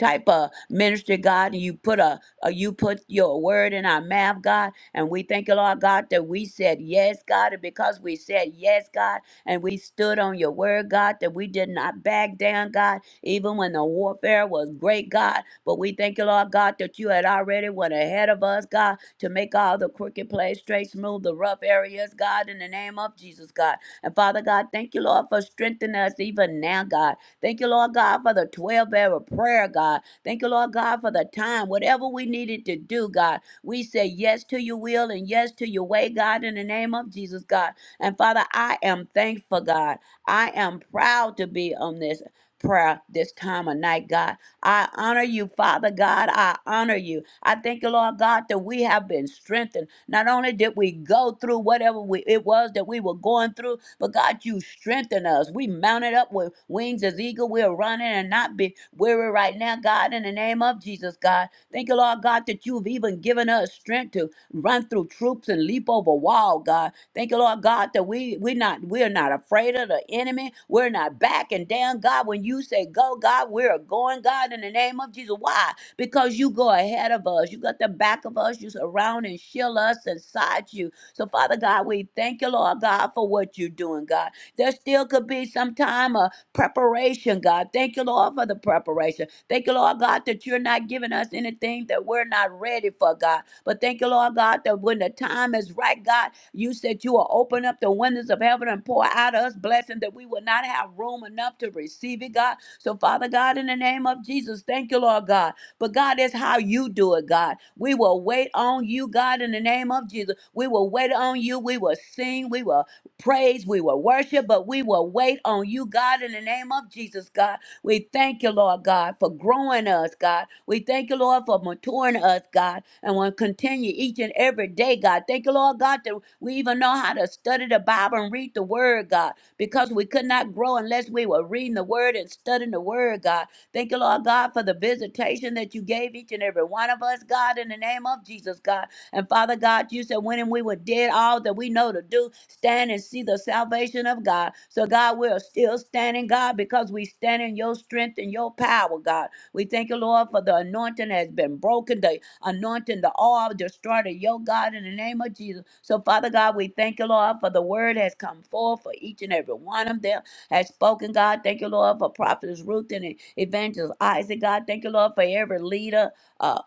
type of ministry god and you put a, a you put your word in our mouth god and we thank you, Lord God, that we said yes, God. And because we said yes, God, and we stood on your word, God, that we did not back down, God, even when the warfare was great, God. But we thank you, Lord God, that you had already went ahead of us, God, to make all the crooked place straight, smooth the rough areas, God, in the name of Jesus, God. And Father God, thank you, Lord, for strengthening us even now, God. Thank you, Lord God, for the 12 hour prayer, God. Thank you, Lord God, for the time, whatever we needed to do, God. We say yes to your will and yes to your way, God, in the name of Jesus, God. And Father, I am thankful, God. I am proud to be on this prayer this time of night, God. I honor you, Father God. I honor you. I thank you, Lord God, that we have been strengthened. Not only did we go through whatever we, it was that we were going through, but God, you strengthened us. We mounted up with wings as eagle. We're running and not be weary right now, God, in the name of Jesus, God. Thank you, Lord God, that you've even given us strength to run through troops and leap over wall, God. Thank you, Lord God, that we we're not we're not afraid of the enemy. We're not backing down, God. When you say go, God, we're going, God, in the name of Jesus. Why? Because you go ahead of us. You got the back of us. You surround and shield us and side you. So, Father God, we thank you, Lord God, for what you're doing, God. There still could be some time. uh, preparation, God. Thank you, Lord, for the preparation. Thank you, Lord God, that you're not giving us anything that we're not ready for, God. But thank you, Lord God, that when the time is right, God, you said you will open up the windows of heaven and pour out us blessing that we will not have room enough to receive it, God. So, Father God, in the name of Jesus, thank you, Lord God. But God, that's how you do it, God. We will wait on you, God, in the name of Jesus. We will wait on you. We will sing. We will praise, we will worship, but we will wait on you, God, in the name of Jesus, God. We thank you, Lord God, for growing us, God. We thank you, Lord, for maturing us, God, and we'll continue each and every day, God. Thank you, Lord God, that we even know how to study the Bible and read the Word, God, because we could not grow unless we were reading the Word and studying the Word, God. Thank you, Lord God, for the visitation that you gave each and every one of us, God, in the name of Jesus, God. And Father God, you said when we were dead, all that we know to do, stand and see the salvation of God. So God, we're still standing, God, because we stand in your strength and your power, God. We thank you, Lord, for the anointing has been broken, the anointing, the all destroyed your God in the name of Jesus. So, Father God, we thank you, Lord, for the word has come forth for each and every one of them has spoken, God. Thank you, Lord, for prophetess Ruth and evangelist Isaac, God. Thank you, Lord, for every leader. uh,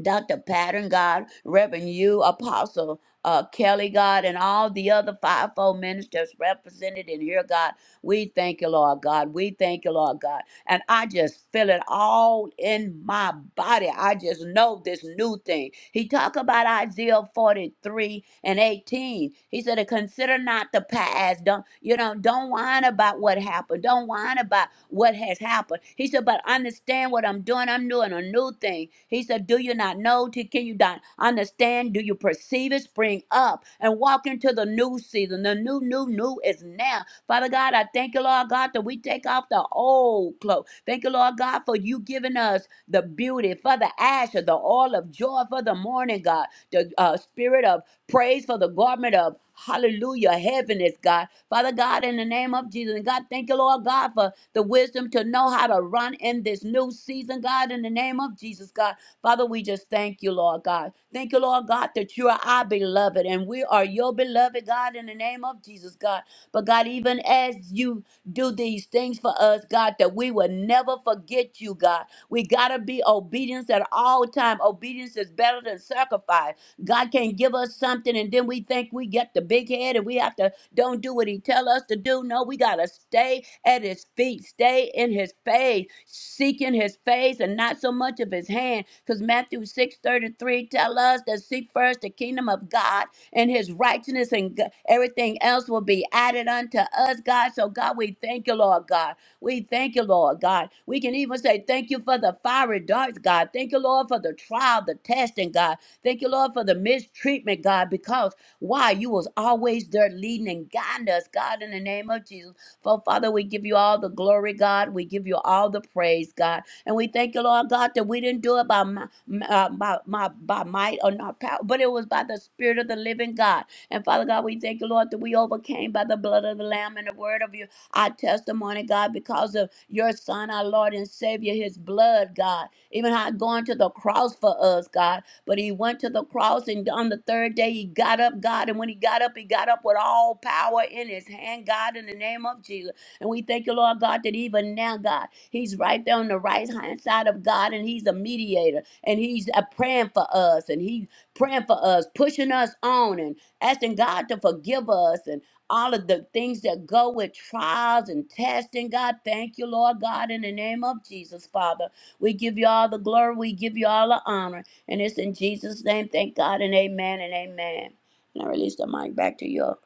Dr. Pattern, God, Reverend you, Apostle uh, Kelly, God, and all the other fivefold ministers represented in here, God. We thank you, Lord God. We thank you, Lord God. And I just feel it all in my body. I just know this new thing. He talked about Isaiah 43 and 18. He said, consider not the past. Don't, you know, don't whine about what happened. Don't whine about what has happened. He said, but understand what I'm doing. I'm doing a new thing. He said, do you not know? T- Can you not understand? Do you perceive it? Spring up and walk into the new season. The new, new, new is now. Father God, I thank you, Lord God, that we take off the old clothes. Thank you, Lord God, for you giving us the beauty, for the ash of the oil of joy for the morning, God, the uh, spirit of praise for the garment of hallelujah, heaviness, God. Father God, in the name of Jesus, and God, thank you, Lord God, for the wisdom to know how to run in this new season, God, in the name of Jesus, God. Father, we just thank you, Lord God. Thank you, Lord God, that you are our beloved and we are your beloved, God, in the name of Jesus, God. But God, even as you do these things for us, God, that we will never forget you, God. We got to be obedience at all time. Obedience is better than sacrifice. God can not give us something and then we think we get the big head and we have to don't do what he tell us to do. No, we got to stay at his feet, stay in his face, seeking his face and not so much of his hand. Because Matthew 6 33 tell us to seek first the kingdom of God and his righteousness and g- everything else will be added unto us, God. So, God, we thank you, Lord God. We thank you, Lord God. We can even say thank you for the fiery darts, God. Thank you, Lord, for the trial, the testing, God. Thank you, Lord, for the mistreatment, God, because why? You was always there leading and guiding us, God, in the name of Jesus. For Father, we give you all the glory, God. We give you all the praise, God. And we thank you, Lord God, that we didn't do it by might uh, by, my, by might or not power, but it was by the Spirit of the living God. And Father God, we thank you, Lord, that we overcame by the blood of the Lamb and the word of you, our testimony, God, because of your Son, our Lord and Savior, his blood, God. Even how going to the cross for us, God. But he went to the cross, and on the third day, he got up, God. And when he got up, he got up with all power in his hand, God, in the name of Jesus. And we thank you, Lord God, that even now, God, he's right there on the right hand side of God, and he's a mediator and he's uh, praying for us and he's praying for us pushing us on and asking god to forgive us and all of the things that go with trials and testing god thank you lord god in the name of jesus father we give you all the glory we give you all the honor and it's in jesus name thank god and amen and amen and i release the mic back to your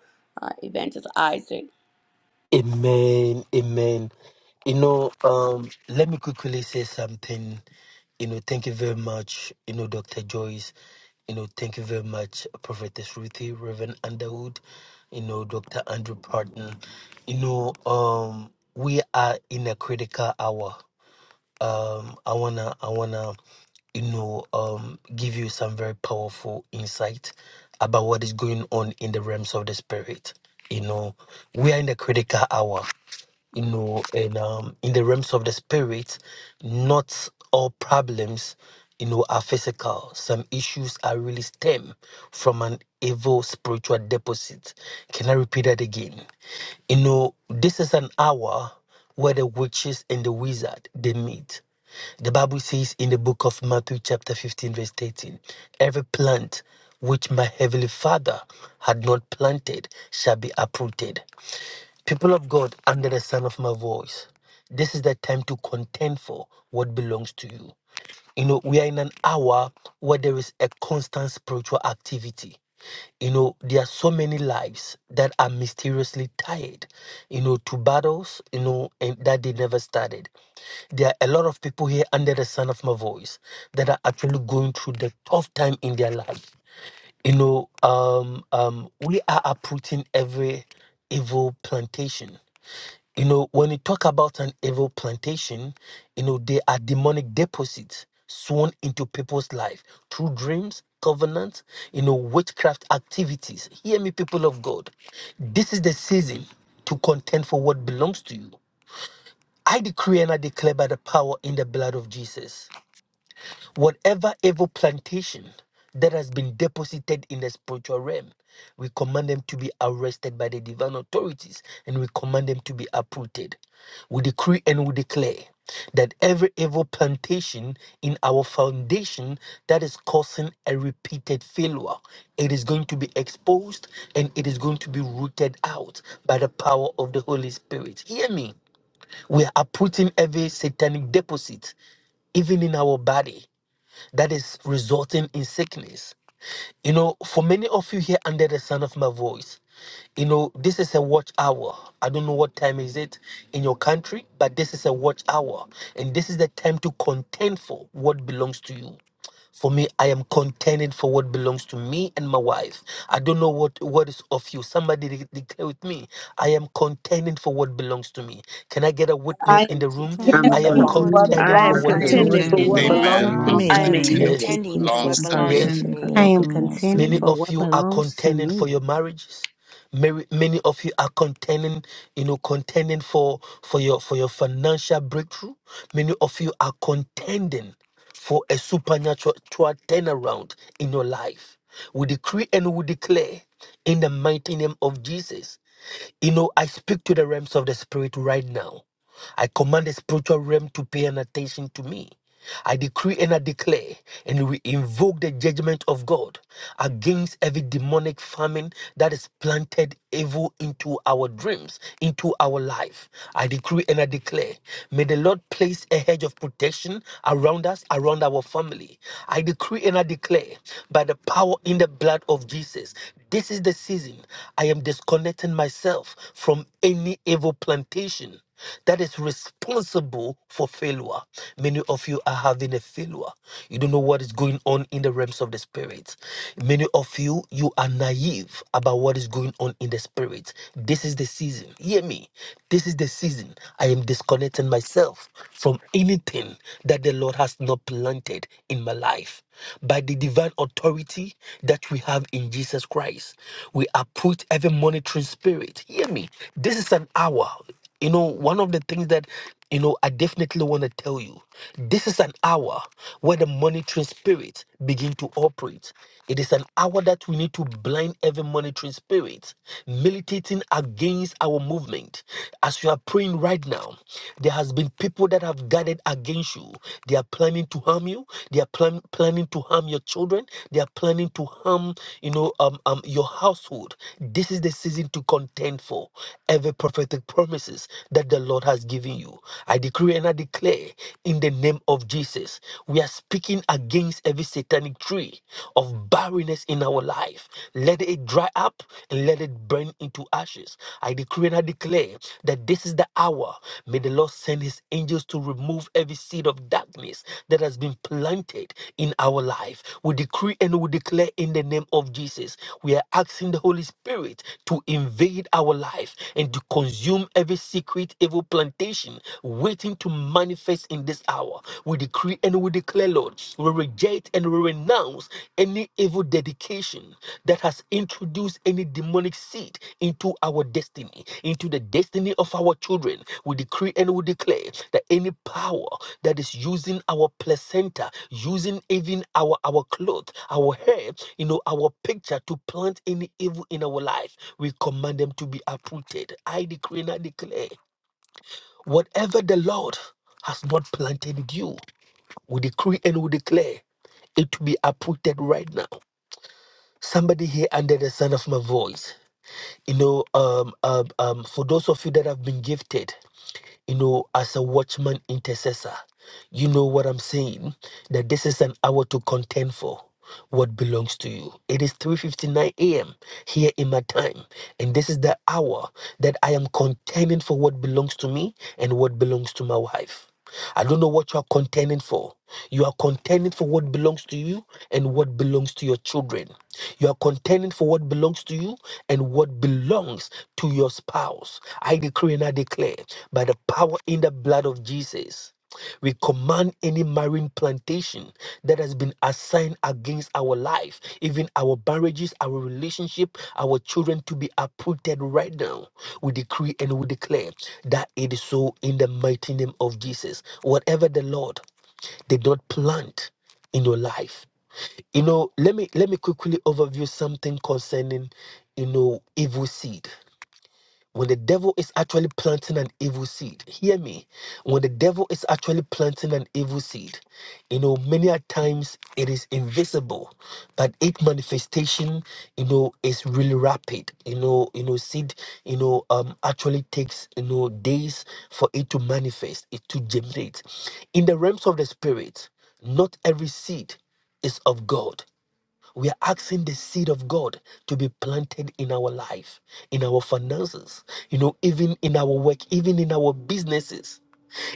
uh, evangelist isaac Amen. Amen. You know, um, let me quickly say something. You know, thank you very much, you know, Dr. Joyce. You know, thank you very much, Prophetess Ruthie, Reverend Underwood, you know, Dr. Andrew Parton. You know, um, we are in a critical hour. Um, I wanna I wanna, you know, um give you some very powerful insight about what is going on in the realms of the spirit. You know, we are in the critical hour you know, and um, in the realms of the spirit, not all problems, you know, are physical. Some issues are really stem from an evil spiritual deposit. Can I repeat that again? You know, this is an hour where the witches and the wizard they meet. The Bible says in the book of Matthew, chapter 15, verse 13, every plant which my heavenly Father had not planted shall be uprooted. People of God, under the sound of my voice, this is the time to contend for what belongs to you. You know, we are in an hour where there is a constant spiritual activity. You know, there are so many lives that are mysteriously tied, you know, to battles, you know, and that they never started. There are a lot of people here under the sound of my voice that are actually going through the tough time in their life. You know, um, um, we are uprooting every evil plantation you know, when you talk about an evil plantation, you know, they are demonic deposits sworn into people's life through dreams, covenants, you know, witchcraft activities. Hear me, people of God. This is the season to contend for what belongs to you. I decree and I declare by the power in the blood of Jesus. Whatever evil plantation that has been deposited in the spiritual realm, we command them to be arrested by the divine authorities and we command them to be uprooted. We decree and we declare that every evil plantation in our foundation that is causing a repeated failure, it is going to be exposed and it is going to be rooted out by the power of the Holy Spirit. Hear me. We are uprooting every satanic deposit, even in our body that is resulting in sickness. You know, for many of you here under the sound of my voice, you know, this is a watch hour. I don't know what time is it in your country, but this is a watch hour. And this is the time to contend for what belongs to you. For me, I am contending for what belongs to me and my wife. I don't know what, what is of you. Somebody de- declare with me. I am contending for what belongs to me. Can I get a i am witness I in the room? am contending I'm I what Turning am camping you. for for belongs what to what continuing. contending I I'm for am belongs belongs me to what I The to am belongs me. me contending to word contending for me. for contending what for what belongs and Amen. to belongs what my to I'm belongs belongs me. I to me. to husband. am me. me. Thank what you, Yes, contending to Jesus. what I'm belongs to belongs yes. to Hallelujah. contending for I me. what am belongs to contending Many me. for of what you are belongs to contending for me. your marriages. Many, many of you are contending, you know, contending for for your for your financial breakthrough. Many of you are contending for a supernatural turnaround in your life. We decree and we declare in the mighty name of Jesus. You know, I speak to the realms of the spirit right now. I command the spiritual realm to pay an attention to me. I decree and I declare, and we invoke the judgment of God against every demonic famine that is planted evil into our dreams, into our life. I decree and I declare, may the Lord place a hedge of protection around us, around our family. I decree and I declare, by the power in the blood of Jesus, this is the season I am disconnecting myself from any evil plantation that is responsible for failure. Many of you are having a failure. You don't know what is going on in the realms of the spirit. Many of you, you are naive about what is going on in the spirit. This is the season. Hear me. This is the season. I am disconnecting myself from anything that the Lord has not planted in my life. By the divine authority that we have in Jesus Christ, we uproot every monitoring spirit. Hear me. This is an hour. You know, one of the things that, you know, I definitely want to tell you this is an hour where the monitoring spirit begin to operate. It is an hour that we need to blind every monitoring spirit militating against our movement. As you are praying right now, there has been people that have gathered against you. They are planning to harm you. They are plan- planning to harm your children children. They are planning to harm, you know, um, um, your household. This is the season to contend for every prophetic promises that the Lord has given you. I decree and I declare in the name of Jesus. We are speaking against every satanic tree of barrenness in our life. Let it dry up and let it burn into ashes. I decree and I declare that this this is the hour. May the Lord send his angels to remove every seed of darkness that has been planted in our life. We decree and we declare in the name of Jesus. We are asking the Holy Spirit to invade our life and to consume every secret evil plantation waiting to manifest in this hour. We decree and we declare, Lord, we reject and we renounce any evil dedication that has introduced any demonic seed into our destiny, into the destiny of our children, we decree and we declare that any power that is using our placenta, using even our our clothes, our hair, you know, our picture to plant any evil in our life, we command them to be uprooted. I decree and I declare, whatever the Lord has not planted in you, we decree and we declare it to be uprooted right now Somebody here under the sound of my voice, you know, um, um, um, for those of you that have been gifted, you know, as a watchman intercessor. You know what I'm saying? That this is an hour to contend for what belongs to you. It is 3:59 a.m. here in my time, and this is the hour that I am contending for what belongs to me and what belongs to my wife. I don't know what you are contending for. You are contending for what belongs to you and what belongs to your children. You are contending for what belongs to you and what belongs to your spouse. I decree and I declare by the power in the blood of Jesus. We command any marine plantation that has been assigned against our life, even our marriages, our relationship, our children to be uprooted right now. We decree and we declare that it is so in the mighty name of Jesus. Whatever the Lord did not plant in your life. You know, let me let me quickly overview something concerning, you know, evil seed. When the devil is actually planting an evil seed, hear me. When the devil is actually planting an evil seed, you know, many a times it is invisible, but its manifestation, you know, is really rapid. You know, you know, seed, you know, um, actually takes you know days for it to manifest, it to generate. In the realms of the spirit, not every seed is of God. We are asking the seed of God to be planted in our life, in our finances, you know, even in our work, even in our businesses.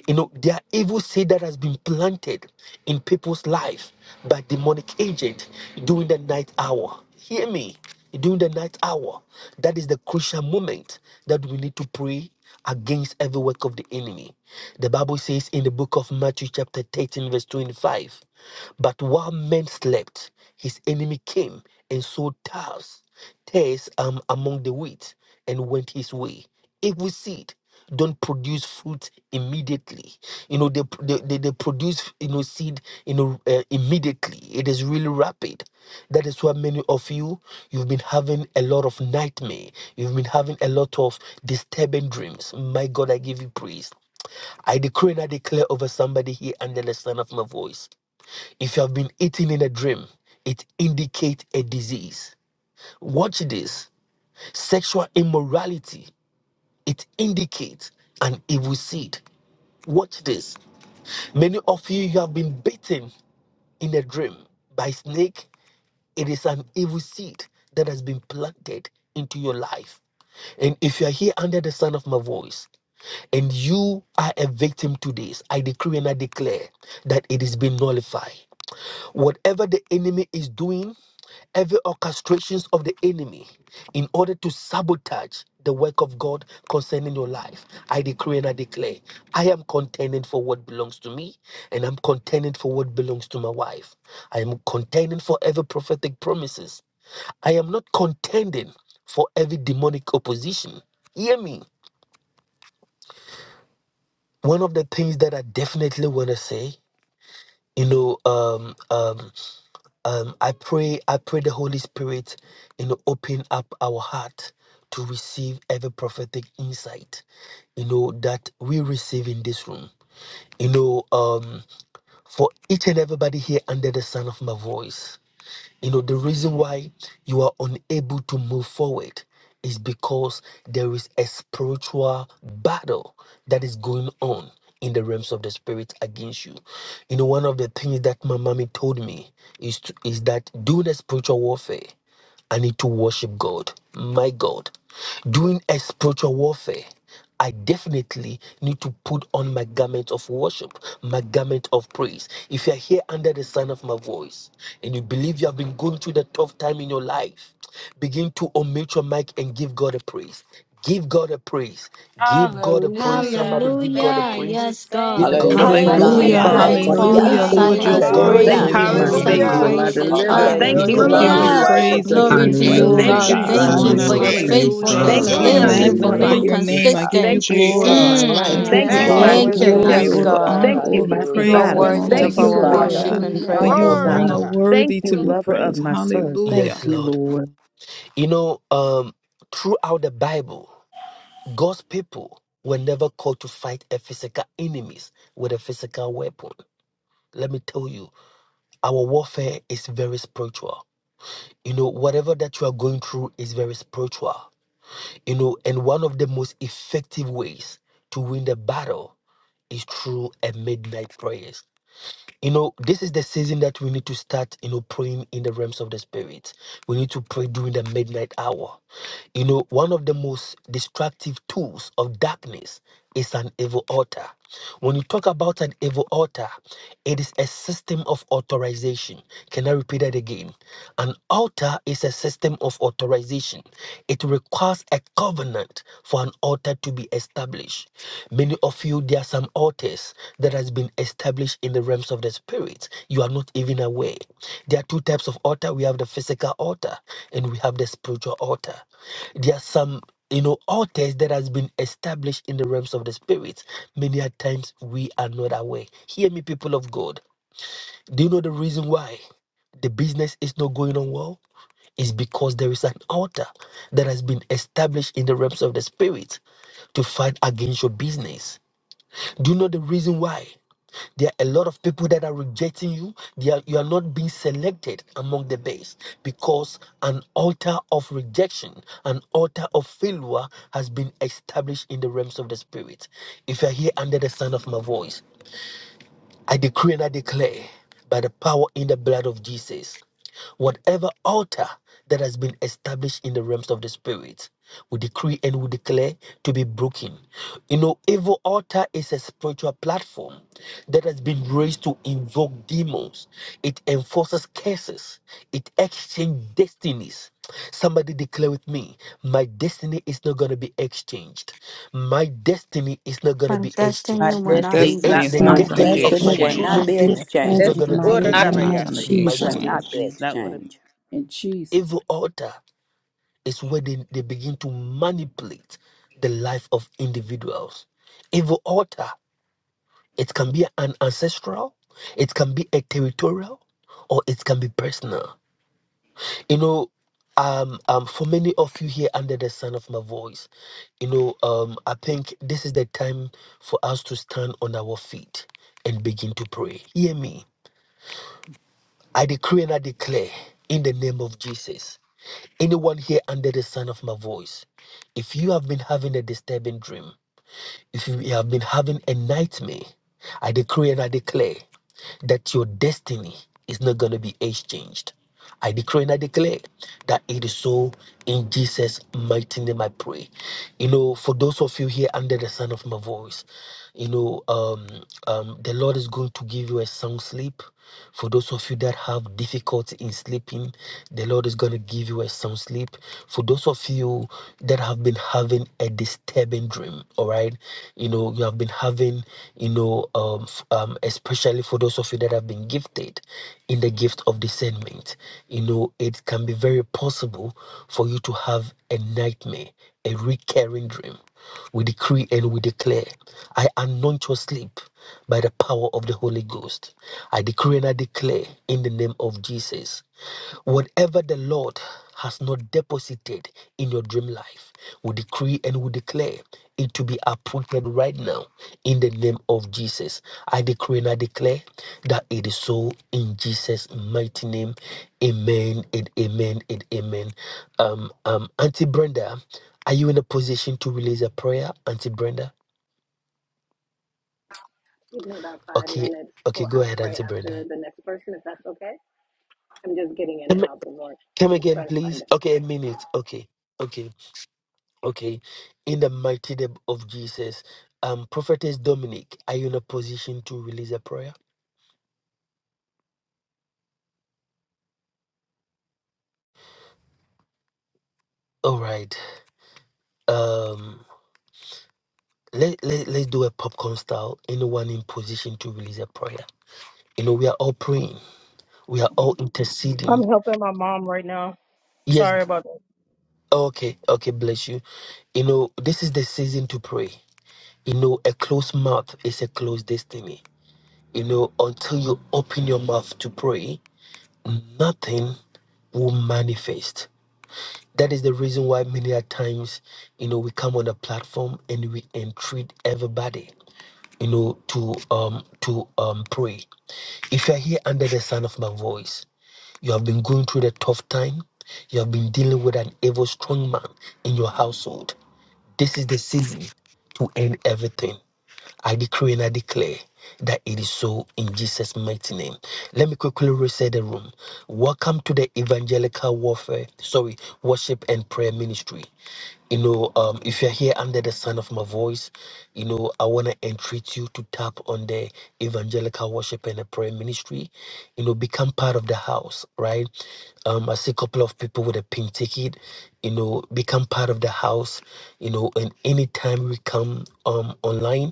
You know, there are evil seed that has been planted in people's life by demonic agent during the night hour. Hear me. During the night hour, that is the crucial moment that we need to pray against every work of the enemy. The Bible says in the book of Matthew, chapter 13, verse 25, but while men slept, his enemy came and sowed tares, tares um, among the wheat, and went his way. Evil seed don't produce fruit immediately you know they they, they, they produce you know seed you know uh, immediately it is really rapid that is why many of you you've been having a lot of nightmare you've been having a lot of disturbing dreams my god i give you praise I decree and I declare over somebody here under the sound of my voice. If you have been eating in a dream, it indicates a disease. Watch this. Sexual immorality, it indicates an evil seed. Watch this. Many of you, you have been bitten in a dream by a snake. It is an evil seed that has been planted into your life. And if you are here under the sound of my voice, and you are a victim to this, I decree and I declare that it is being nullified. Whatever the enemy is doing, every orchestrations of the enemy in order to sabotage the work of God concerning your life. I decree and I declare, I am contending for what belongs to me, and I'm contending for what belongs to my wife. I am contending for every prophetic promises. I am not contending for every demonic opposition. Hear me. One of the things that I definitely want to say, you know, um, um, um, I pray, I pray the Holy Spirit, you know, open up our heart to receive every prophetic insight, you know, that we receive in this room. You know, um, for each and everybody here under the sound of my voice. You know, the reason why you are unable to move forward is because there is a spiritual battle that is going on in the realms of the spirit against you. You know, one of the things that my mommy told me is to, is that do the spiritual warfare. I need to worship God, my God. During a spiritual warfare, I definitely need to put on my garment of worship, my garment of praise. If you're here under the sound of my voice and you believe you have been going through the tough time in your life, begin to omit your mic and give God a praise. Give God a praise. Give God a praise. Somebody Hallelujah! give God a Hallelujah. Thank praise. you, Yes, thank Give God. you, God a Praise Hallelujah, At thank praise. Heavenly God. you, Give Hallelujah, Hallelujah. God a Father. midnight, thank you, praise. Paul Thank and hallelujah. Thank Hallelujah. you, you, thank Lord, you, you're Give Silas God Father. a worthy, thank Hallelujah. Father. you're prayed you, praise. my and me. worthy, My Hallelujah. sung you're Savior, Hallelujah. God, Hallelujah. my worthy, praises. oh deliverer. God. Hallelujah! Thank give Hallelujah. Hallelujah, you, We God a one God. give you We who Hallelujah. praise. Hallelujah. Hallelujah. restores worship praise, we the you. give Glory We grief. you to Thank you, Thank you, praise you, glory, you, we Thank Hallelujah. God. God. give you, God. you God Thank My you who honor. Jesus. for Hallelujah. your God, Thank Hallelujah. sees. Hallelujah. you, Praise Hallelujah. my Thank God. faithfulness. God, you, We Hallelujah! Thank Hallelujah. Holy You're Jesus. you for One Hallelujah. of magnify being Oh, your faithful. Israel. name. Thank I you, give you Thank consistent. you, Lord of glory. my Jesus. life. I Ah, Mm. give Thank you you, Yes, mm, Hallelujah. all you're my the thank Thank good with you, you. God. glory, us. Yes, all shepherd. Hallelujah, the God. God. honor, Thank you, all the my You Hallelujah. are praise You're provider. with belong worthy to Thank mm, of you you, us. our for Hallelujah. Lord being God. worship who and you For Hallelujah. are, you oh praise. mm, my alone Glory, God. are God. God. Thank worthy to you, be lover of praised. my soul. Thank Hallelujah. Yes, you, Lord. Lord. You know, um, throughout the Bible, God's people were never called to fight a physical enemies with a physical weapon. Let me tell you, our warfare is very spiritual. You know, whatever that you are going through is very spiritual. You know, and one of the most effective ways to win the battle is through a midnight prayer. you know this is the season that we need to start you know praying in the realms of the spirit we need to pray during the midnight hour you know one of the most destructive tools of darkness is an evil altar when you talk about an evil altar it is a system of authorization can i repeat that again an altar is a system of authorization it requires a covenant for an altar to be established Many of you, there are some altars that has been established in the realms of the spirit. You are not even aware. There are two types of altar. We have the physical altar and we have the spiritual altar. There are some, you know, altars that has been established in the realms of the spirit. Many a times we are not aware. Hear me, people of God. Do you know the reason why the business is not going on well? It's because there is an altar that has been established in the realms of the spirit to fight against your business do you know the reason why? There are a lot of people that are rejecting you. They are, you are not being selected among the best because an altar of rejection, an altar of failure has been established in the realms of the spirit. If you are here under the sound of my voice, I decree and I declare by the power in the blood of Jesus, whatever altar that has been established in the realms of the spirit, we decree and we declare to be broken. You know, evil altar is a spiritual platform that has been raised to invoke demons. It enforces curses. It exchanges destinies. Somebody declare with me, my destiny is not going to be exchanged. My destiny is not going to And be destiny My exchanged. will My not destiny The, be is e- destiny not is the My going My not destined. to going to God, I destiny be be of stand, my destiny will not exchanged. not children be exchanged. be too is exchanged It's My not exchanged. in the going to be Ora mighty destiny not da is ba name not ya of going exchanged. to be My Jesus. My Will God. not exchanged. be destiny is not going to exchanged. in Jesus. Evil altar is where they, they begin to manipulate the life of individuals. Evil altar, it can be an ancestral, it can be a territorial, or it can be personal. You know, um, um, for many of you here under the sound of my voice, you know, um, I think this is the time for us to stand on our feet and begin to pray. Hear me. I decree and I declare in the name of Jesus. Anyone here under the sound of my voice, if you have been having a disturbing dream, if you have been having a nightmare, I decree and I declare that your destiny is not going to be age changed. I decree and I declare that it is so in Jesus' mighty name. I pray. You know, for those of you here under the sound of my voice, you know, um, um, the Lord is going to give you a sound sleep. For those of you that have difficulty in sleeping, the Lord is going to give you a sound sleep. For those of you that have been having a disturbing dream, all right, you know, you have been having, you know, uh, um, f- um, especially for those of you that have been gifted in the gift of discernment. You know, it can be very possible for you to have a nightmare, a recurring dream. We decree and we declare, I anoint your sleep by the power of the Holy Ghost. I decree and I declare in the name of Jesus whatever the Lord has not deposited in your dream life, we decree and we declare it to be uprooted right now in the name of Jesus. I decree and I declare that it is so in Jesus' mighty name. Amen and amen and amen. Um, um, Auntie Brenda, are you in a position to release a prayer, Auntie Brenda? Give me about five Okay, minutes okay, for go I'll ahead, pray Auntie Brenda. after the next person, if that's okay. I'm just getting in the Come, house of work. come I'm just again, trying to find please. it. Okay, a minute. Okay, okay, okay. In the mighty name of Jesus, um, Prophetess Dominic, are you in a position to release a prayer? All right. Um. Let, let, let's do a popcorn style. Anyone in position to release a prayer. You know, we are all praying, we are all interceding. I'm helping my mom right now. Yes, g- Sorry about that. okay, okay, bless you. You know, this is the season to pray. You know, a closed mouth is a closed destiny. You know, until you open your mouth to pray, nothing will manifest. That is the reason why many a times, you know, we come on the platform and we entreat everybody. you know, to um to um pray. If you are here under the sound of my voice, you have been going through the tough time. You have been dealing with an evil strong man in your household. This is the season to end everything. I decree and I declare that it is so in Jesus' mighty name. Let me quickly reset the room. Welcome to the Evangelical Warfare, sorry, Worship and Prayer Ministry. You know, um, if you're here under the sound of my voice, you know, I want to entreat you to tap on the Evangelical Worship and the Prayer Ministry. You know, become part of the house, right? Um, I see a couple of people with a pink ticket. You know, become part of the house. You know, and anytime we come um online,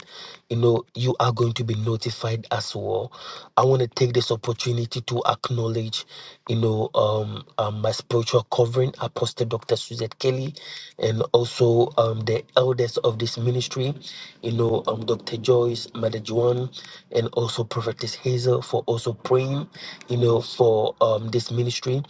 you know, you are going to be notified as well. I want to take this opportunity to acknowledge, you know, um, um my spiritual covering, Apostle Dr. Suzette Kelly, and also um the elders of this ministry, you know, um Dr. Joyce, Mother Juan, and also Prophetess Hazel for also praying, you know, for um this ministry.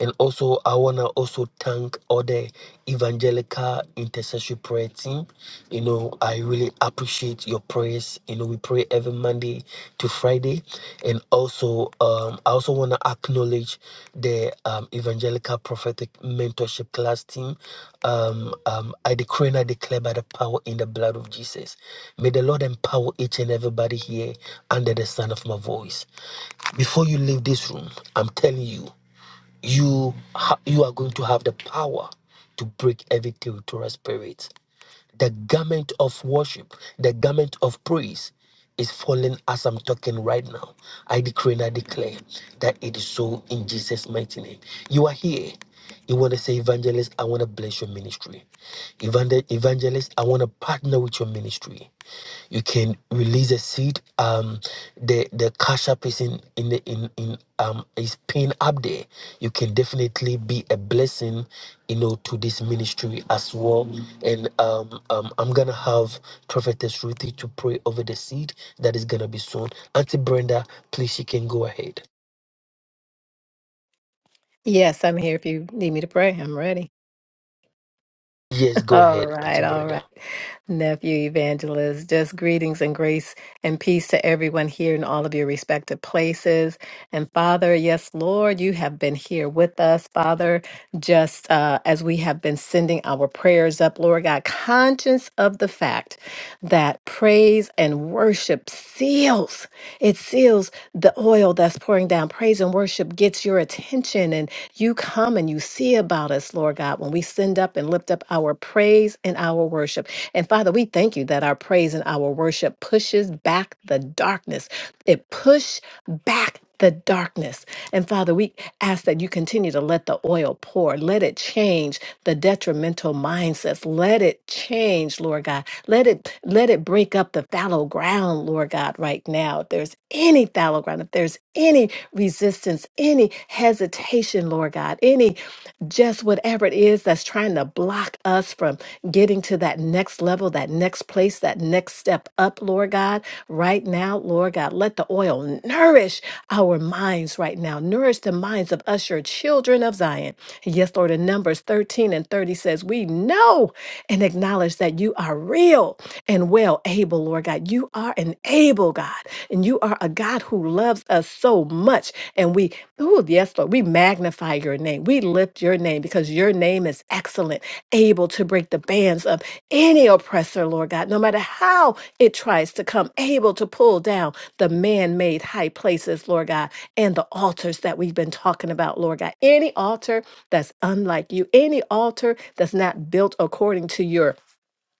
And also I wanna also thank thank all the evangelical intercessory prayer team. You know, I really appreciate your prayers. You know, we pray every Monday to Friday. And also, um, I also want to acknowledge the um, evangelical prophetic mentorship class team. Um, um, I decree and I declare by the power in the blood of Jesus. May the Lord empower each and everybody here under the sound of my voice. Before you leave this room, I'm telling you you ha- you are going to have the power to break every territorial spirit the garment of worship, the garment of praise is falling as I'm talking right now. I decree and I declare that it is so in Jesus' mighty name. You are here. You want to say, Evangelist, I want to bless your ministry. Evangel- Evangelist, I want to partner with your ministry. You can release a seed um the the cash app is in in the in in um is pinned up there you can definitely be a blessing you know to this ministry as well and um, um i'm gonna have prophetess ruthie to pray over the seed that is gonna be sown auntie brenda please you can go ahead Yes, I'm here if you need me to pray. I'm ready. yes go All ahead auntie right, all brenda right. Nephew Evangelist, just greetings and grace and peace to everyone here in all of your respective places. And Father, yes, Lord, you have been here with us, Father, just uh, as we have been sending our prayers up, Lord God, conscious of the fact that praise and worship seals, it seals the oil that's pouring down. Praise and worship gets your attention you come and you see about us, Lord God, when we send up and lift up our praise and our worship. And Father, we thank you that our praise and our worship pushes back the darkness. It push back the darkness. And Father, we ask that you continue to let the oil pour. Let it change the detrimental mindsets. Let it change, Lord God. Let it let it break up the fallow ground, Lord God, right now. If there's any fallow ground, if there's any resistance, any hesitation, Lord God, any just whatever it is that's trying to block us from getting to that next level, that next place, that next step up, Lord God. Right now, Lord God, let the oil nourish our minds right now, nourish the minds of us, your children of Zion. Yes, Lord, in Numbers 13 and 30 says, We know and acknowledge that you are real and well able, Lord God. You are an able God. And you are a God who loves us so much. And we, oh, yes, Lord, we magnify your name. We lift your name because your name is excellent, able to break the bands of any oppressor, Lord God, no matter how it tries to come, able to pull down the man made high places, Lord God, and the altars that we've been talking about, Lord God. Any altar that's unlike you, any altar that's not built according to your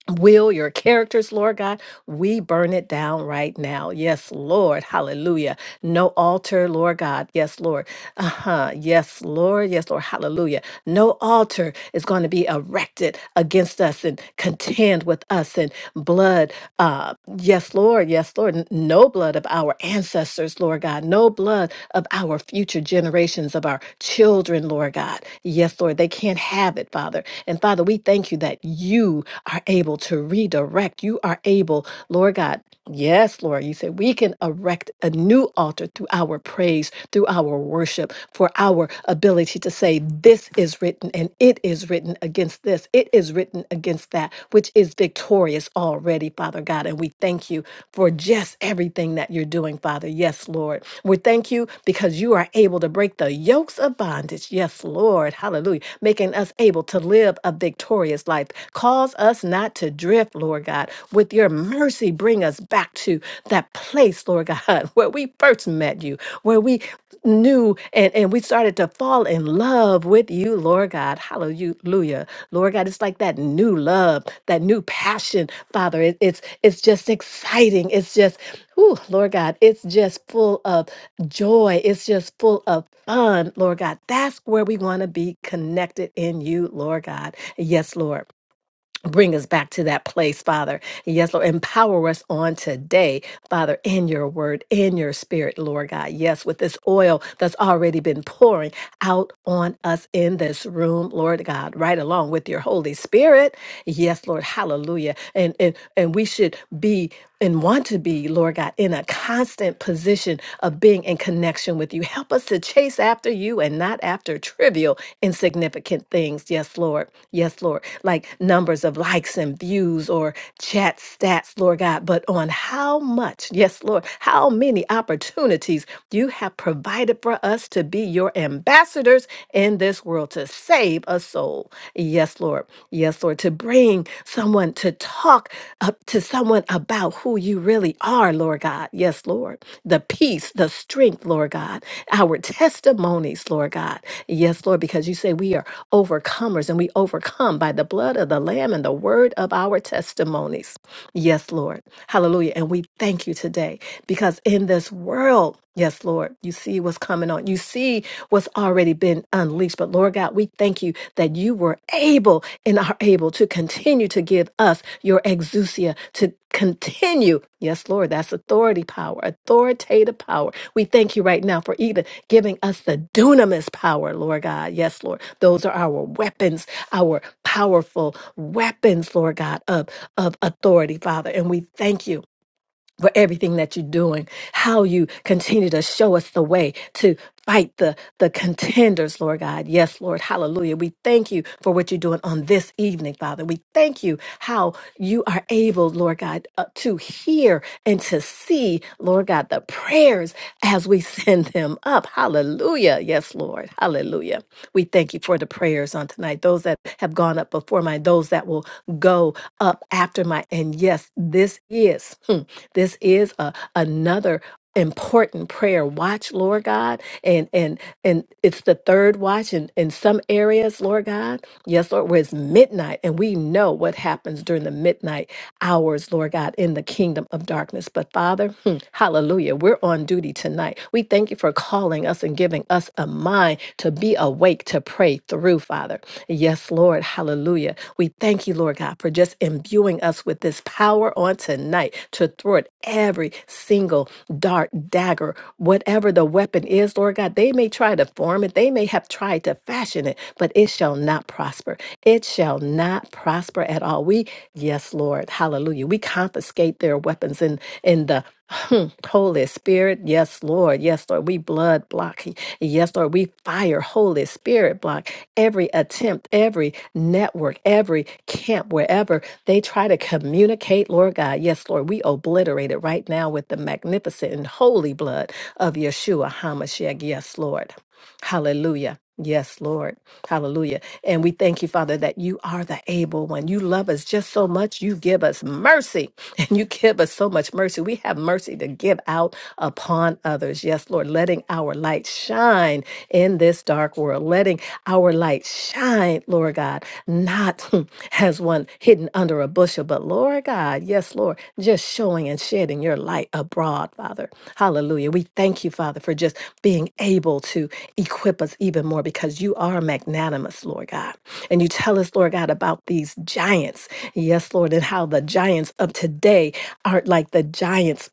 will, your characters, Lord God, we burn it down right now. Yes, Lord. Hallelujah. No altar, Lord God. Yes, Lord. Uh huh. Yes, Lord. Yes, Lord. Hallelujah. No altar is going to be erected against us and contend with us and blood. Uh, yes, Lord. Yes, Lord. N- No blood of our ancestors, Lord God. No blood of our future generations, of our children, Lord God. Yes, Lord. They can't have it, Father. Father. And Father, we thank you that you are able to redirect. You are able, Lord God. Yes, Lord, you said we can erect a new altar through our praise, through our worship, for our ability to say, This is written and it is written against this, it is written against that, which is victorious already, Father God. And we thank you for just everything that you're doing, Father. Yes, Lord. We thank you because you are able to break the yokes of of bondage. Yes, Lord. Hallelujah. Making us able to live a victorious life. Cause us not to drift, Lord God. With your mercy, bring us back to that place, Lord God, where we first met you, where we knew and, and we started to fall in love with you, Lord God. Hallelujah. Lord God, it's like that new love, that new passion, Father. It- it's it's just exciting. It's just, ooh, Lord God, it's just full of joy. It's just full of fun, Lord God. That's where we want to be connected in you, Lord God. Yes, Lord. Bring us back to that place, Father. Yes, Lord. Empower us on today, Father, in your word, in your spirit, Lord God. Yes, with this oil that's already been pouring out on us in this room, Lord God, right along with your Holy Spirit. Yes, Lord. Hallelujah. And and, and we should be and want to be, Lord God, in a constant position of being in connection with you. Help us to chase after you and not after trivial, insignificant things. Yes, Lord. Yes, Lord. Like numbers of likes and views or chat stats, Lord God, but on how much, yes, Lord, how many opportunities you have provided for us to be your ambassadors ambassadors in this world to save a soul. Yes, Lord. Yes, Lord. To bring someone to talk up to someone about who you really are, Lord God. Yes, Lord. The peace, the strength, Lord God. Our testimonies, Lord God. Yes, Lord, because you say we are overcomers and we overcome by the blood of the Lamb and the word of our testimonies. Yes, Lord. Hallelujah. And we thank you today because in this world, yes, Lord, you see what's coming on. You see what's already been unleashed. But Lord God, we thank you that you were able and are able to continue to give us your exousia to continue. Yes, Lord, that's authority power, authoritative power. We thank you right now for even giving us the dunamis power, Lord God. Yes, Lord. Those are our weapons, our powerful weapons, Lord God, of of authority, Father. And we thank you for everything that you're doing, how you continue to show us the way to fight the, the contenders, Lord God. Yes, Lord. Hallelujah. We thank you for what you're doing on this evening, Father. We thank you how you are able, Lord God, uh, to hear and to see, Lord God, the prayers as we send them up. Hallelujah. Yes, Lord. Hallelujah. We thank you for the prayers on tonight, those that have gone up before mine, those that will go up after mine. And yes, this is. This is a, another important prayer watch lord god and and and it's the third watch in in some areas lord god yes lord where it's midnight and we know what happens during the midnight hours lord god in the kingdom of darkness but father hmm, hallelujah we're on duty tonight we thank you for calling us and giving us a mind to be awake to pray through father yes lord hallelujah we thank you, Lord God, for just imbuing us with this power on tonight to thwart every single dart, dagger, whatever the weapon is, Lord God. They may try to form it, they may have tried to fashion it, but it shall not prosper. It shall not prosper at all. We, yes, Lord, hallelujah. We confiscate their weapons in in the Hmm, Holy Spirit, yes, Lord, yes, Lord. We blood block, yes, Lord. We fire, Holy Spirit block every attempt, every network, every camp, wherever they try to communicate, Lord God. Yes, Lord, we obliterate it right now with the magnificent and holy blood of Yeshua HaMashiach. Yes, Lord. Hallelujah. Yes, Lord. Hallelujah. And we thank you, Father, that you are the able one. You love us just so much. You give us mercy and you give us so much mercy. We have mercy to give out upon others. Yes, Lord, letting our light shine in this dark world, letting our light shine, Lord God, not as one hidden under a bushel, but Lord God, yes, Lord, just showing and shedding your light abroad, Father. Hallelujah. We thank you, Father, for just being able to equip us even more because you are magnanimous, Lord God. And you tell us, Lord God, about these giants. Yes, Lord, and how the giants of today aren't like the giants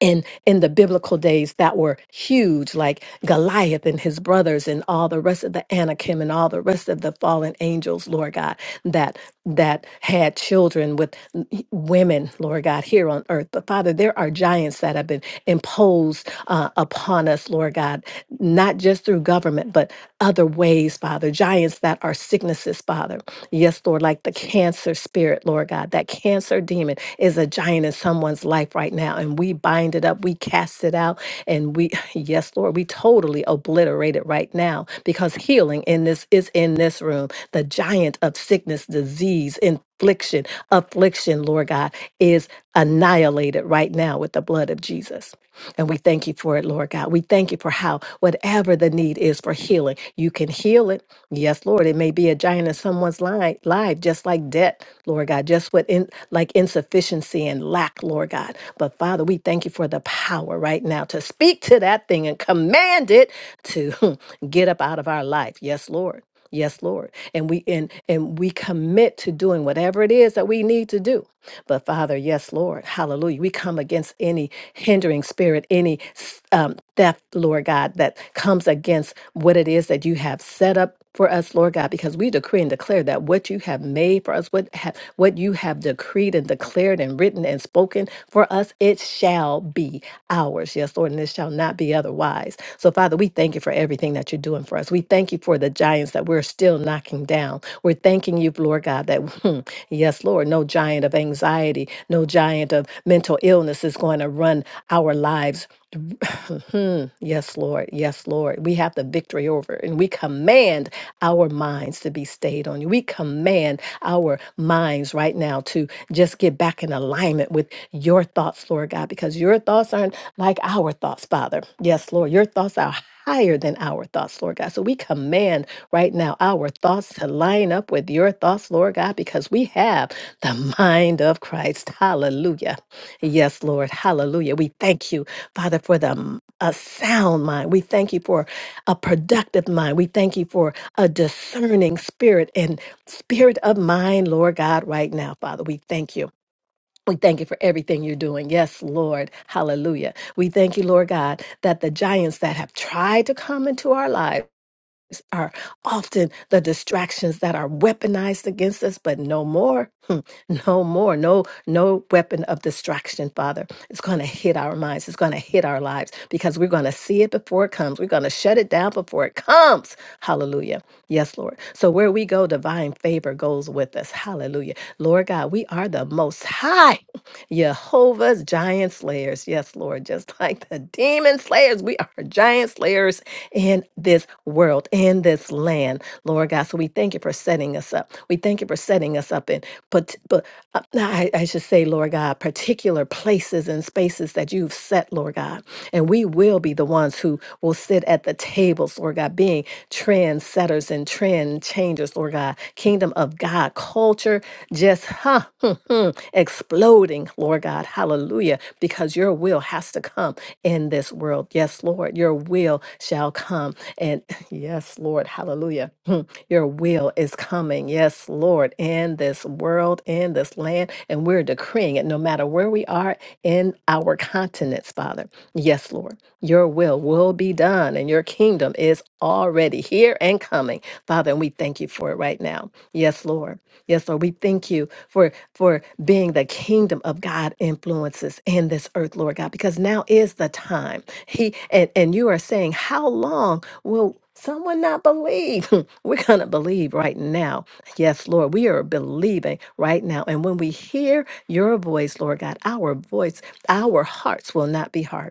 and in the biblical days that were huge, like Goliath and his brothers and all the rest of the Anakim and all the rest of the fallen angels, Lord God, that that had children with n- h- women, Lord God, here on earth. But Father, there are giants that have been imposed uh, upon us, Lord God, not just through government, but other ways, Father. Giants that are sicknesses, Father. Yes, Lord, like the cancer spirit, Lord God, that cancer demon is a giant in someone's life right now. And we bind it up, we cast it out, and we, yes, Lord, we totally obliterate it right now because healing in this is in this room. The giant of sickness, disease, infliction, affliction, Lord God, is annihilated right now with the blood of Jesus. And we thank you for it, Lord God. We thank you for how, whatever the need is for healing, you can heal it. Yes, Lord, it may be a giant in someone's li- life, just like debt, Lord God, just what in, like insufficiency and lack, Lord God. But Father, we thank you for the power right now to speak to that thing and command it to get up out of our life. Yes, Lord. Yes, Lord. And we and and we commit to doing whatever it is that we need to do but Father, yes, Lord, hallelujah. We come against any hindering spirit, any s- um, theft, Lord God, that comes against what it is that you have set up for us, Lord God, because we decree and declare that what you have made for us, what have what you have decreed and declared and written and spoken for us, it shall be ours. Yes, Lord, and it shall not be otherwise. So, Father, we thank you for everything that you're doing for us. We thank you thank you for the giants that we're still knocking down. We're thanking you, Lord God, that, hmm, yes, Lord, no giant of anxiety, no giant of mental illness is going to run our lives. Mhm. yes, Lord. Yes, Lord. We have the victory over, it, and we command our minds to be stayed on you. We command our minds right now to just get back in alignment with your thoughts, Lord God. God, because your thoughts aren't like our thoughts, Father. Yes, Lord, your thoughts are higher than our thoughts, Lord God. So we command right now our thoughts to line up with your thoughts, Lord God, because we have the mind of Christ. Hallelujah. Yes, Lord. Hallelujah. We thank you, Father, for the m- a sound mind. We thank you for a productive mind. We thank you for a discerning spirit and spirit of mind, Lord God, right now, Father. We thank you. We thank you for everything you're doing. Yes, Lord. Hallelujah. We thank you, Lord God, that the giants that have tried to come into our lives are often the distractions that are weaponized against us, but no more. Hmm. No more. No, no weapon of distraction, Father. It's going to hit our minds. It's going to hit our lives because we're going to see it before it comes. We're going to shut it down before it comes. Hallelujah. Yes, Lord. So where we go, divine favor goes with us. Hallelujah. Lord God, we are the most high Jehovah's giant slayers. Yes, Lord. Just like the demon slayers, we are giant slayers in this world, in this land, Lord God. So we thank you for setting us up. We thank you for setting us up in, but, but uh, I, I should say, Lord God, particular places and spaces that you've set, Lord God. And we will be the ones who will sit at the tables, Lord God, being trendsetters and trend changers, Lord God. Kingdom of God culture just, huh, exploding, Lord God. Hallelujah. Because your will has to come in this world. Yes, Lord, your will shall come. And yes, Lord, hallelujah. Hmm, Your will is coming. Yes, Lord, in this world, in this land. And we're decreeing it no matter where we are in our continents, Father. Yes, Lord, your will will be done and your kingdom is already here and coming, Father. And we thank you for it right now. Yes, Lord. Yes, Lord, we thank you for for being the kingdom of God influences in this earth, Lord God, because now is the time. He and, and you are saying, How long will someone not believe? We're gonna believe right now. Yes, Lord, we are believing right now. And when we hear your voice, Lord God, our voice, our hearts will not be hard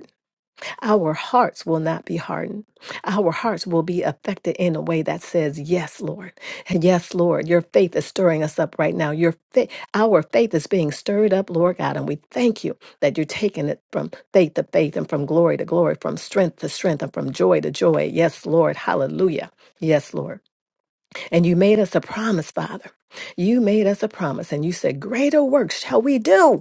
our hearts will not be hardened. Our hearts will be affected in a way that says, Yes, Lord. Yes, Lord. Your faith is stirring us up right now. Your faith, our faith is being stirred up, Lord God. And we thank you that you're taking it from faith to faith and from glory to glory, from strength to strength and from joy to joy. Yes, Lord. Hallelujah. Yes, Lord. And you made us a promise, Father. You made us a promise, and you said, Greater works shall we do.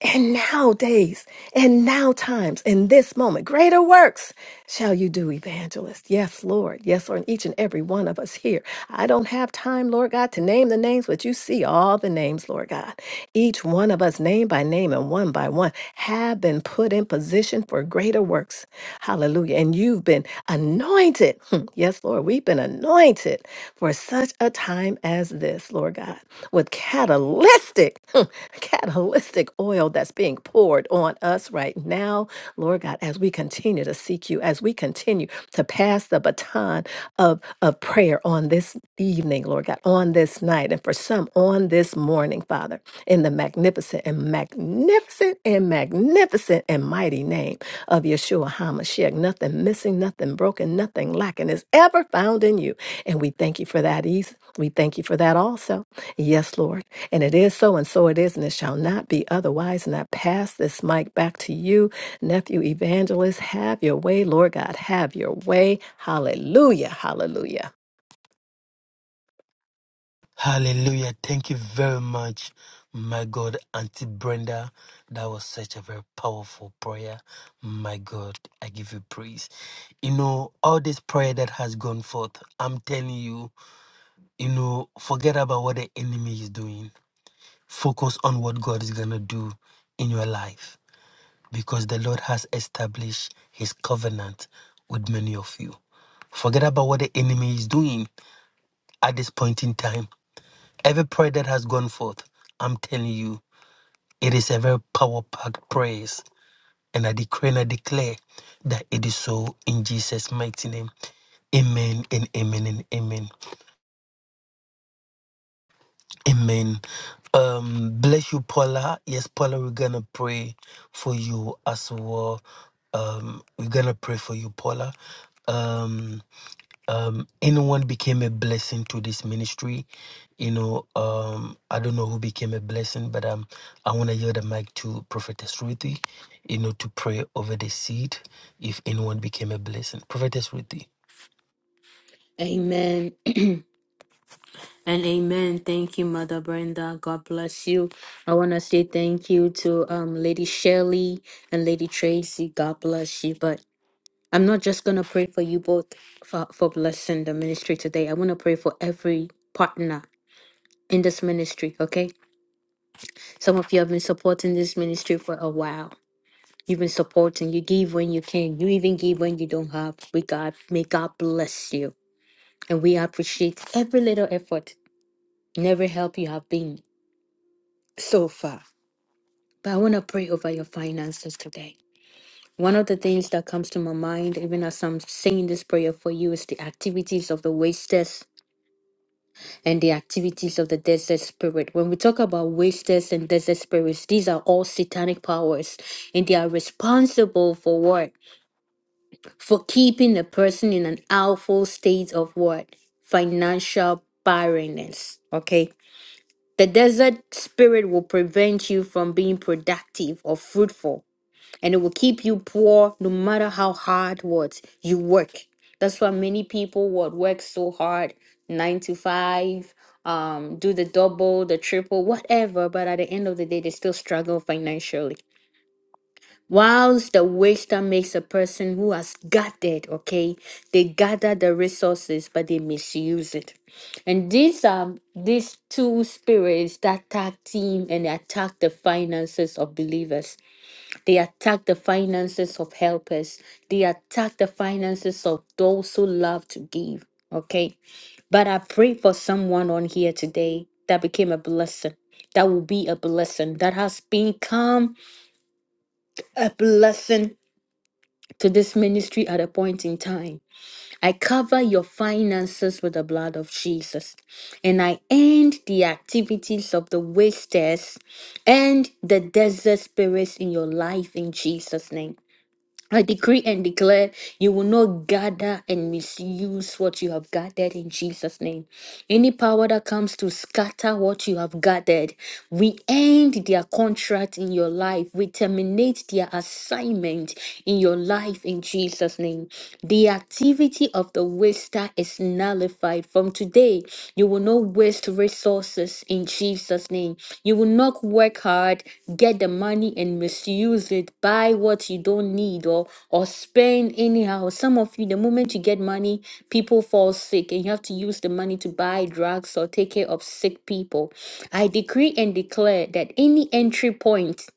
And nowadays, and now times, in this moment, greater works shall you do, evangelist. Yes, Lord. Yes, on each and every one of us here. I don't have time, Lord God, to name the names, but you see all the names, Lord God. Each one of us, name by name and one by one, have been put in position for greater works. Hallelujah. And you've been anointed. Hmm. Yes, Lord, we've been anointed for such a time as this, Lord God, with catalytic, hmm, catalytic oil that's being poured on us right now, Lord God, as we continue to seek you, as we continue to pass the baton of, of prayer on this evening, Lord God, on this night, and for some on this morning, Father, in the magnificent and magnificent and magnificent and mighty name of Yeshua HaMashiach. Nothing missing, nothing broken, nothing lacking is ever found in you. And we thank you for that ease. We thank you for that also. Yes, Lord. And it is so, and so it is, and it shall not be otherwise. And I pass this mic back to you Nephew Evangelist, have your way. Lord God, have your way. Hallelujah. Hallelujah. Hallelujah. Thank you very much, my God, Auntie Brenda. That was such a very powerful prayer. My God, I give you praise. You know, all this prayer that has gone forth, I'm telling you, you know, forget about what the enemy is doing. Focus on what God is going to do in your life because the Lord has established his covenant with many of you. Forget about what the enemy is doing at this point in time. Every prayer that has gone forth, I'm telling you, it is a very power packed praise. And I decree and I declare that it is so in Jesus' mighty name. Amen and amen and amen. Amen. Um, bless you, Paula. Yes, Paula, we're gonna pray for you as well. Um, we're gonna pray for you, Paula. Um, um anyone became a blessing to this ministry you know um i don't know who became a blessing but um i want to yield the mic to prophetess ruthie you know to pray over the seed if anyone became a blessing prophetess ruthie Amen. And amen. Thank you, Mother Brenda. God bless you. I want to say thank you to um, Lady Shirley and Lady Tracy. God bless you. But I'm not just going to pray for you both for, for blessing the ministry today. I want to pray for every partner in this ministry, okay? Some of you have been supporting this ministry for a while. You've been supporting. You give when you can. You even give when you don't have. We God, may God bless you. And we appreciate every little effort and every help you have been so far. But I want to pray over your finances today. One of the things that comes to my mind, even as I'm saying this prayer for you, is the activities of the wasters and the activities of the desert spirit. When we talk about wasters and desert spirits, these are all satanic powers, and they are responsible for what? For keeping a person in an awful state of what? Financial barrenness. Okay. The desert spirit will prevent you from being productive or fruitful and it will keep you poor no matter how hard what you work that's why many people would work so hard nine to five um do the double the triple whatever but at the end of the day they still struggle financially whilst the waster makes a person who has gathered okay they gather the resources but they misuse it and these are these two spirits that attack team and attack the finances of believers they attack the finances of helpers. They attack the finances of those who love to give. Okay. But I pray for someone on here today that became a blessing, that will be a blessing, that has become a blessing to this ministry at a point in time. I cover your finances with the blood of Jesus. And I end the activities of the wasters and the desert spirits in your life in Jesus' name. I decree and declare you will not gather and misuse what you have gathered in Jesus' name. Any power that comes to scatter what you have gathered, we end their contract in your life. We terminate their assignment in your life in Jesus' name. The activity of the waster is nullified from today today. You will not waste resources in Jesus' name. You will not work hard, get the money and misuse it, buy what you don't need or or spend anyhow. Some of you, the moment you get money, people fall sick and you have to use the money to buy drugs or take care of sick people. I decree and declare that any entry point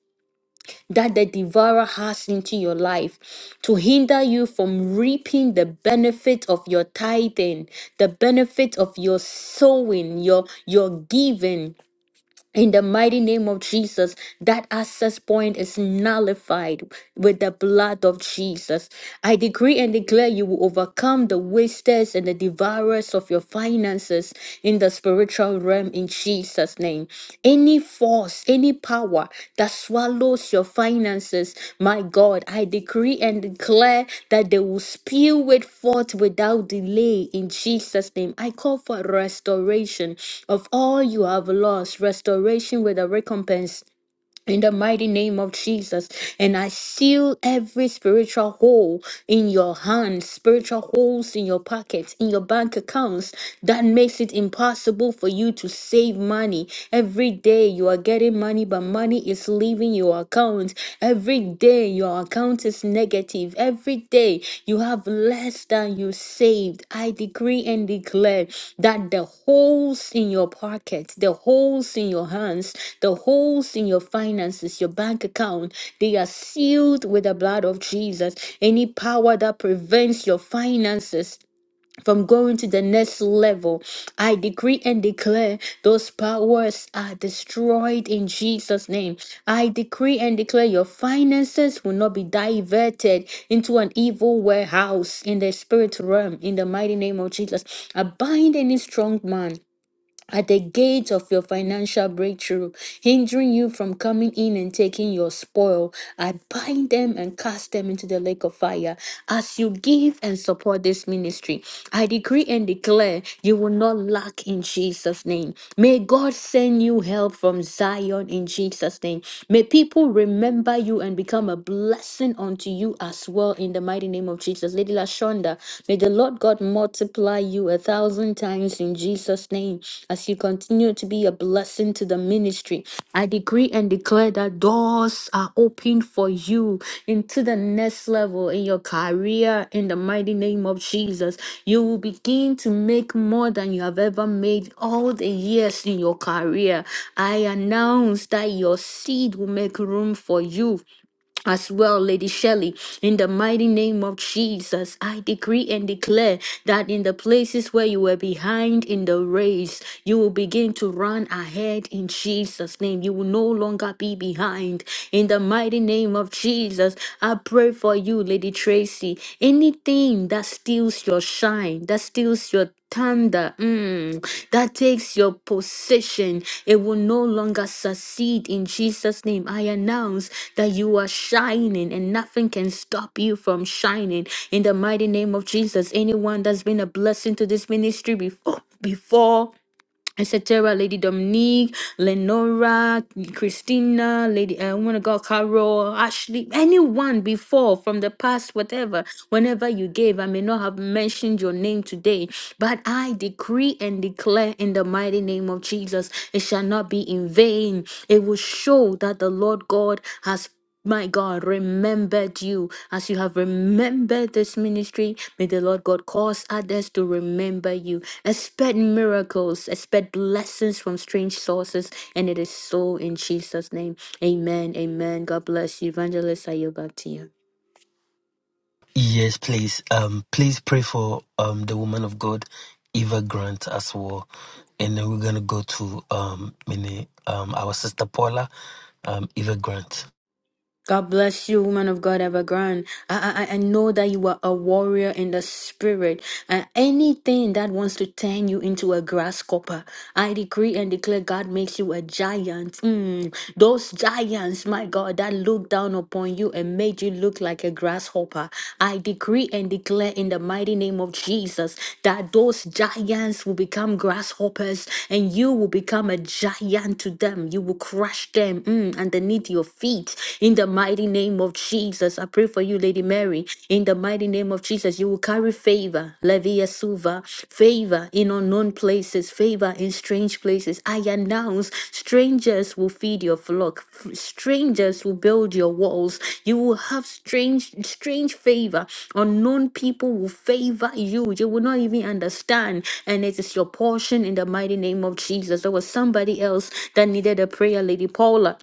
that the devourer has into your life to hinder you from reaping the benefit of your tithing, the benefit of your sowing, your your giving. In the mighty name of Jesus, that access point is nullified with the blood of Jesus. I decree and declare you will overcome the wasters and the devourers of your finances in the spiritual realm in Jesus' name. Any form cause, any power that swallows your finances, my God, I decree and declare that they will spew it forth without delay in Jesus' name. I call for restoration of all you have lost, restoration with a recompense in the mighty name of Jesus. And I seal every spiritual hole in your hands, spiritual holes in your pockets, in your bank accounts that makes it impossible for you to save money. Every day you are getting money, but money is leaving your account. Every day your account is negative. Every day you have less than you saved. I decree and declare that the holes in your pocket, the holes in your hands, the holes in your finances, your bank account, they are sealed with the blood of Jesus. Any power that prevents your finances from going to the next level. I decree and declare those powers are destroyed in Jesus' name. I decree and declare your finances will not be diverted into an evil warehouse in the spirit realm in the mighty name of Jesus. I bind any strong man at the gate of your financial breakthrough, hindering you from coming in and taking your spoil. I bind them and cast them into the lake of fire. As you give and support this ministry, I decree and declare you will not lack in Jesus' name. May God send send you help from Zion in Jesus' name. May people remember you and become a blessing unto you as well in the mighty name of Jesus. Lady Lashonda, may the Lord God multiply you a thousand times in Jesus' name as you continue to be a blessing to the ministry. I decree and declare that doors are open for you into the next level in your career in the mighty name of Jesus. You will begin to make more than you have ever made all the years in your career. I announce that your seed will make room for you as well, Lady Shelley, in the mighty name of Jesus, I decree and declare that in the places where you were behind in the race, you will begin to run ahead in Jesus' name. You will no longer be behind. In the mighty name of Jesus, I pray for you, Lady Tracy. Anything that steals your shine, that steals your thunder mm, that takes your possession. It will no longer succeed in Jesus' name. I announce that you are shining and nothing can stop you from shining in the mighty name of Jesus. Anyone that's been a blessing to this ministry before, before etc. Lady Dominique, Lenora, Christina, Lady, I want to go, Carol, Ashley, anyone before from the past, whatever, whenever you gave, I may not have mentioned your name today, but I decree and declare in the mighty name of Jesus, it shall not be in vain. It will show that the Lord God has my God, remembered you as you have remembered this ministry. May the Lord God cause others to remember you. Expect miracles, expect blessings from strange sources. And it is so in Jesus' name. Amen. Amen. God bless you. Evangelist, I yield back to you. yes please um please pray for um the woman of god eva grant as well and then we're gonna go to um mini um our sister paula um eva grant God bless you, woman of God, Evergrande. I, I, I I know that you are a warrior in the spirit. And anything that wants to turn you into a grasshopper, I decree and declare God makes you a giant. Mm, Those giants, my God, that looked down upon you and made you look like a grasshopper. I decree and declare in the mighty name of Jesus that those giants will become grasshoppers and you will become a giant to them. You will crush them mm, underneath your feet in the mighty name of Jesus. I pray for you, Lady Mary, in the mighty name name of Jesus, you will carry favor, Levia Suva, favor in unknown places, favor in strange places. I announce strangers will feed your flock, f- strangers will build your walls. You will have strange, strange favor. Unknown people will favor you. You will not even understand. And it is your portion in the mighty name of Jesus. There was somebody else that needed a prayer, Lady Paula.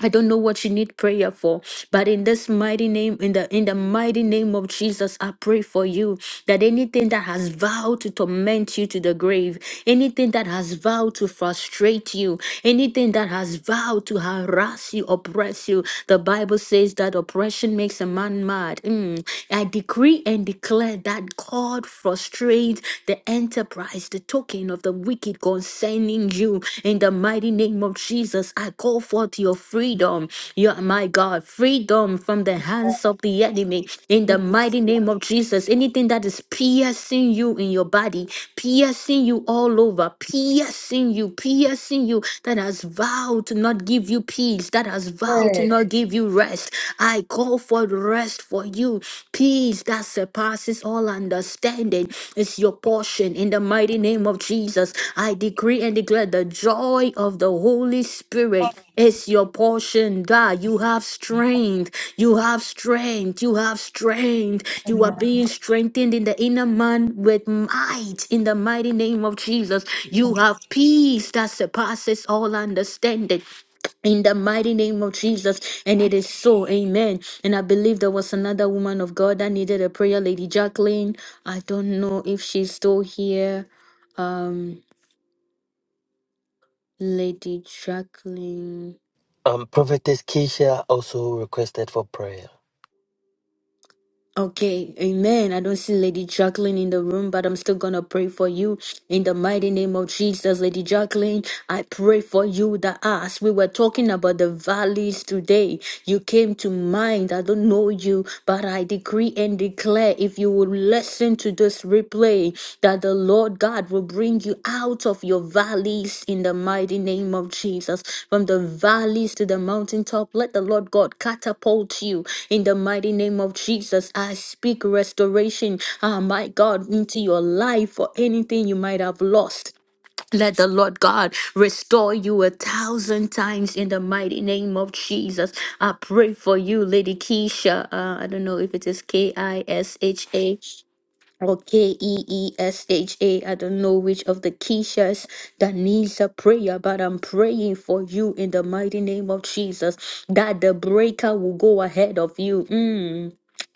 I don't know what you need prayer for, but in this mighty name, in the in the mighty name of Jesus, I pray for you that anything that has vowed to torment you to the grave, anything that has vowed to frustrate you, anything that has vowed to harass you, oppress you, the Bible says that oppression makes a man mad. Mm. I decree and declare that God frustrates the enterprise, the token talking of the wicked concerning you. In the mighty name of Jesus, I call forth your freedom. You are my God, freedom from the hands of the enemy. In the mighty name of Jesus, anything that is piercing you in your body, piercing you all over, piercing you, piercing you, that has vowed to not give you peace, that has vowed to Amen. not give you rest. I call for rest for you you. Peace that surpasses all understanding is your portion in the mighty name of Jesus. I decree and declare the joy of the Holy Spirit is your portion. God, you have strength. You have strength. You have strength. You are being strengthened in the inner man with might in the mighty name of Jesus. You have peace that surpasses all understanding. In the mighty name of Jesus, and it is so, amen. And I believe there was another woman of God that needed a prayer, Lady Jacqueline. I don't know if she's still here. Um, Lady Jacqueline. um prophetess keisha also requested for prayer Okay, amen. I don't see Lady Jacqueline in the room, but I'm still gonna pray for you in the mighty name of Jesus, Lady Jacqueline. I pray for you that as we were talking about the valleys today, you came to mind. I don't know you, but I decree and declare if you will listen to this Pray that the Lord God will bring you out of your valleys in the mighty name of Jesus. From the valleys to the mountaintop, let the Lord God catapult you in the mighty name of Jesus. I speak restoration, ah, my God, into your life for anything you might have lost. Let the Lord God restore you a thousand times in the mighty name of Jesus. I pray for you, Lady Keisha. Uh, I don't know if it is K I S H A or K E E S H A. I don't know which of the Keishas that needs a prayer, but I'm praying for you in the mighty name of Jesus that the breaker will go ahead of you. Mm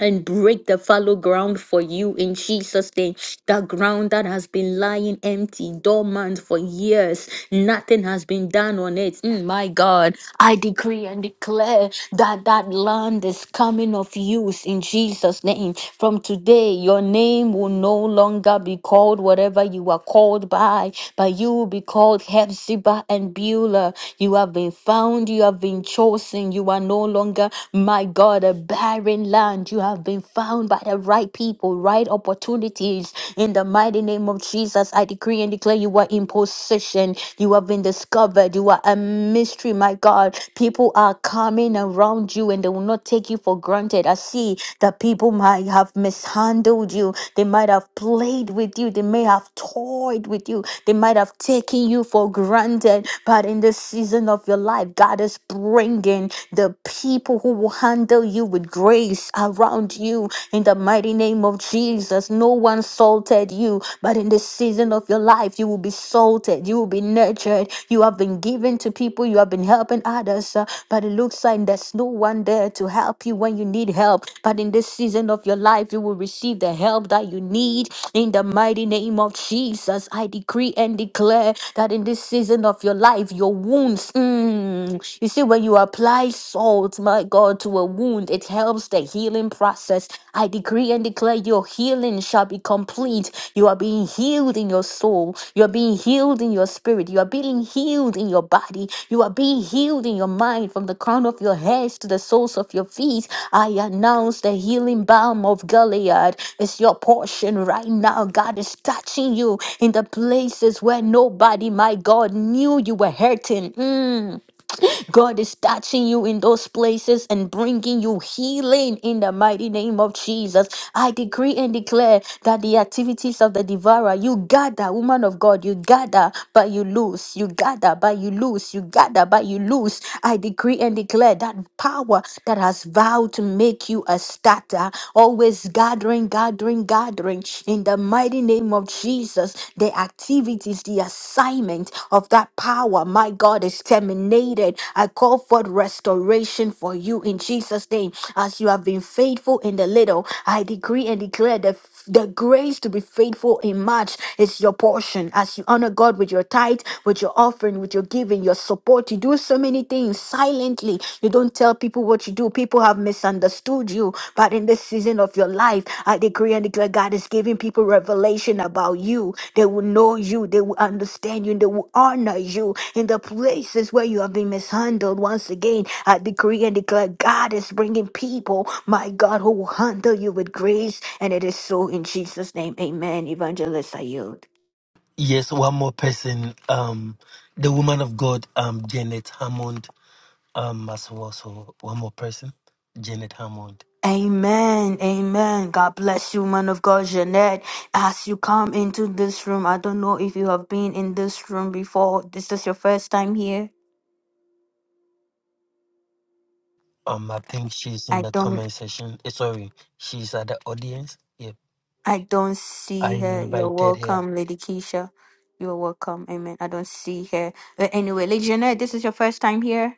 and break the fallow ground for you in Jesus' name. The ground that has been lying empty, dormant for years, nothing has been done on it. Mm, my God, I decree and declare that that land is coming of use in Jesus' name. From today, your name will no longer be called whatever you are called by, but you will be called Hephzibah and Beulah. You have been found, you have been chosen, you are no longer, my God. God, a barren land. You have been found by the right people, right opportunities. In the mighty name of Jesus, I decree and declare you are in possession. You have been discovered. You are a mystery, my God. People are coming around you and they will not take you for granted. I see that people might have mishandled you. They might have played with you. They may have toyed with you. They might have taken you for granted. But in this season of your life, God is bringing the people who will handle you with grace around you in the mighty name of Jesus. No one salted you, but in the season of your life, you will be salted, you will be nurtured. You have been given to people, you have been helping others, uh, but it looks like there's no one there to help you when you need help. But in this season of your life, you will receive the help that you need in the mighty name of Jesus. I decree and declare that in this season of your life, your wounds. mm, you see, when you apply salt, my God, to a wound, it helps the healing process. I decree and declare your healing shall be complete. You are being healed in your soul. You are being healed in your spirit. You are being healed in your body. You are being healed in your mind from the crown of your heads to the soles of your feet. I announce the healing balm of Gilead is your portion right now. God is touching you in the places where nobody, my God, knew you were hurting. God is touching you in those places and bringing you healing in the mighty name of Jesus. I decree and declare that the activities of the devourer, you gather, woman of God, you gather, but you lose. You gather, but you lose. You gather, but you lose. I decree and declare that power that has vowed to make you a starter, always gathering, gathering, gathering in the mighty mighty name of Jesus, the activities, the assignment of that power, my God, is terminated. I call forth restoration for you in Jesus' name. As you have been faithful in the little, I decree and declare the, the grace to be faithful in much is your portion. As you honor God with your tithe, with your offering, with your giving, your support, you do so many things silently. You don't you don't tell people what you do. People have misunderstood you. But in this season of your life, I decree and declare God is giving people revelation about you. They will know you. They will understand you. And they will honor you in the places where you have been mishandled. Once again, I decree and declare God is bringing people, my God, who will handle you with grace. And it is so in Jesus' name. Amen. Evangelist, I yield. Yes, one more person. Um, the woman of God, um, Janet Hammond, um, as well. So one more person, Janet Hammond. Amen, amen. God bless you, man of God, Jeanette. As you come into this room, I don't know if you have been in this room before. This is your first time here. Um, I think she's in I the don't, comment section. Eh, sorry, she's at the audience. Yep, I don't I see her. You're invited her. welcome, Lady Keisha. You're welcome. Amen. I don't see her. But anyway, Lady Jeanette, this is your first time here.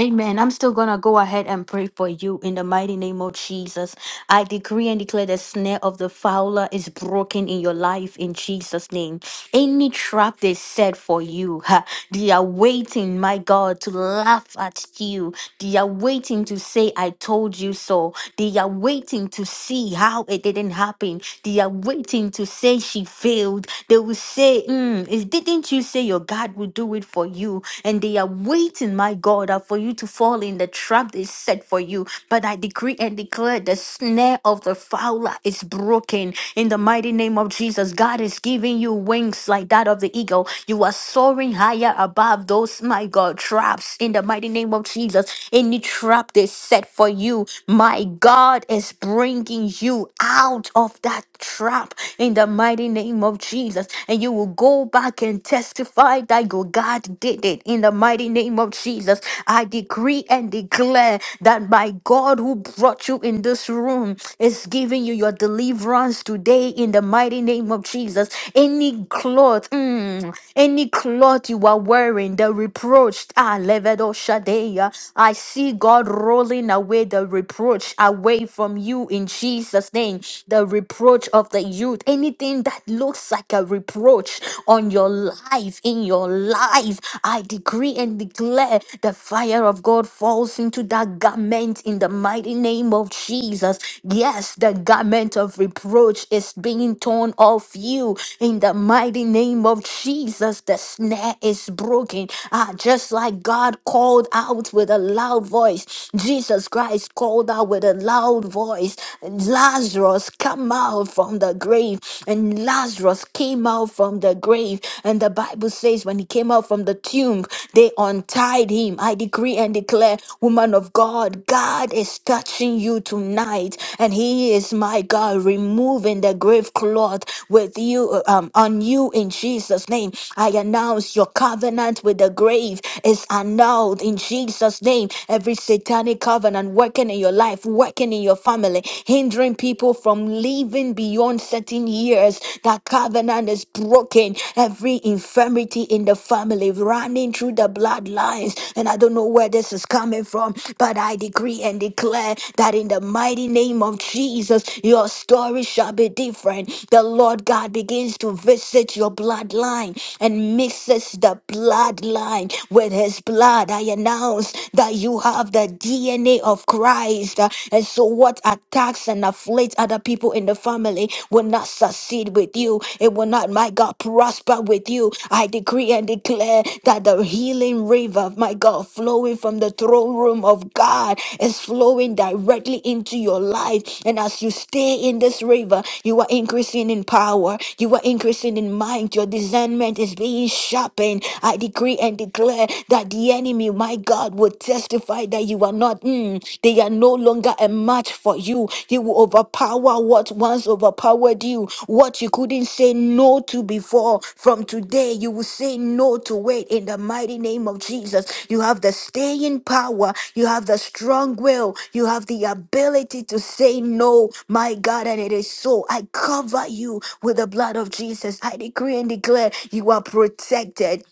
Amen. I'm still going to go ahead and pray for you in the mighty name of Jesus. I decree and declare the snare of the fowler is broken in your life in Jesus' name. Any trap they set for you, ha, they are waiting, my God, to laugh at you. They are waiting to say, I told you so. They are waiting to see how it didn't happen. They are waiting to say she failed. They will say, "Mm, is- Didn't you say your God would do it for you? and they are waiting, my God, uh, for you to fall in the trap they set for you. But I decree and declare the snare of the fowler is broken in the mighty name of Jesus. God is giving you wings like that of the eagle. You are soaring higher above those, my God, traps in the mighty name of Jesus. Any trap they set for you, my God is bringing you out of that trap in the mighty name of Jesus. And you will go back and tell testify that your God did it. In the mighty name of Jesus, I decree and declare that my God who brought you in this room is giving you your deliverance today in the mighty name of Jesus. Any cloth, mm, any cloth you are wearing, the reproach, ah, levedo shadeya. I see God rolling away the reproach away from you in Jesus' name. The reproach of the youth, anything that looks looks like a reproach on your life, in your life, I decree and declare the fire of God falls into that garment in the mighty name of Jesus. Yes, the garment of reproach is being torn off you in the mighty name of Jesus. The snare is broken. Ah, just like God called out with a loud voice, Jesus Christ called out with a loud voice, Lazarus, come out came out from the grave, and Lazarus came out from the grave. And the Bible says, when he came out from the tomb, they untied him. I decree and declare, woman of God, God is touching you tonight, and He is my God, removing the grave cloth with you uh, um, on you in Jesus' name. I announce your covenant with the grave is annulled in Jesus' name. Every satanic covenant working in your life, working in your your family, hindering people from living beyond certain years. That covenant is broken. Every infirmity in the family running through the bloodlines. And I don't know where this is coming from, but I decree and declare that in the mighty name of Jesus, your story shall be different. The Lord God begins to visit your bloodline and mixes the bloodline with his blood. I announce that you have the DNA of Christ. Uh, And so, what attacks and afflicts other people in the family will not succeed with you. It will not, my God, prosper with you. I decree and declare that the healing river, my God, flowing from the throne room of God is flowing directly into your life. And as you stay in this river, you are increasing in power, you are increasing in mind, your discernment is being sharpened. I decree and declare that the enemy enemy, my God, will testify that you are not, mm, they are no longer a match for you. You will overpower what once overpowered you, what you couldn't say no to before. From today, you will say no to it in the mighty name of Jesus. You have the staying power, you have the strong will, you have the ability to say no, my God, and it is so. I cover you with the blood of Jesus. I decree and declare you are protected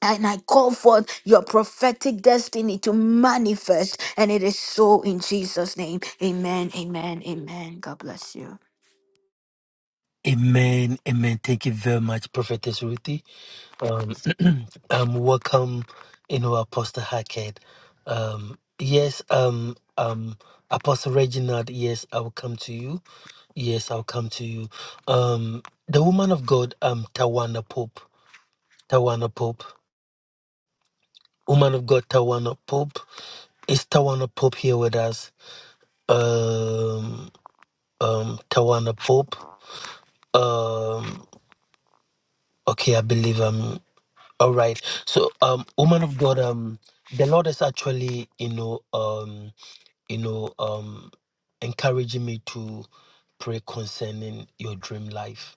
and I call forth your prophetic destiny to manifest. And it is so in Jesus' name. Amen. Amen. Amen. God bless you. Amen, amen. Thank you very much, Prophetess Ruthie. Um, um, welcome, you know, Apostle Hackett. Um, yes, um, um, Apostle Reginald. Yes, I will come to you. Yes, I'll come to you. Um, the woman of God, um, Tawana Pope. Tawana Pope. Woman of God, Tawana Pope. Is Tawana Pope here with us? Um, um, Tawana Pope. Um, okay, I believe um All right. So, um, woman of God, um, the Lord is actually, you know, um, you know, um, encouraging me to pray concerning your dream life.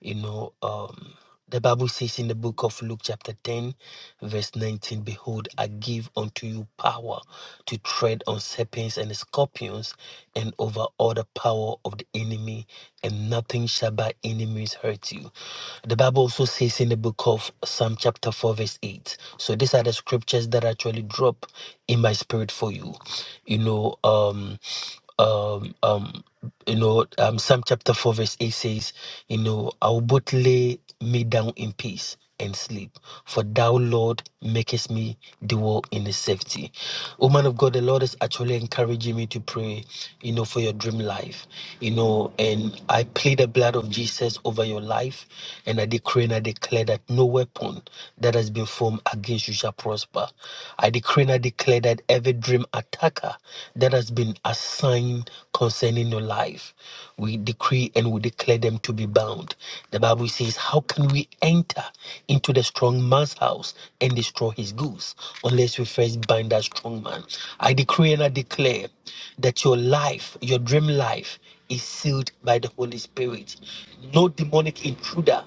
You know, um. The Bible says in the book of Luke, chapter 10, verse 19 Behold, I give unto you power to tread on serpents and scorpions and over all the power of the enemy, and nothing shall by enemies hurt you. The Bible also says in the book of Psalm, chapter 4, verse 8. So these are the scriptures that actually drop in my spirit for you. You know, um, um, um, you know, um, Psalm chapter 4, verse 8 says, You know, I will both lay me down in peace and sleep, for thou, Lord, makest me dwell in the safety. Oh, man of God, the Lord is actually encouraging me to pray, you know, for your dream life, you know, and I plead the blood of Jesus over your life, and I decree and I declare that no weapon that has been formed against you shall prosper. I decree and I declare that every dream attacker that has been assigned sign concerning your life. We decree and we declare them to be bound. The Bible says, How can we enter into the strong man's house and destroy his goods unless we first bind that strong man? I decree and I declare that your life, your dream life, is sealed by the Holy Spirit. No demonic intruder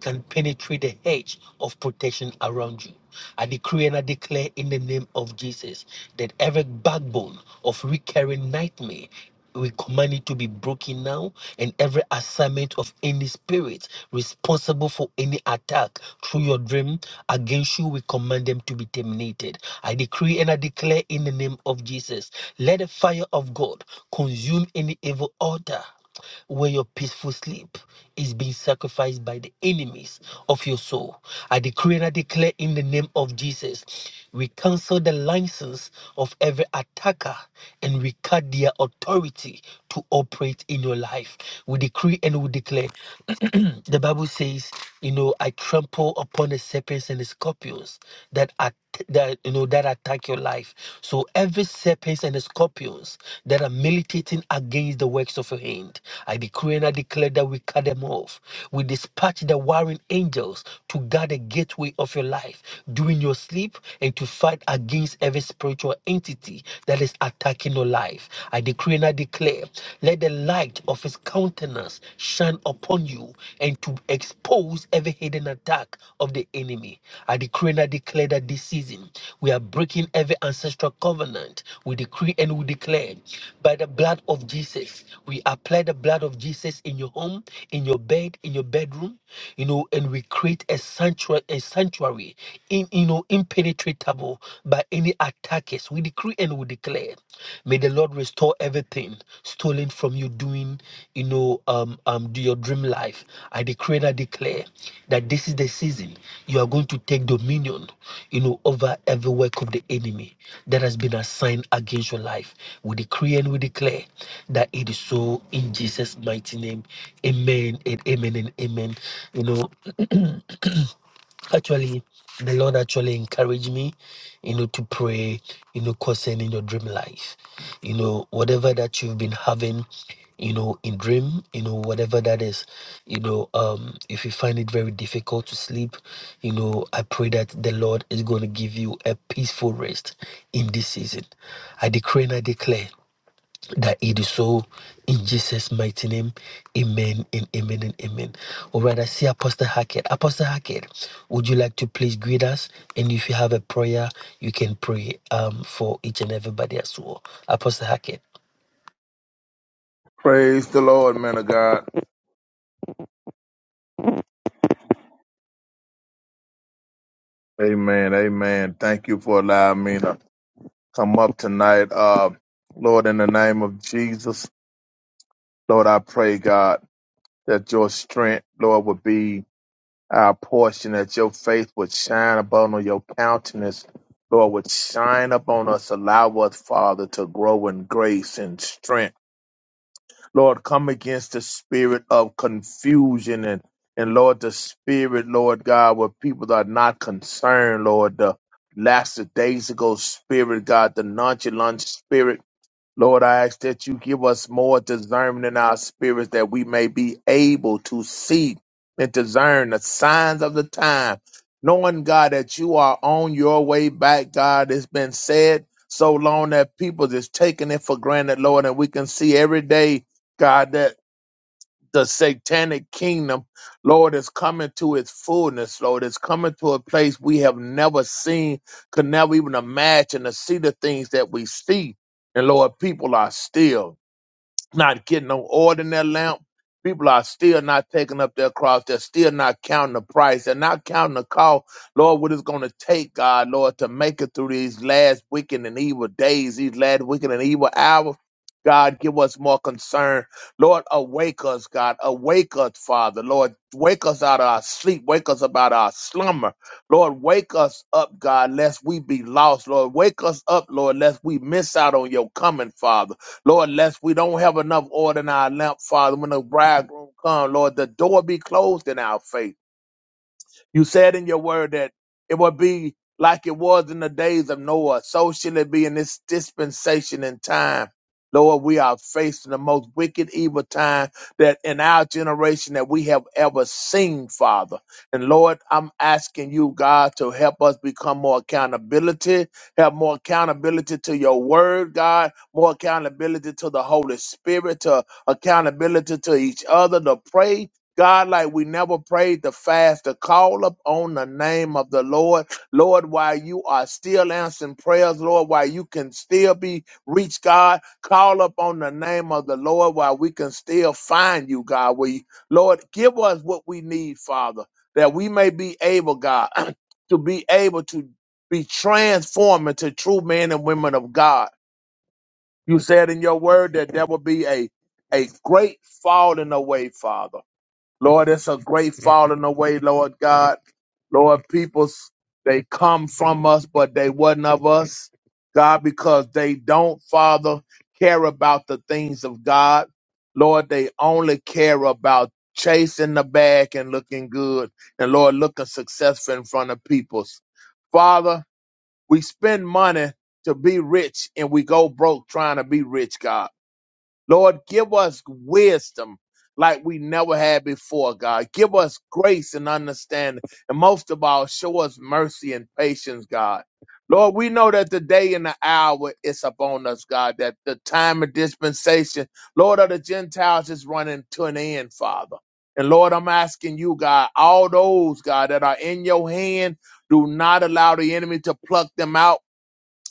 can penetrate the hedge of protection around you. I decree and I declare in the name of Jesus that every backbone of recurring nightmare we command it to be broken now, and every assignment of any spirit responsible for any attack through your dream against you, we command them to be terminated. I decree and I declare in the name of Jesus let the fire of God consume any evil altar where your peaceful sleep is being sacrificed by the enemies of your soul. I decree and I declare in the name of Jesus, we cancel the license of every attacker and we cut their authority to operate in your life. We decree and we declare. the Bible says, you know, I trample upon the serpents and the scorpions that are you know, that attack your life. So every serpents and scorpions that are militating against the works of your hand, I decree and I declare that we cut them off. We dispatch the warring angels to guard the gateway of your life during your sleep and to fight against every spiritual entity that is attacking your life. I decree and I declare, let the light of his countenance shine upon upon you and to expose every hidden attack of the enemy. I decree and I declare that this season we are breaking every ancestral covenant. We decree and we declare by the blood of Jesus. We apply the blood of Jesus in your home, in your bed, in your bedroom, you know, and we create a sanctuary, a sanctuary in you know impenetrable by any attackers. We decree decree and we declare, may the Lord restore everything stolen from you doing, you know, um, um, do your dream life. I decree and I declare that this is the season you are going to take dominion, you know, over every work of the enemy that has been assigned against your life. We decree and we declare that it is so in Jesus' mighty name. Amen and amen and amen. You know, actually the lord actually encouraged me you know to pray you know concerning your dream life you know whatever that you've been having you know in dream you know whatever that is you know um if you find it very difficult to sleep you know i pray that the lord is going to give you a peaceful rest in this season i decree and i declare that it is so in Jesus' mighty name. Amen and amen and amen. All right, I see Apostle Hackett. Apostle Hackett, would you like to please greet us? And if you have a prayer, you can pray um, for each and everybody as well. Apostle Hackett. Praise the Lord, man of God. Amen. Amen. Thank you for allowing me to come up tonight. Uh, Lord, in the name of Jesus, Lord, I pray, God, that your strength, Lord, would be our portion, that your faith would shine upon us, your countenance, Lord, would shine upon us. Allow us, Father, to grow in grace and strength. Lord, come against the spirit of confusion and, and Lord, the spirit, Lord God, where people are not concerned, Lord, the last days ago spirit, God, the nonchalant spirit, Lord, I ask that you give us more discernment in our spirits that we may be able to see and discern the signs of the time, knowing, God, that you are on your way back, God. It's been said so long that people just taking it for granted, Lord, and we can see every day, God, that the satanic kingdom, Lord, is coming to its fullness, Lord. It's coming to a place we have never seen, could never even imagine to see the things that we see. And Lord, people are still not getting no oil in their lamp. People are still not taking up their cross. They're still not counting the price. They're not counting the cost. Lord, what it's going to take, God, Lord, to make it through these last wicked and evil days, these last wicked and evil hours. God, give us more concern. Lord, awake us, God. Awake us, Father. Lord, wake us out of our sleep. Wake us up out of our slumber. Lord, wake us up, God, lest we be lost. Lord, wake us up, Lord, lest we miss out on your coming, Father. Lord, lest we don't have enough oil in our lamp, Father, when the bridegroom comes, Lord, the door be closed in our face. You said in your word that it would be like it was in the days of Noah. So shall it be in this dispensation in time. Lord, we are facing the most wicked, evil time that in our generation that we have ever seen, Father. And Lord, I'm asking you, God, to help us become more accountability, have more accountability to your word, God, more accountability to the Holy Spirit, to accountability to each other, to pray God, like we never prayed the fast to call upon the name of the Lord. Lord, while you are still answering prayers, Lord, while you can still be reached, God, call upon the name of the Lord while we can still find you, God. We, Lord, give us what we need, Father, that we may be able, God, to be able to be transformed into true men and women of God. You said in your word that there will be a, a great falling away, Father Lord, it's a great falling away, Lord God. Lord, peoples, they come from us, but they wasn't of us, God, because they don't, Father, care about the things of God. Lord, they only care about chasing the bag and looking good, and Lord, looking successful in front of peoples. Father, we spend money to be rich, and we go broke trying to be rich, God. Lord, give us wisdom like we never had before, God. Give us grace and understanding. And most of all, show us mercy and patience, God. Lord, we know that the day and the hour is upon us, God, that the time of dispensation, Lord, of the Gentiles is running to an end, Father. And Lord, I'm asking you, God, all those, God, that are in your hand, do not allow the enemy to pluck them out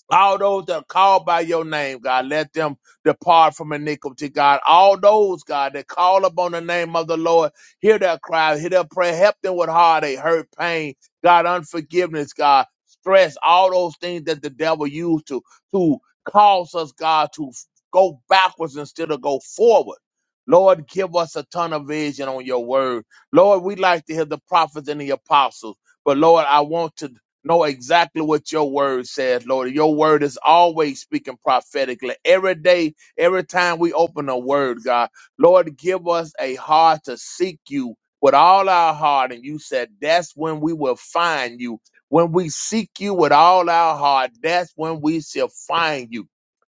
all those that are called by your name, God, let them depart from iniquity, God. All those, God, that call upon the name of the Lord, hear their cry, hear their prayer, help them with heartache, hurt, pain, God, unforgiveness, God, stress, all those things that the devil used to, to cause us, God, to f- go backwards instead of go forward. Lord, give us a ton of vision on your word. Lord, we like to hear the prophets and the apostles, but Lord, I want to know exactly what your word says, Lord. Your word is always speaking prophetically. Every day, every time we open a word, God, Lord, give us a heart to seek you with all our heart. And you said that's when we will find you. When we seek you with all our heart, that's when we shall find you.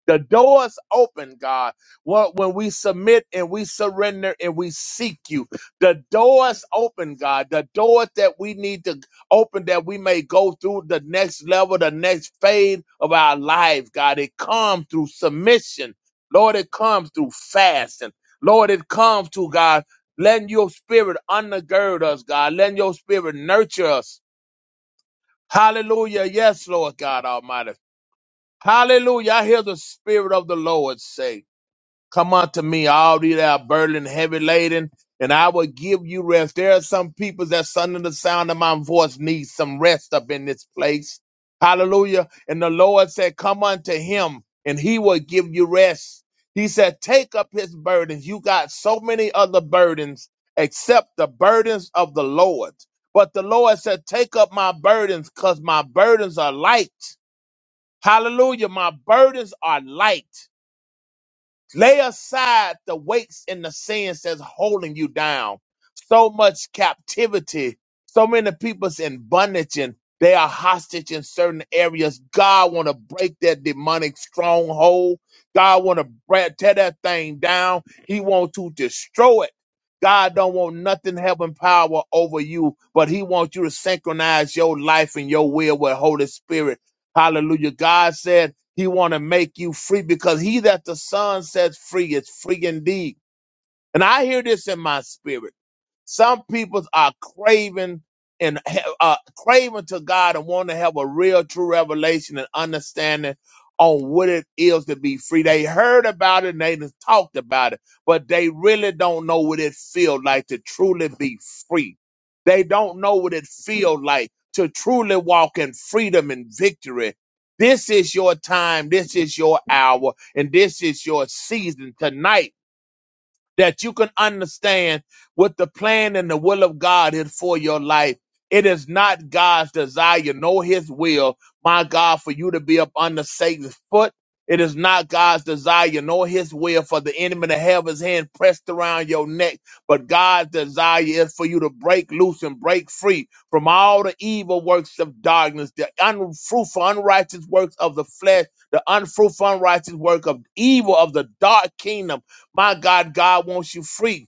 The doors open, God. Wh- When we submit and we surrender and we seek you, the doors open, God. The doors that we need to open that we may go through the next level, the next phase of our lives, God. It comes through submission. Lord, it comes through fasting. Lord, it comes to God, letting your spirit undergird us, God, letting your spirit nurture us. Hallelujah. Yes, Lord God Almighty. Hallelujah. I hear the spirit of the Lord say. Come unto me, all ye that are burdened, and heavy laden, and I will give you rest. There are some people that's under the sound of my voice need some rest up in this place. Hallelujah. And the Lord said, Come unto him, and he will give you rest. He said, Take up his burdens. You got so many other burdens except the burdens of the Lord. But the Lord said, Take up my burdens, because my burdens are light. Hallelujah. My burdens are light. Lay aside the weights and the sins that's holding you down. So much captivity. So many people's in bondage and they are hostage in certain areas. God want to break that demonic stronghold. God want to tear that thing down. He want to destroy it. God don't want nothing having power over you, but he wants you to synchronize your life and your will with Holy Spirit. Hallelujah. God said. He want to make you free because he that the son sets free is free indeed. And I hear this in my spirit. Some people are craving and ha- uh, craving to God and want to have a real, true revelation and understanding on what it is to be free. They heard about it and they just talked about it, but they really don't know what it feels like to truly be free. They don't know what it feels like to truly walk in freedom and victory. This is your time. This is your hour. And this is your season tonight that you can understand what the plan and the will of God is for your life. It is not God's desire nor his will, my God, for you to be up under Satan's foot. It is not God's desire nor his will for the enemy to have his hand pressed around your neck, but God's desire is for you to break loose and break free from all the evil works of darkness, the unfruitful, unrighteous works of the flesh, the unfruitful, unrighteous work of evil of the dark kingdom my God, God wants you free.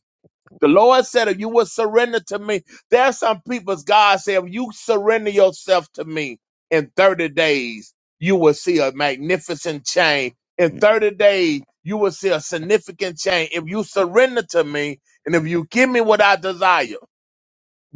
The Lord said, if you will surrender to me, there are some people's God said, if you surrender yourself to me in 30 days, you will see a magnificent change. In 30 days, you will see a significant change. If you surrender to me and if you give me what I desire,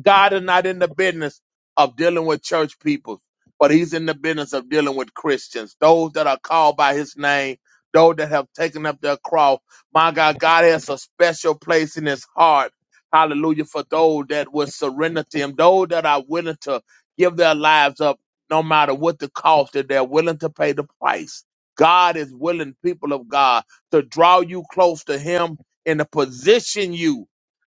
God is not in the business of dealing with church people, but he's in the business of dealing with Christians, those that are called by his name, those that have taken up their cross. My God, God has a special place in his heart. Hallelujah. For those that will surrender to him, those that are willing to give their lives up, no matter what the cost, that they're willing to pay the price. God is willing, people of God, to draw you close to him and to position you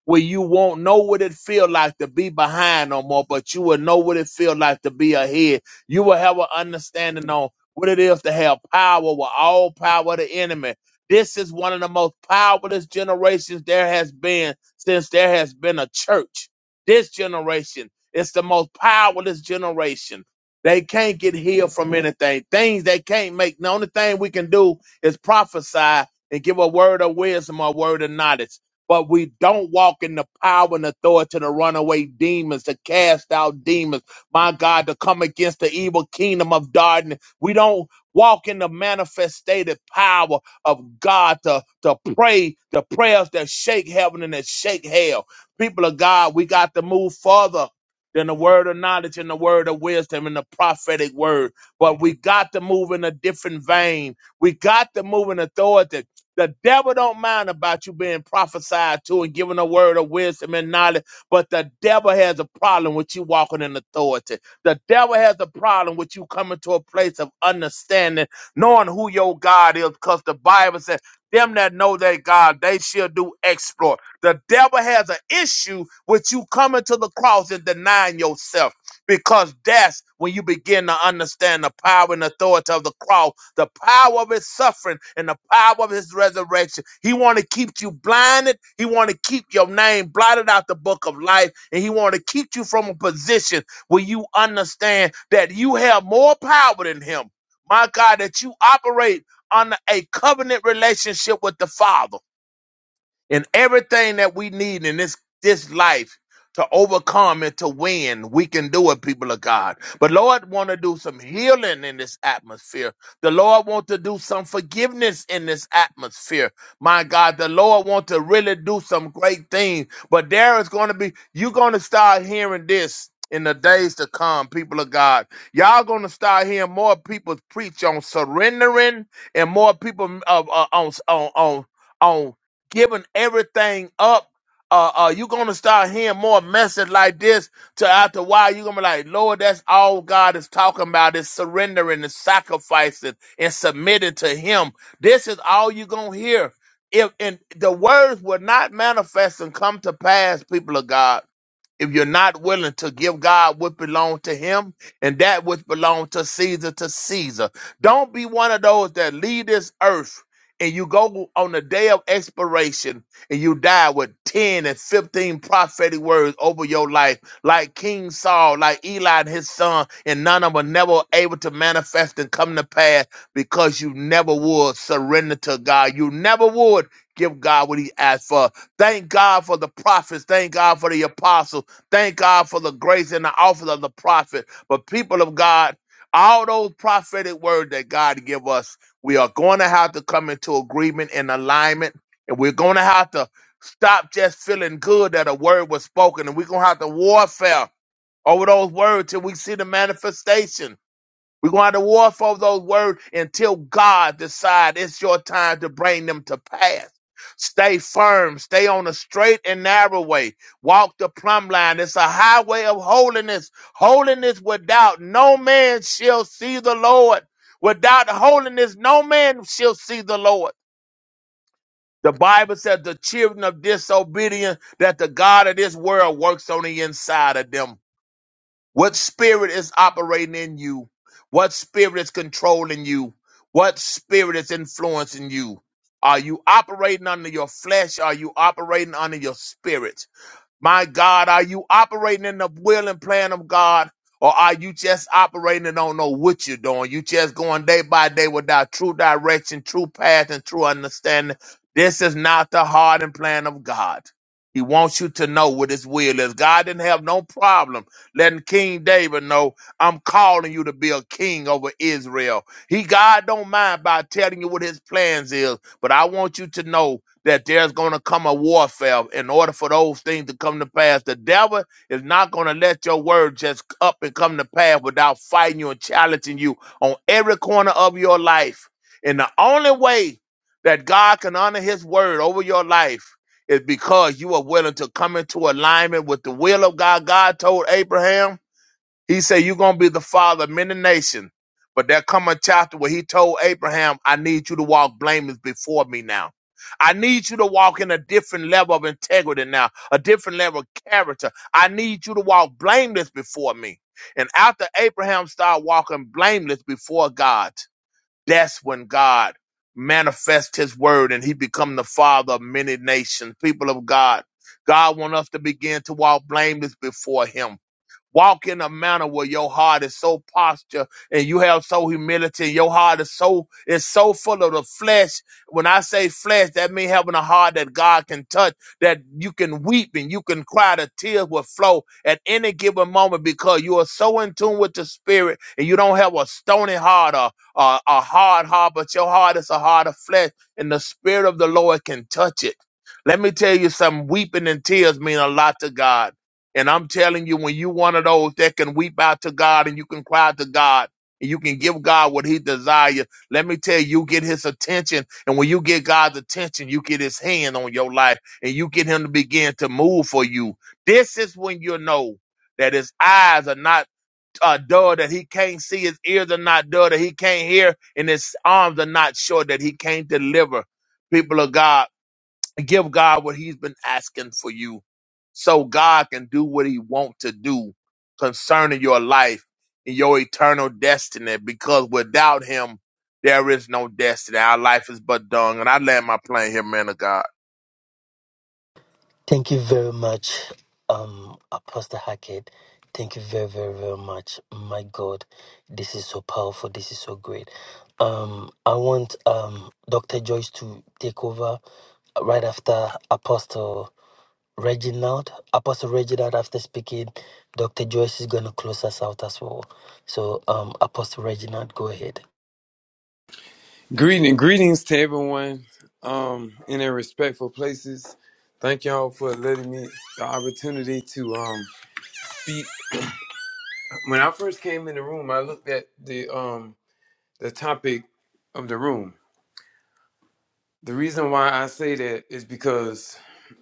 where you won't know what it feel like to be behind no more, but you will know what it feel like to be ahead. You will have an understanding on what it is to have power with all power of the enemy. This is one of the most powerless generations there has been since there has been a church. This generation is the most powerless generation. They can't get healed from anything. Things they can't make. The only thing we can do is prophesy and give a word of wisdom or a word of knowledge but we don't walk in the power and authority to run away demons, to cast out demons, my God, to come against the evil kingdom of darkness. We don't walk in the manifested power of God to, to pray the prayers that shake heaven and that shake hell. People of God, we got to move further than the word of knowledge and the word of wisdom and the prophetic word. But we got to move in a different vein. We got to move in authority. The devil don't mind about you being prophesied to and given a word of wisdom and knowledge, but the devil has a problem with you walking in authority. The devil has a problem with you coming to a place of understanding, knowing who your God is, because the Bible says, them that know their God, they shall do exploit. The devil has an issue with you coming to the cross and denying yourself because that's when you begin to understand the power and authority of the cross, the power of his suffering and the power of his resurrection. He want to keep you blinded. He want to keep your name blotted out the book of life, and he want to keep you from a position where you understand that you have more power than him. My God, that you operate under a covenant relationship with the Father and everything that we need in this this life to overcome and to win, we can do it, people of God. But Lord want to do some healing in this atmosphere. The Lord want to do some forgiveness in this atmosphere. My God, the Lord want to really do some great things. But there is going to be you're going to start hearing this in the days to come, people of God. Y'all going to start hearing more people preach on surrendering and more people uh, uh, on on on on giving everything up. Uh, uh, you're gonna start hearing more message like this to after a while. You're gonna be like, Lord, that's all God is talking about is surrendering and sacrificing and submitting to Him. This is all you're gonna hear. If and the words will not manifest and come to pass, people of God if you're not willing to give God what belongs to him and that which belongs to Caesar to Caesar. Don't be one of those that leave this earth and you go on the day of expiration and you die with 10 and 15 prophetic words over your life, like King Saul, like Eli and his son, and none of them never able to manifest and come to pass because you never would surrender to God. You never would give God what he asked for. Thank God for the prophets. Thank God for the apostles. Thank God for the grace and the office of the prophet. But people of God, all those prophetic words that God give us, we are going to have to come into agreement and alignment, and we're going to have to stop just feeling good that a word was spoken, and we're going to have to warfare over those words till we see the manifestation. We're going to have to war for those words until God decides it's your time to bring them to pass. Stay firm. Stay on the straight and narrow way. Walk the plumb line. It's a highway of holiness. Holiness without no man shall see the Lord. Without holiness, no man shall see the Lord. The Bible says the children of disobedience that the God of this world works on the inside of them. What spirit is operating in you? What spirit is controlling you? What spirit is influencing you? Are you operating under your flesh? Are you operating under your spirit? My God, are you operating in the will and plan of God? Or are you just operating and don't know what you're doing? You just going day by day without true direction, true path, and true understanding. This is not the heart and plan of God. He wants you to know what his will is. God didn't have no problem letting King David know, I'm calling you to be a king over Israel. He God don't mind by telling you what his plans is, but I want you to know that there's going to come a warfare in order for those things to come to pass. The devil is not going to let your word just up and come to pass without fighting you and challenging you on every corner of your life. And the only way that God can honor his word over your life is because you are willing to come into alignment with the will of God. God told Abraham, he said, You're going to be the father of many nations. But there come a chapter where he told Abraham, I need you to walk blameless before me now. I need you to walk in a different level of integrity now, a different level of character. I need you to walk blameless before me. And after Abraham started walking blameless before God, that's when God manifests his word and he become the father of many nations, people of God. God wants us to begin to walk blameless before him. Walk in a manner where your heart is so posture and you have so humility. and Your heart is so is so full of the flesh. When I say flesh, that means having a heart that God can touch, that you can weep and you can cry. The tears will flow at any given moment because you are so in tune with the spirit and you don't have a stony heart or, or a hard heart, but your heart is a heart of flesh, and the spirit of the Lord can touch it. Let me tell you something, weeping and tears mean a lot to God. And I'm telling you, when you one of those that can weep out to God and you can cry out to God and you can give God what he desires, let me tell you, you get his attention. And when you get God's attention, you get his hand on your life and you get him to begin to move for you. This is when you know that his eyes are not uh, dull that he can't see, his ears are not dull that he can't hear, and his arms are not short that he can't deliver. People of God give God what he's been asking for you so God can do what he wants to do concerning your life and your eternal destiny because without him there is no destiny. Our life is but dung. And I land my plane here, man of God. Thank you very much, um, Apostle Hackett. Thank you very, very, very much. My God, this is so powerful. This is so great. Um, I want um, Dr. Joyce to take over right after Apostle. Reginald, Apostle Reginald, after speaking, Dr. Joyce is going to close us out as well. So, um, Apostle Reginald, go ahead. Greeting, greetings to everyone um, in their respectful places. Thank y'all for letting me the opportunity to um, speak. When I first came in the room, I looked at the um, the topic of the room. The reason why I say that is because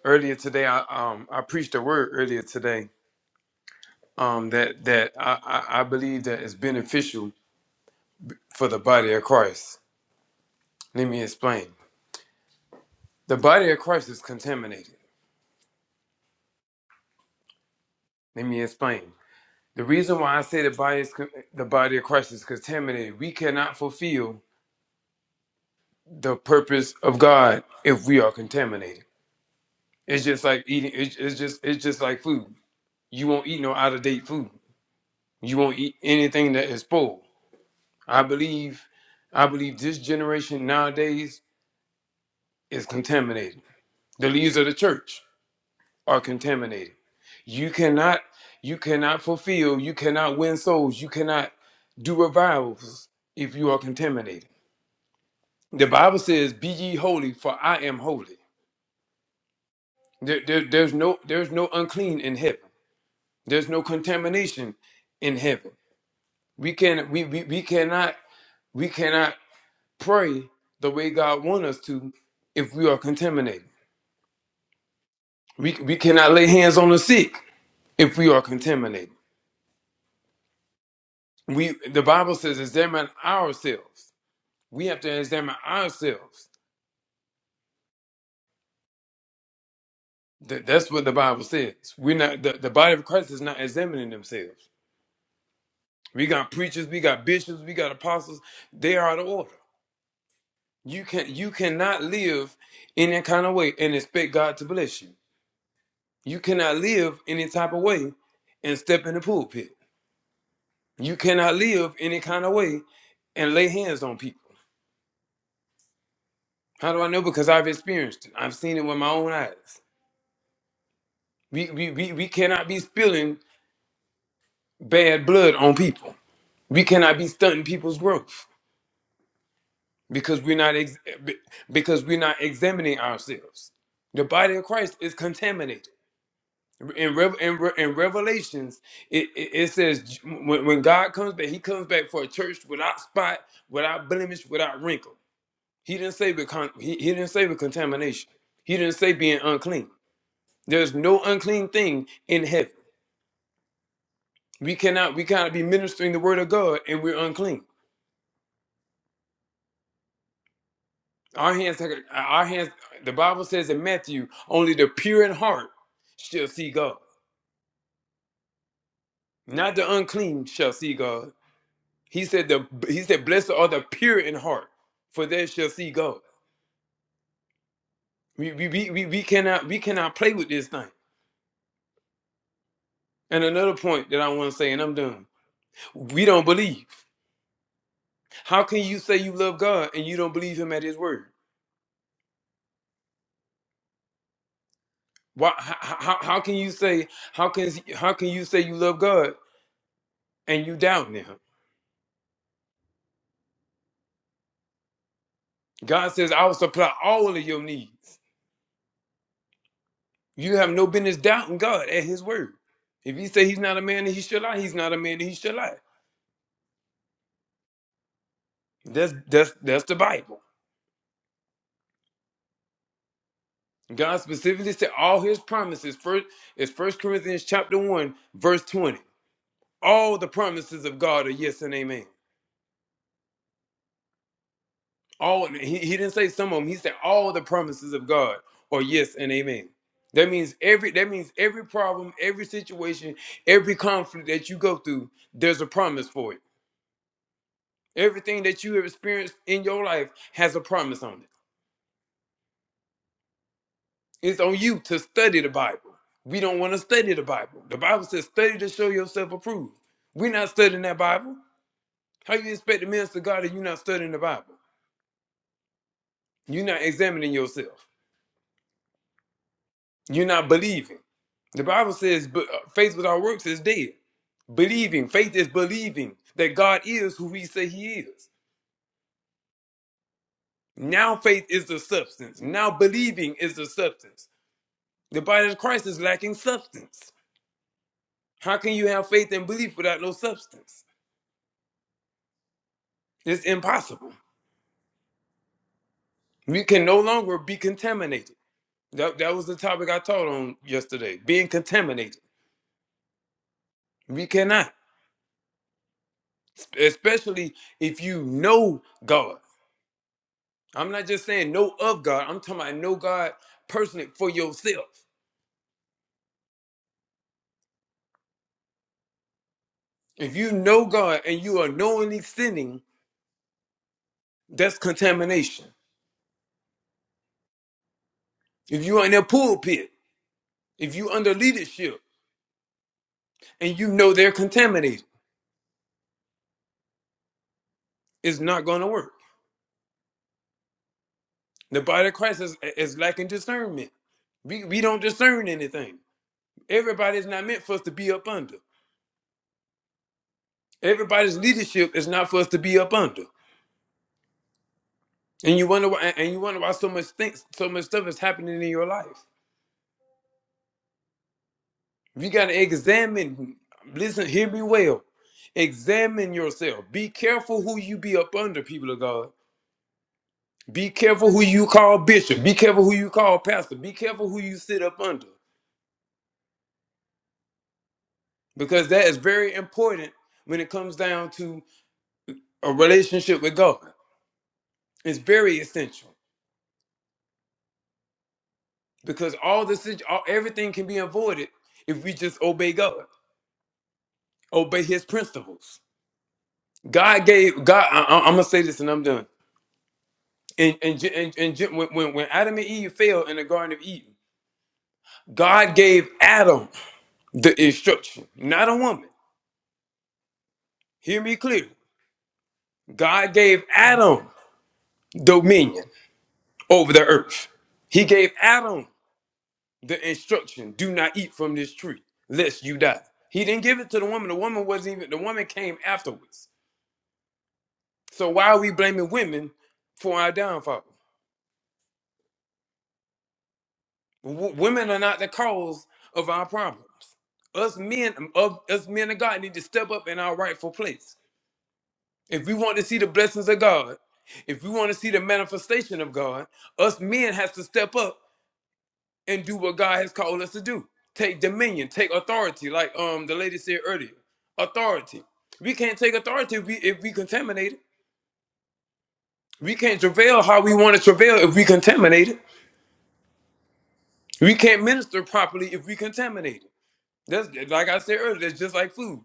earlier today, I um, I preached a word earlier today um, that that I, I, I believe that is beneficial for the body of Christ. Let me explain. The body of Christ is contaminated. Let me explain. The reason why I say the body is con- the body of Christ is contaminated, we cannot fulfill the purpose of God if we are contaminated. It's just like eating. It's, it's just it's just like food. You won't eat no out of date food. You won't eat anything that is spoiled. I believe, I believe this generation nowadays is contaminated. The leaders of the church are contaminated. You cannot, you cannot fulfill. You cannot win souls. You cannot do revivals if you are contaminated The Bible says, "Be ye holy, for I am holy." There, there- there's no there's no unclean in heaven. There's no contamination in heaven. We can we, we, we cannot we cannot pray the way God wants us to if we are contaminated. We we cannot lay hands on the sick if we are contaminated. We the Bible says, "Examine ourselves." We have to examine ourselves. That, that's what the Bible says. We're not the, the body of Christ is not examining themselves. We got preachers, we got bishops, we got apostles. They are out of order. You can you cannot live in that kind of way and expect God to bless you. You cannot live any type of way and step in the pulpit. You cannot live any kind of way and lay hands on people. How do I know? Because I've experienced it. I've seen it with my own eyes. We we we, we cannot be spilling bad blood on people. We cannot be stunting people's growth. because we're not ex- because we're not examining ourselves. The body of Christ is contaminated. In Rev- in, Re- in Revelations, it, it, it says when, when God comes back, He comes back for a church without spot, without blemish, without wrinkle. He didn't say with con- he, he didn't say with contamination. He didn't say being unclean. There's no unclean thing in heaven. We cannot we cannot be ministering the word of God and we're unclean. Our hands, our hands. The Bible says in Matthew, only the pure in heart shall see God. Not the unclean shall see God. He said the he said, blessed are the pure in heart, for they shall see God. We we, we, we we cannot we cannot play with this thing. And another point that I want to say, and I'm done. We don't believe. How can you say you love God and you don't believe Him at His word? Why? How, how, how can you say how can how can you say you love God and you doubt Him? God says, I will supply all of your needs. You have no business doubting God and His word. If you say He's not a man that He should lie, He's not a man that He should lie. That's that's that's the Bible. God specifically said all His promises. First is First Corinthians chapter one, verse twenty. All the promises of God are yes and amen. All he, he didn't say some of them. He said all the promises of God are yes and amen. That means every that means every problem, every situation, every conflict that you go through, there's a promise for it. Everything that you have experienced in your life has a promise on it. It's on you to study the Bible. We don't want to study the Bible. The Bible says, study to show yourself approved. We're not studying that Bible. How you expect to minister to God if you're not studying the Bible? You're not examining yourself. You're not believing. The Bible says, "But, uh, faith without works is dead. Believing, faith is believing that God is who we say he is. Now faith is the substance. Now believing is the substance. The body of Christ is lacking substance. How can you have faith and belief without no substance? It's impossible. We can no longer be contaminated. That, that was the topic I taught on yesterday being contaminated. We cannot, especially if you know God. I'm not just saying know of God, I'm talking about know God personally for yourself. If you know God and you are knowingly sinning, that's contamination. If you are in their pulpit, if you under leadership and you know they're contaminated, it's not going to work. The body of Christ is, is lacking discernment. We, we don't discern anything. Everybody's not meant for us to be up under. Everybody's leadership is not for us to be up under. And you wonder why and you wonder why so much things so much stuff is happening in your life. You gotta examine, listen, hear me well. Examine yourself. Be careful who you be up under, people of God. Be careful who you call bishop. Be careful who you call pastor. Be careful who you sit up under. Because that is very important when it comes down to a relationship with God is very essential because all the situ- all, everything can be avoided if we just obey God, obey His principles. God gave God. I, am gonna say this and I'm done. And and and, when, when when Adam and Eve fell in the Garden of Eden, God gave Adam the instruction, not a woman. Hear me clearly. God gave Adam dominion over the earth. He gave Adam the instruction, do not eat from this tree, lest you die. He didn't give it to the woman. The woman wasn't even, the woman came afterwards. So why are we blaming women for our downfall? W- women are not the cause of our problems. Us men, of, us men of God need to step up in our rightful place. If we want to see the blessings of God, if we want to see the manifestation of God, us men has to step up and do what God has called us to do. Take dominion, take authority, like um the lady said earlier. Authority. We can't take authority if we if we contaminate it. We can't travail how we want to travail if we contaminate it. We can't minister properly if we contaminate it. That's like I said earlier, that's just like food.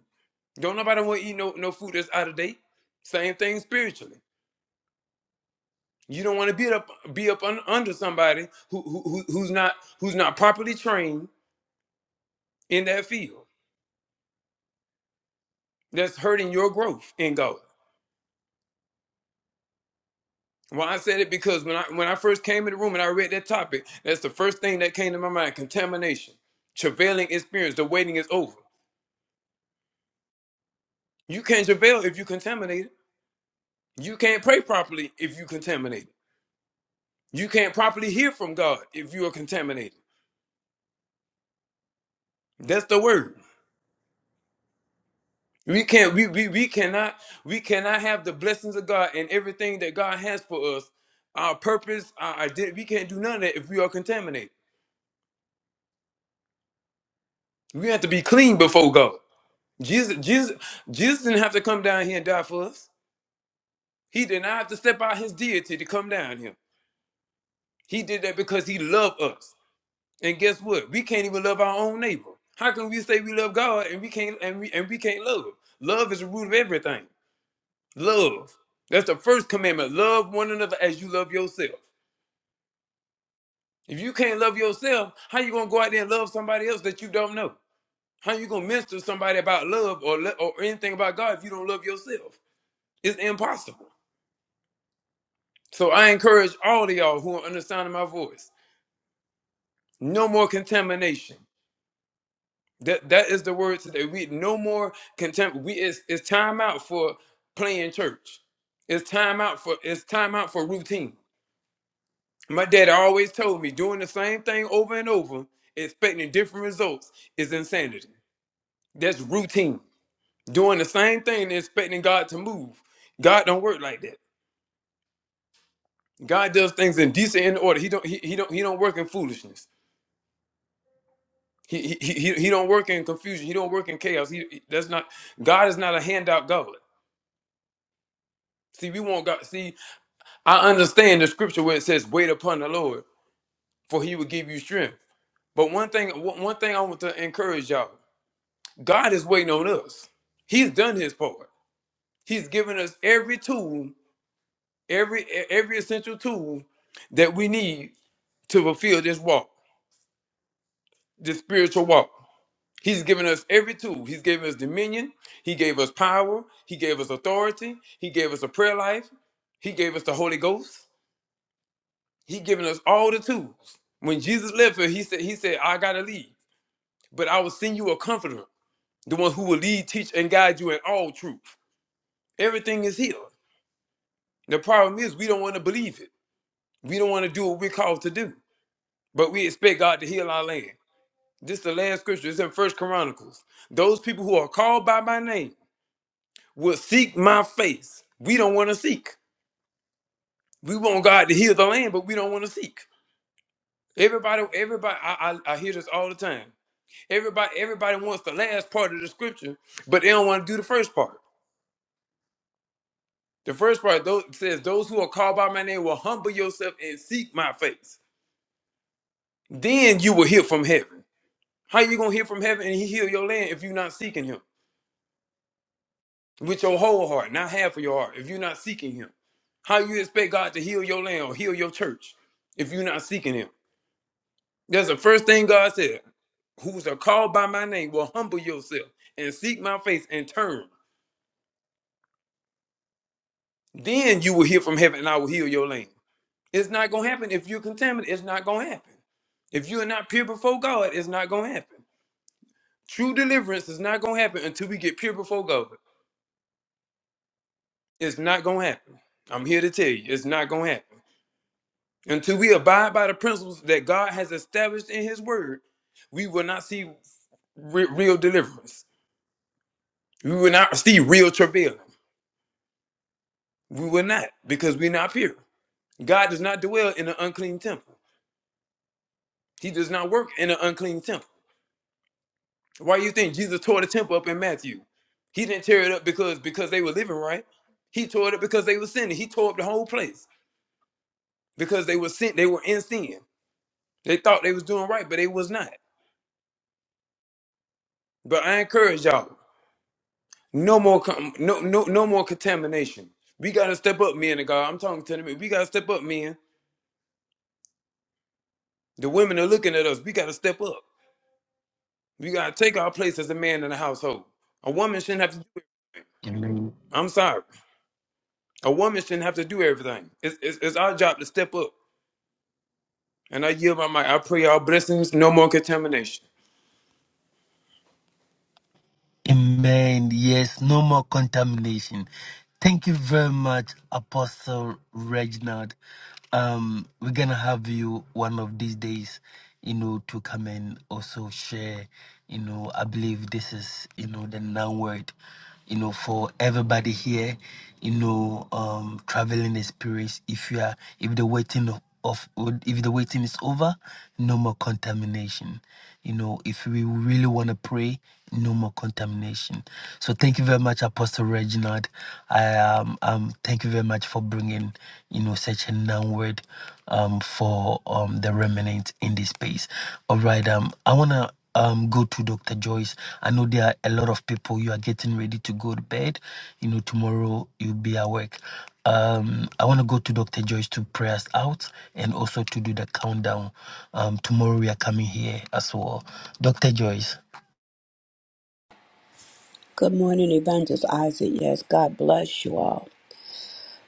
Don't nobody want to eat no, no food that's out of date. Same thing spiritually. You don't want to be up be up un, under somebody who, who who- who's not who's not properly trained in that field. That's hurting your growth in God. Well, I said it because when I when I first came in the room and I read that topic, that's the first thing that came to my mind: contamination, travailing experience. The waiting is over. You can't travail if you contaminated. You can't pray properly if you contaminated. You can't properly hear from God if you are contaminated. That's the word. We can't. We we, we cannot. We cannot have the blessings of God and everything that God has for us. Our purpose, our identity. We can't do none of that if we are contaminated. We have to be clean before God. Jesus, Jesus, Jesus didn't have to come down here and die for us. He did not have to step out his deity to come down here. He did that because he loved us. And guess what? We can't even love our own neighbor. How can we say we love God and we can't and we and we can't love? Love is the root of everything. Love. That's the first commandment. Love one another as you love yourself. If you can't love yourself, how you gonna go out there and love somebody else that you don't know? How you gonna minister to somebody about love or le- or anything about God if you don't love yourself? It's impossible. So I encourage all of y'all who are understanding my voice. No more contamination. That that is the word today. We no more contempt. We it's, it's time out for playing church. It's time out for it's time out for routine. My daddy always told me doing the same thing over and over, expecting different results is insanity. That's routine. Doing the same thing and expecting God to move. God don't work like that. God does things in decent and order. He don't he, he don't he don't work in foolishness. He, he, he, he don't work in confusion. He don't work in chaos. He, he- that's not God is not a handout God. See, we want God. See, I understand the scripture where it says, "Wait upon the Lord, for He will give you strength." But one thing, one one thing I want to encourage y'all: God is waiting on us. He's done His part. He's given us every tool, every e, every essential tool that we need to fulfill this walk, this spiritual walk. He's given us every tool. He's given us dominion. He gave us power. He gave us authority. He gave us a prayer life. He gave us the Holy Ghost. He given us all the tools. When Jesus left here, he said, He said, I gotta leave. But I will send you a comforter, the one who will lead, teach, and guide you in all truth. Everything is here. The problem is we don't want to believe it. We don't want to do what we're called to do. But we expect God to heal our land. This is the last scripture. It's in First Chronicles. Those people who are called by my name will seek my face. We don't want to seek. We want God to heal the land, but we don't want to seek. Everybody, everybody, I, I, I hear this all the time. Everybody, everybody wants the last part of the scripture, but they don't want to do the first part. The first part those, says, "Those who are called by my name will humble yourself and seek my face. Then you will hear from heaven." How you gonna hear from heaven and he heal your land if you're not seeking him with your whole heart, not half of your heart? If you're not seeking him, how you expect God to heal your land or heal your church if you're not seeking him? That's the first thing God said. Who's are called by my name will humble yourself and seek my face and turn. Then you will hear from heaven and I will heal your land. It's not gonna happen if you're contaminated. It's not gonna happen. If you are not pure before God, it's not gonna happen. True deliverance is not gonna happen until we get pure before God. It's not gonna happen. I'm here to tell you, it's not gonna happen. Until we abide by the principles that God has established in His Word, we will not see re- real deliverance. We will not see real travail. We will not, because we're not pure. God does not dwell in an unclean temple. He does not work in an unclean temple. Why do you think Jesus tore the temple up in Matthew? He didn't tear it up because because they were living right. He tore it up because they were sinning. He tore up the whole place because they were sin. They were in sin. They thought they was doing right, but they was not. But I encourage y'all, no more, com- no, no, no more contamination. We gotta step up, men and God. I'm talking to the men. We gotta step up, men. The women are looking at us. We gotta step up. We gotta take our place as a man in the household. A woman shouldn't have to do it. Amen. I'm sorry. A woman shouldn't have to do everything. It's, it's, it's our job to step up. And I yield my mic. I pray all blessings, no more contamination. Amen. Yes, no more contamination. Thank you very much, Apostle Reginald. Um, we're gonna have you one of these days, you know, to come and also share. You know, I believe this is, you know, the noun word. you know, for everybody here, you know, um, traveling experience. If you are, if the waiting of, of if the waiting is over, no more contamination. You know, if we really want to pray, no more contamination. So thank you very much, Apostle Reginald. I um, um thank you very much for bringing, you know, such a noun word, um, for um the remnant in this space. All right, um, I wanna um go to Dr. Joyce. I know there are a lot of people you are getting ready to go to bed. You know, tomorrow you'll be at work. Um, I want to go to Dr. Joyce to pray us out and also to do the countdown. Um, tomorrow we are coming here as well. Dr. Joyce, Good morning, Evangelist Isaac. Yes, God bless you all.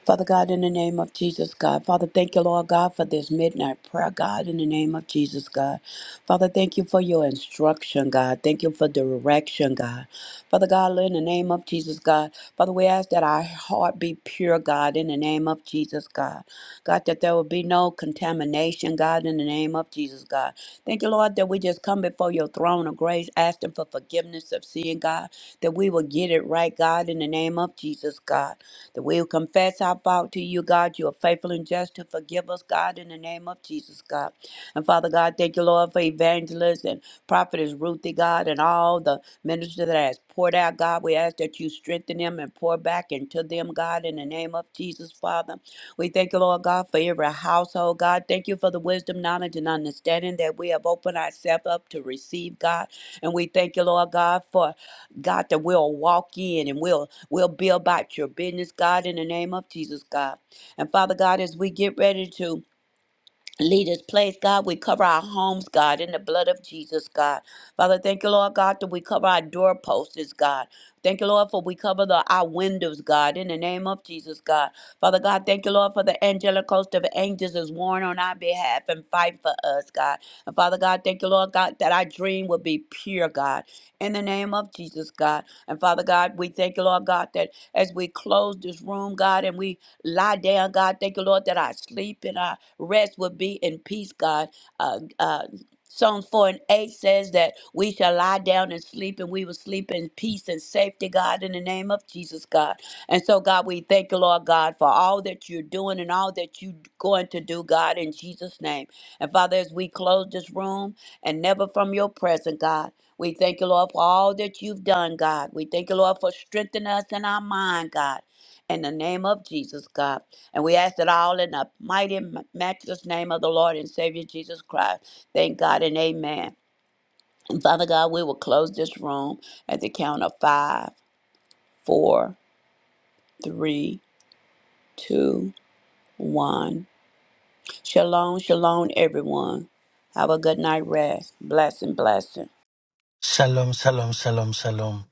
Father God, in the name of Jesus, God. Father, thank you, Lord God, for this midnight prayer, God, in the name of Jesus, God. Father, thank you for your instruction, God. Thank you for direction, God. Father God, in the name of Jesus, God. Father, we ask that our heart be pure, God, in the name of Jesus, God. God, that there will be no contamination, God, in the name of Jesus, God. Thank you, Lord, that we just come before your throne of grace, asking for forgiveness of sin, God, that we will get it right, God, in the name of Jesus, God that we will confess our fault to you, God. You are faithful and just to forgive us, God, in the name of Jesus, God. And Father God, thank you, Lord, for evangelists and prophetess Ruthie, God, and all the ministers that has poured out, God. We ask that you strengthen them and pour back into them, God, in the name of Jesus, Father. We thank you, Lord God, for every household, God. Thank you for the wisdom, knowledge, and understanding that we have opened ourselves up to receive, God. And we thank you, Lord God, for God, that we'll walk in and we'll we'll be about your business, God, in the name of Jesus, God. And Father God, as we get ready to Lead this place, God. We cover our homes, God, in the blood of Jesus, God. Father, thank you, Lord God, that we cover our doorposts, God. Thank you, Lord, for we cover the, our windows, God, in the name of Jesus, God. Father God, thank you, Lord, for the angelic host of angels is worn on our behalf and fight for us, God. And Father God, thank you, Lord God, that our dream will be pure, God, in the name of Jesus, God. And Father God, we thank you, Lord God, that as we close this room, God, and we lie down, God, thank you, Lord, that our sleep and our rest would be in peace, God. Uh, uh, Psalms 4 and 8 says that we shall lie down and sleep, and we will sleep in peace and safety, God, in the name of Jesus, God. And so, God, we thank you, Lord God, for all that you're doing and all that you're going to do, God, in Jesus' name. And Father, as we close this room and never from your presence, God, we thank you, Lord, for all that you've done, God. We thank you, Lord, for strengthening us in our mind, God. In the name of Jesus, God. And we ask it all in the mighty, matchless name of the Lord and Savior Jesus Christ. Thank God and amen. And Father God, we will close this room at the count of five, four, three, two, one. Shalom, shalom, everyone. Have a good night rest. Blessing, blessing. shalom, shalom, shalom, shalom.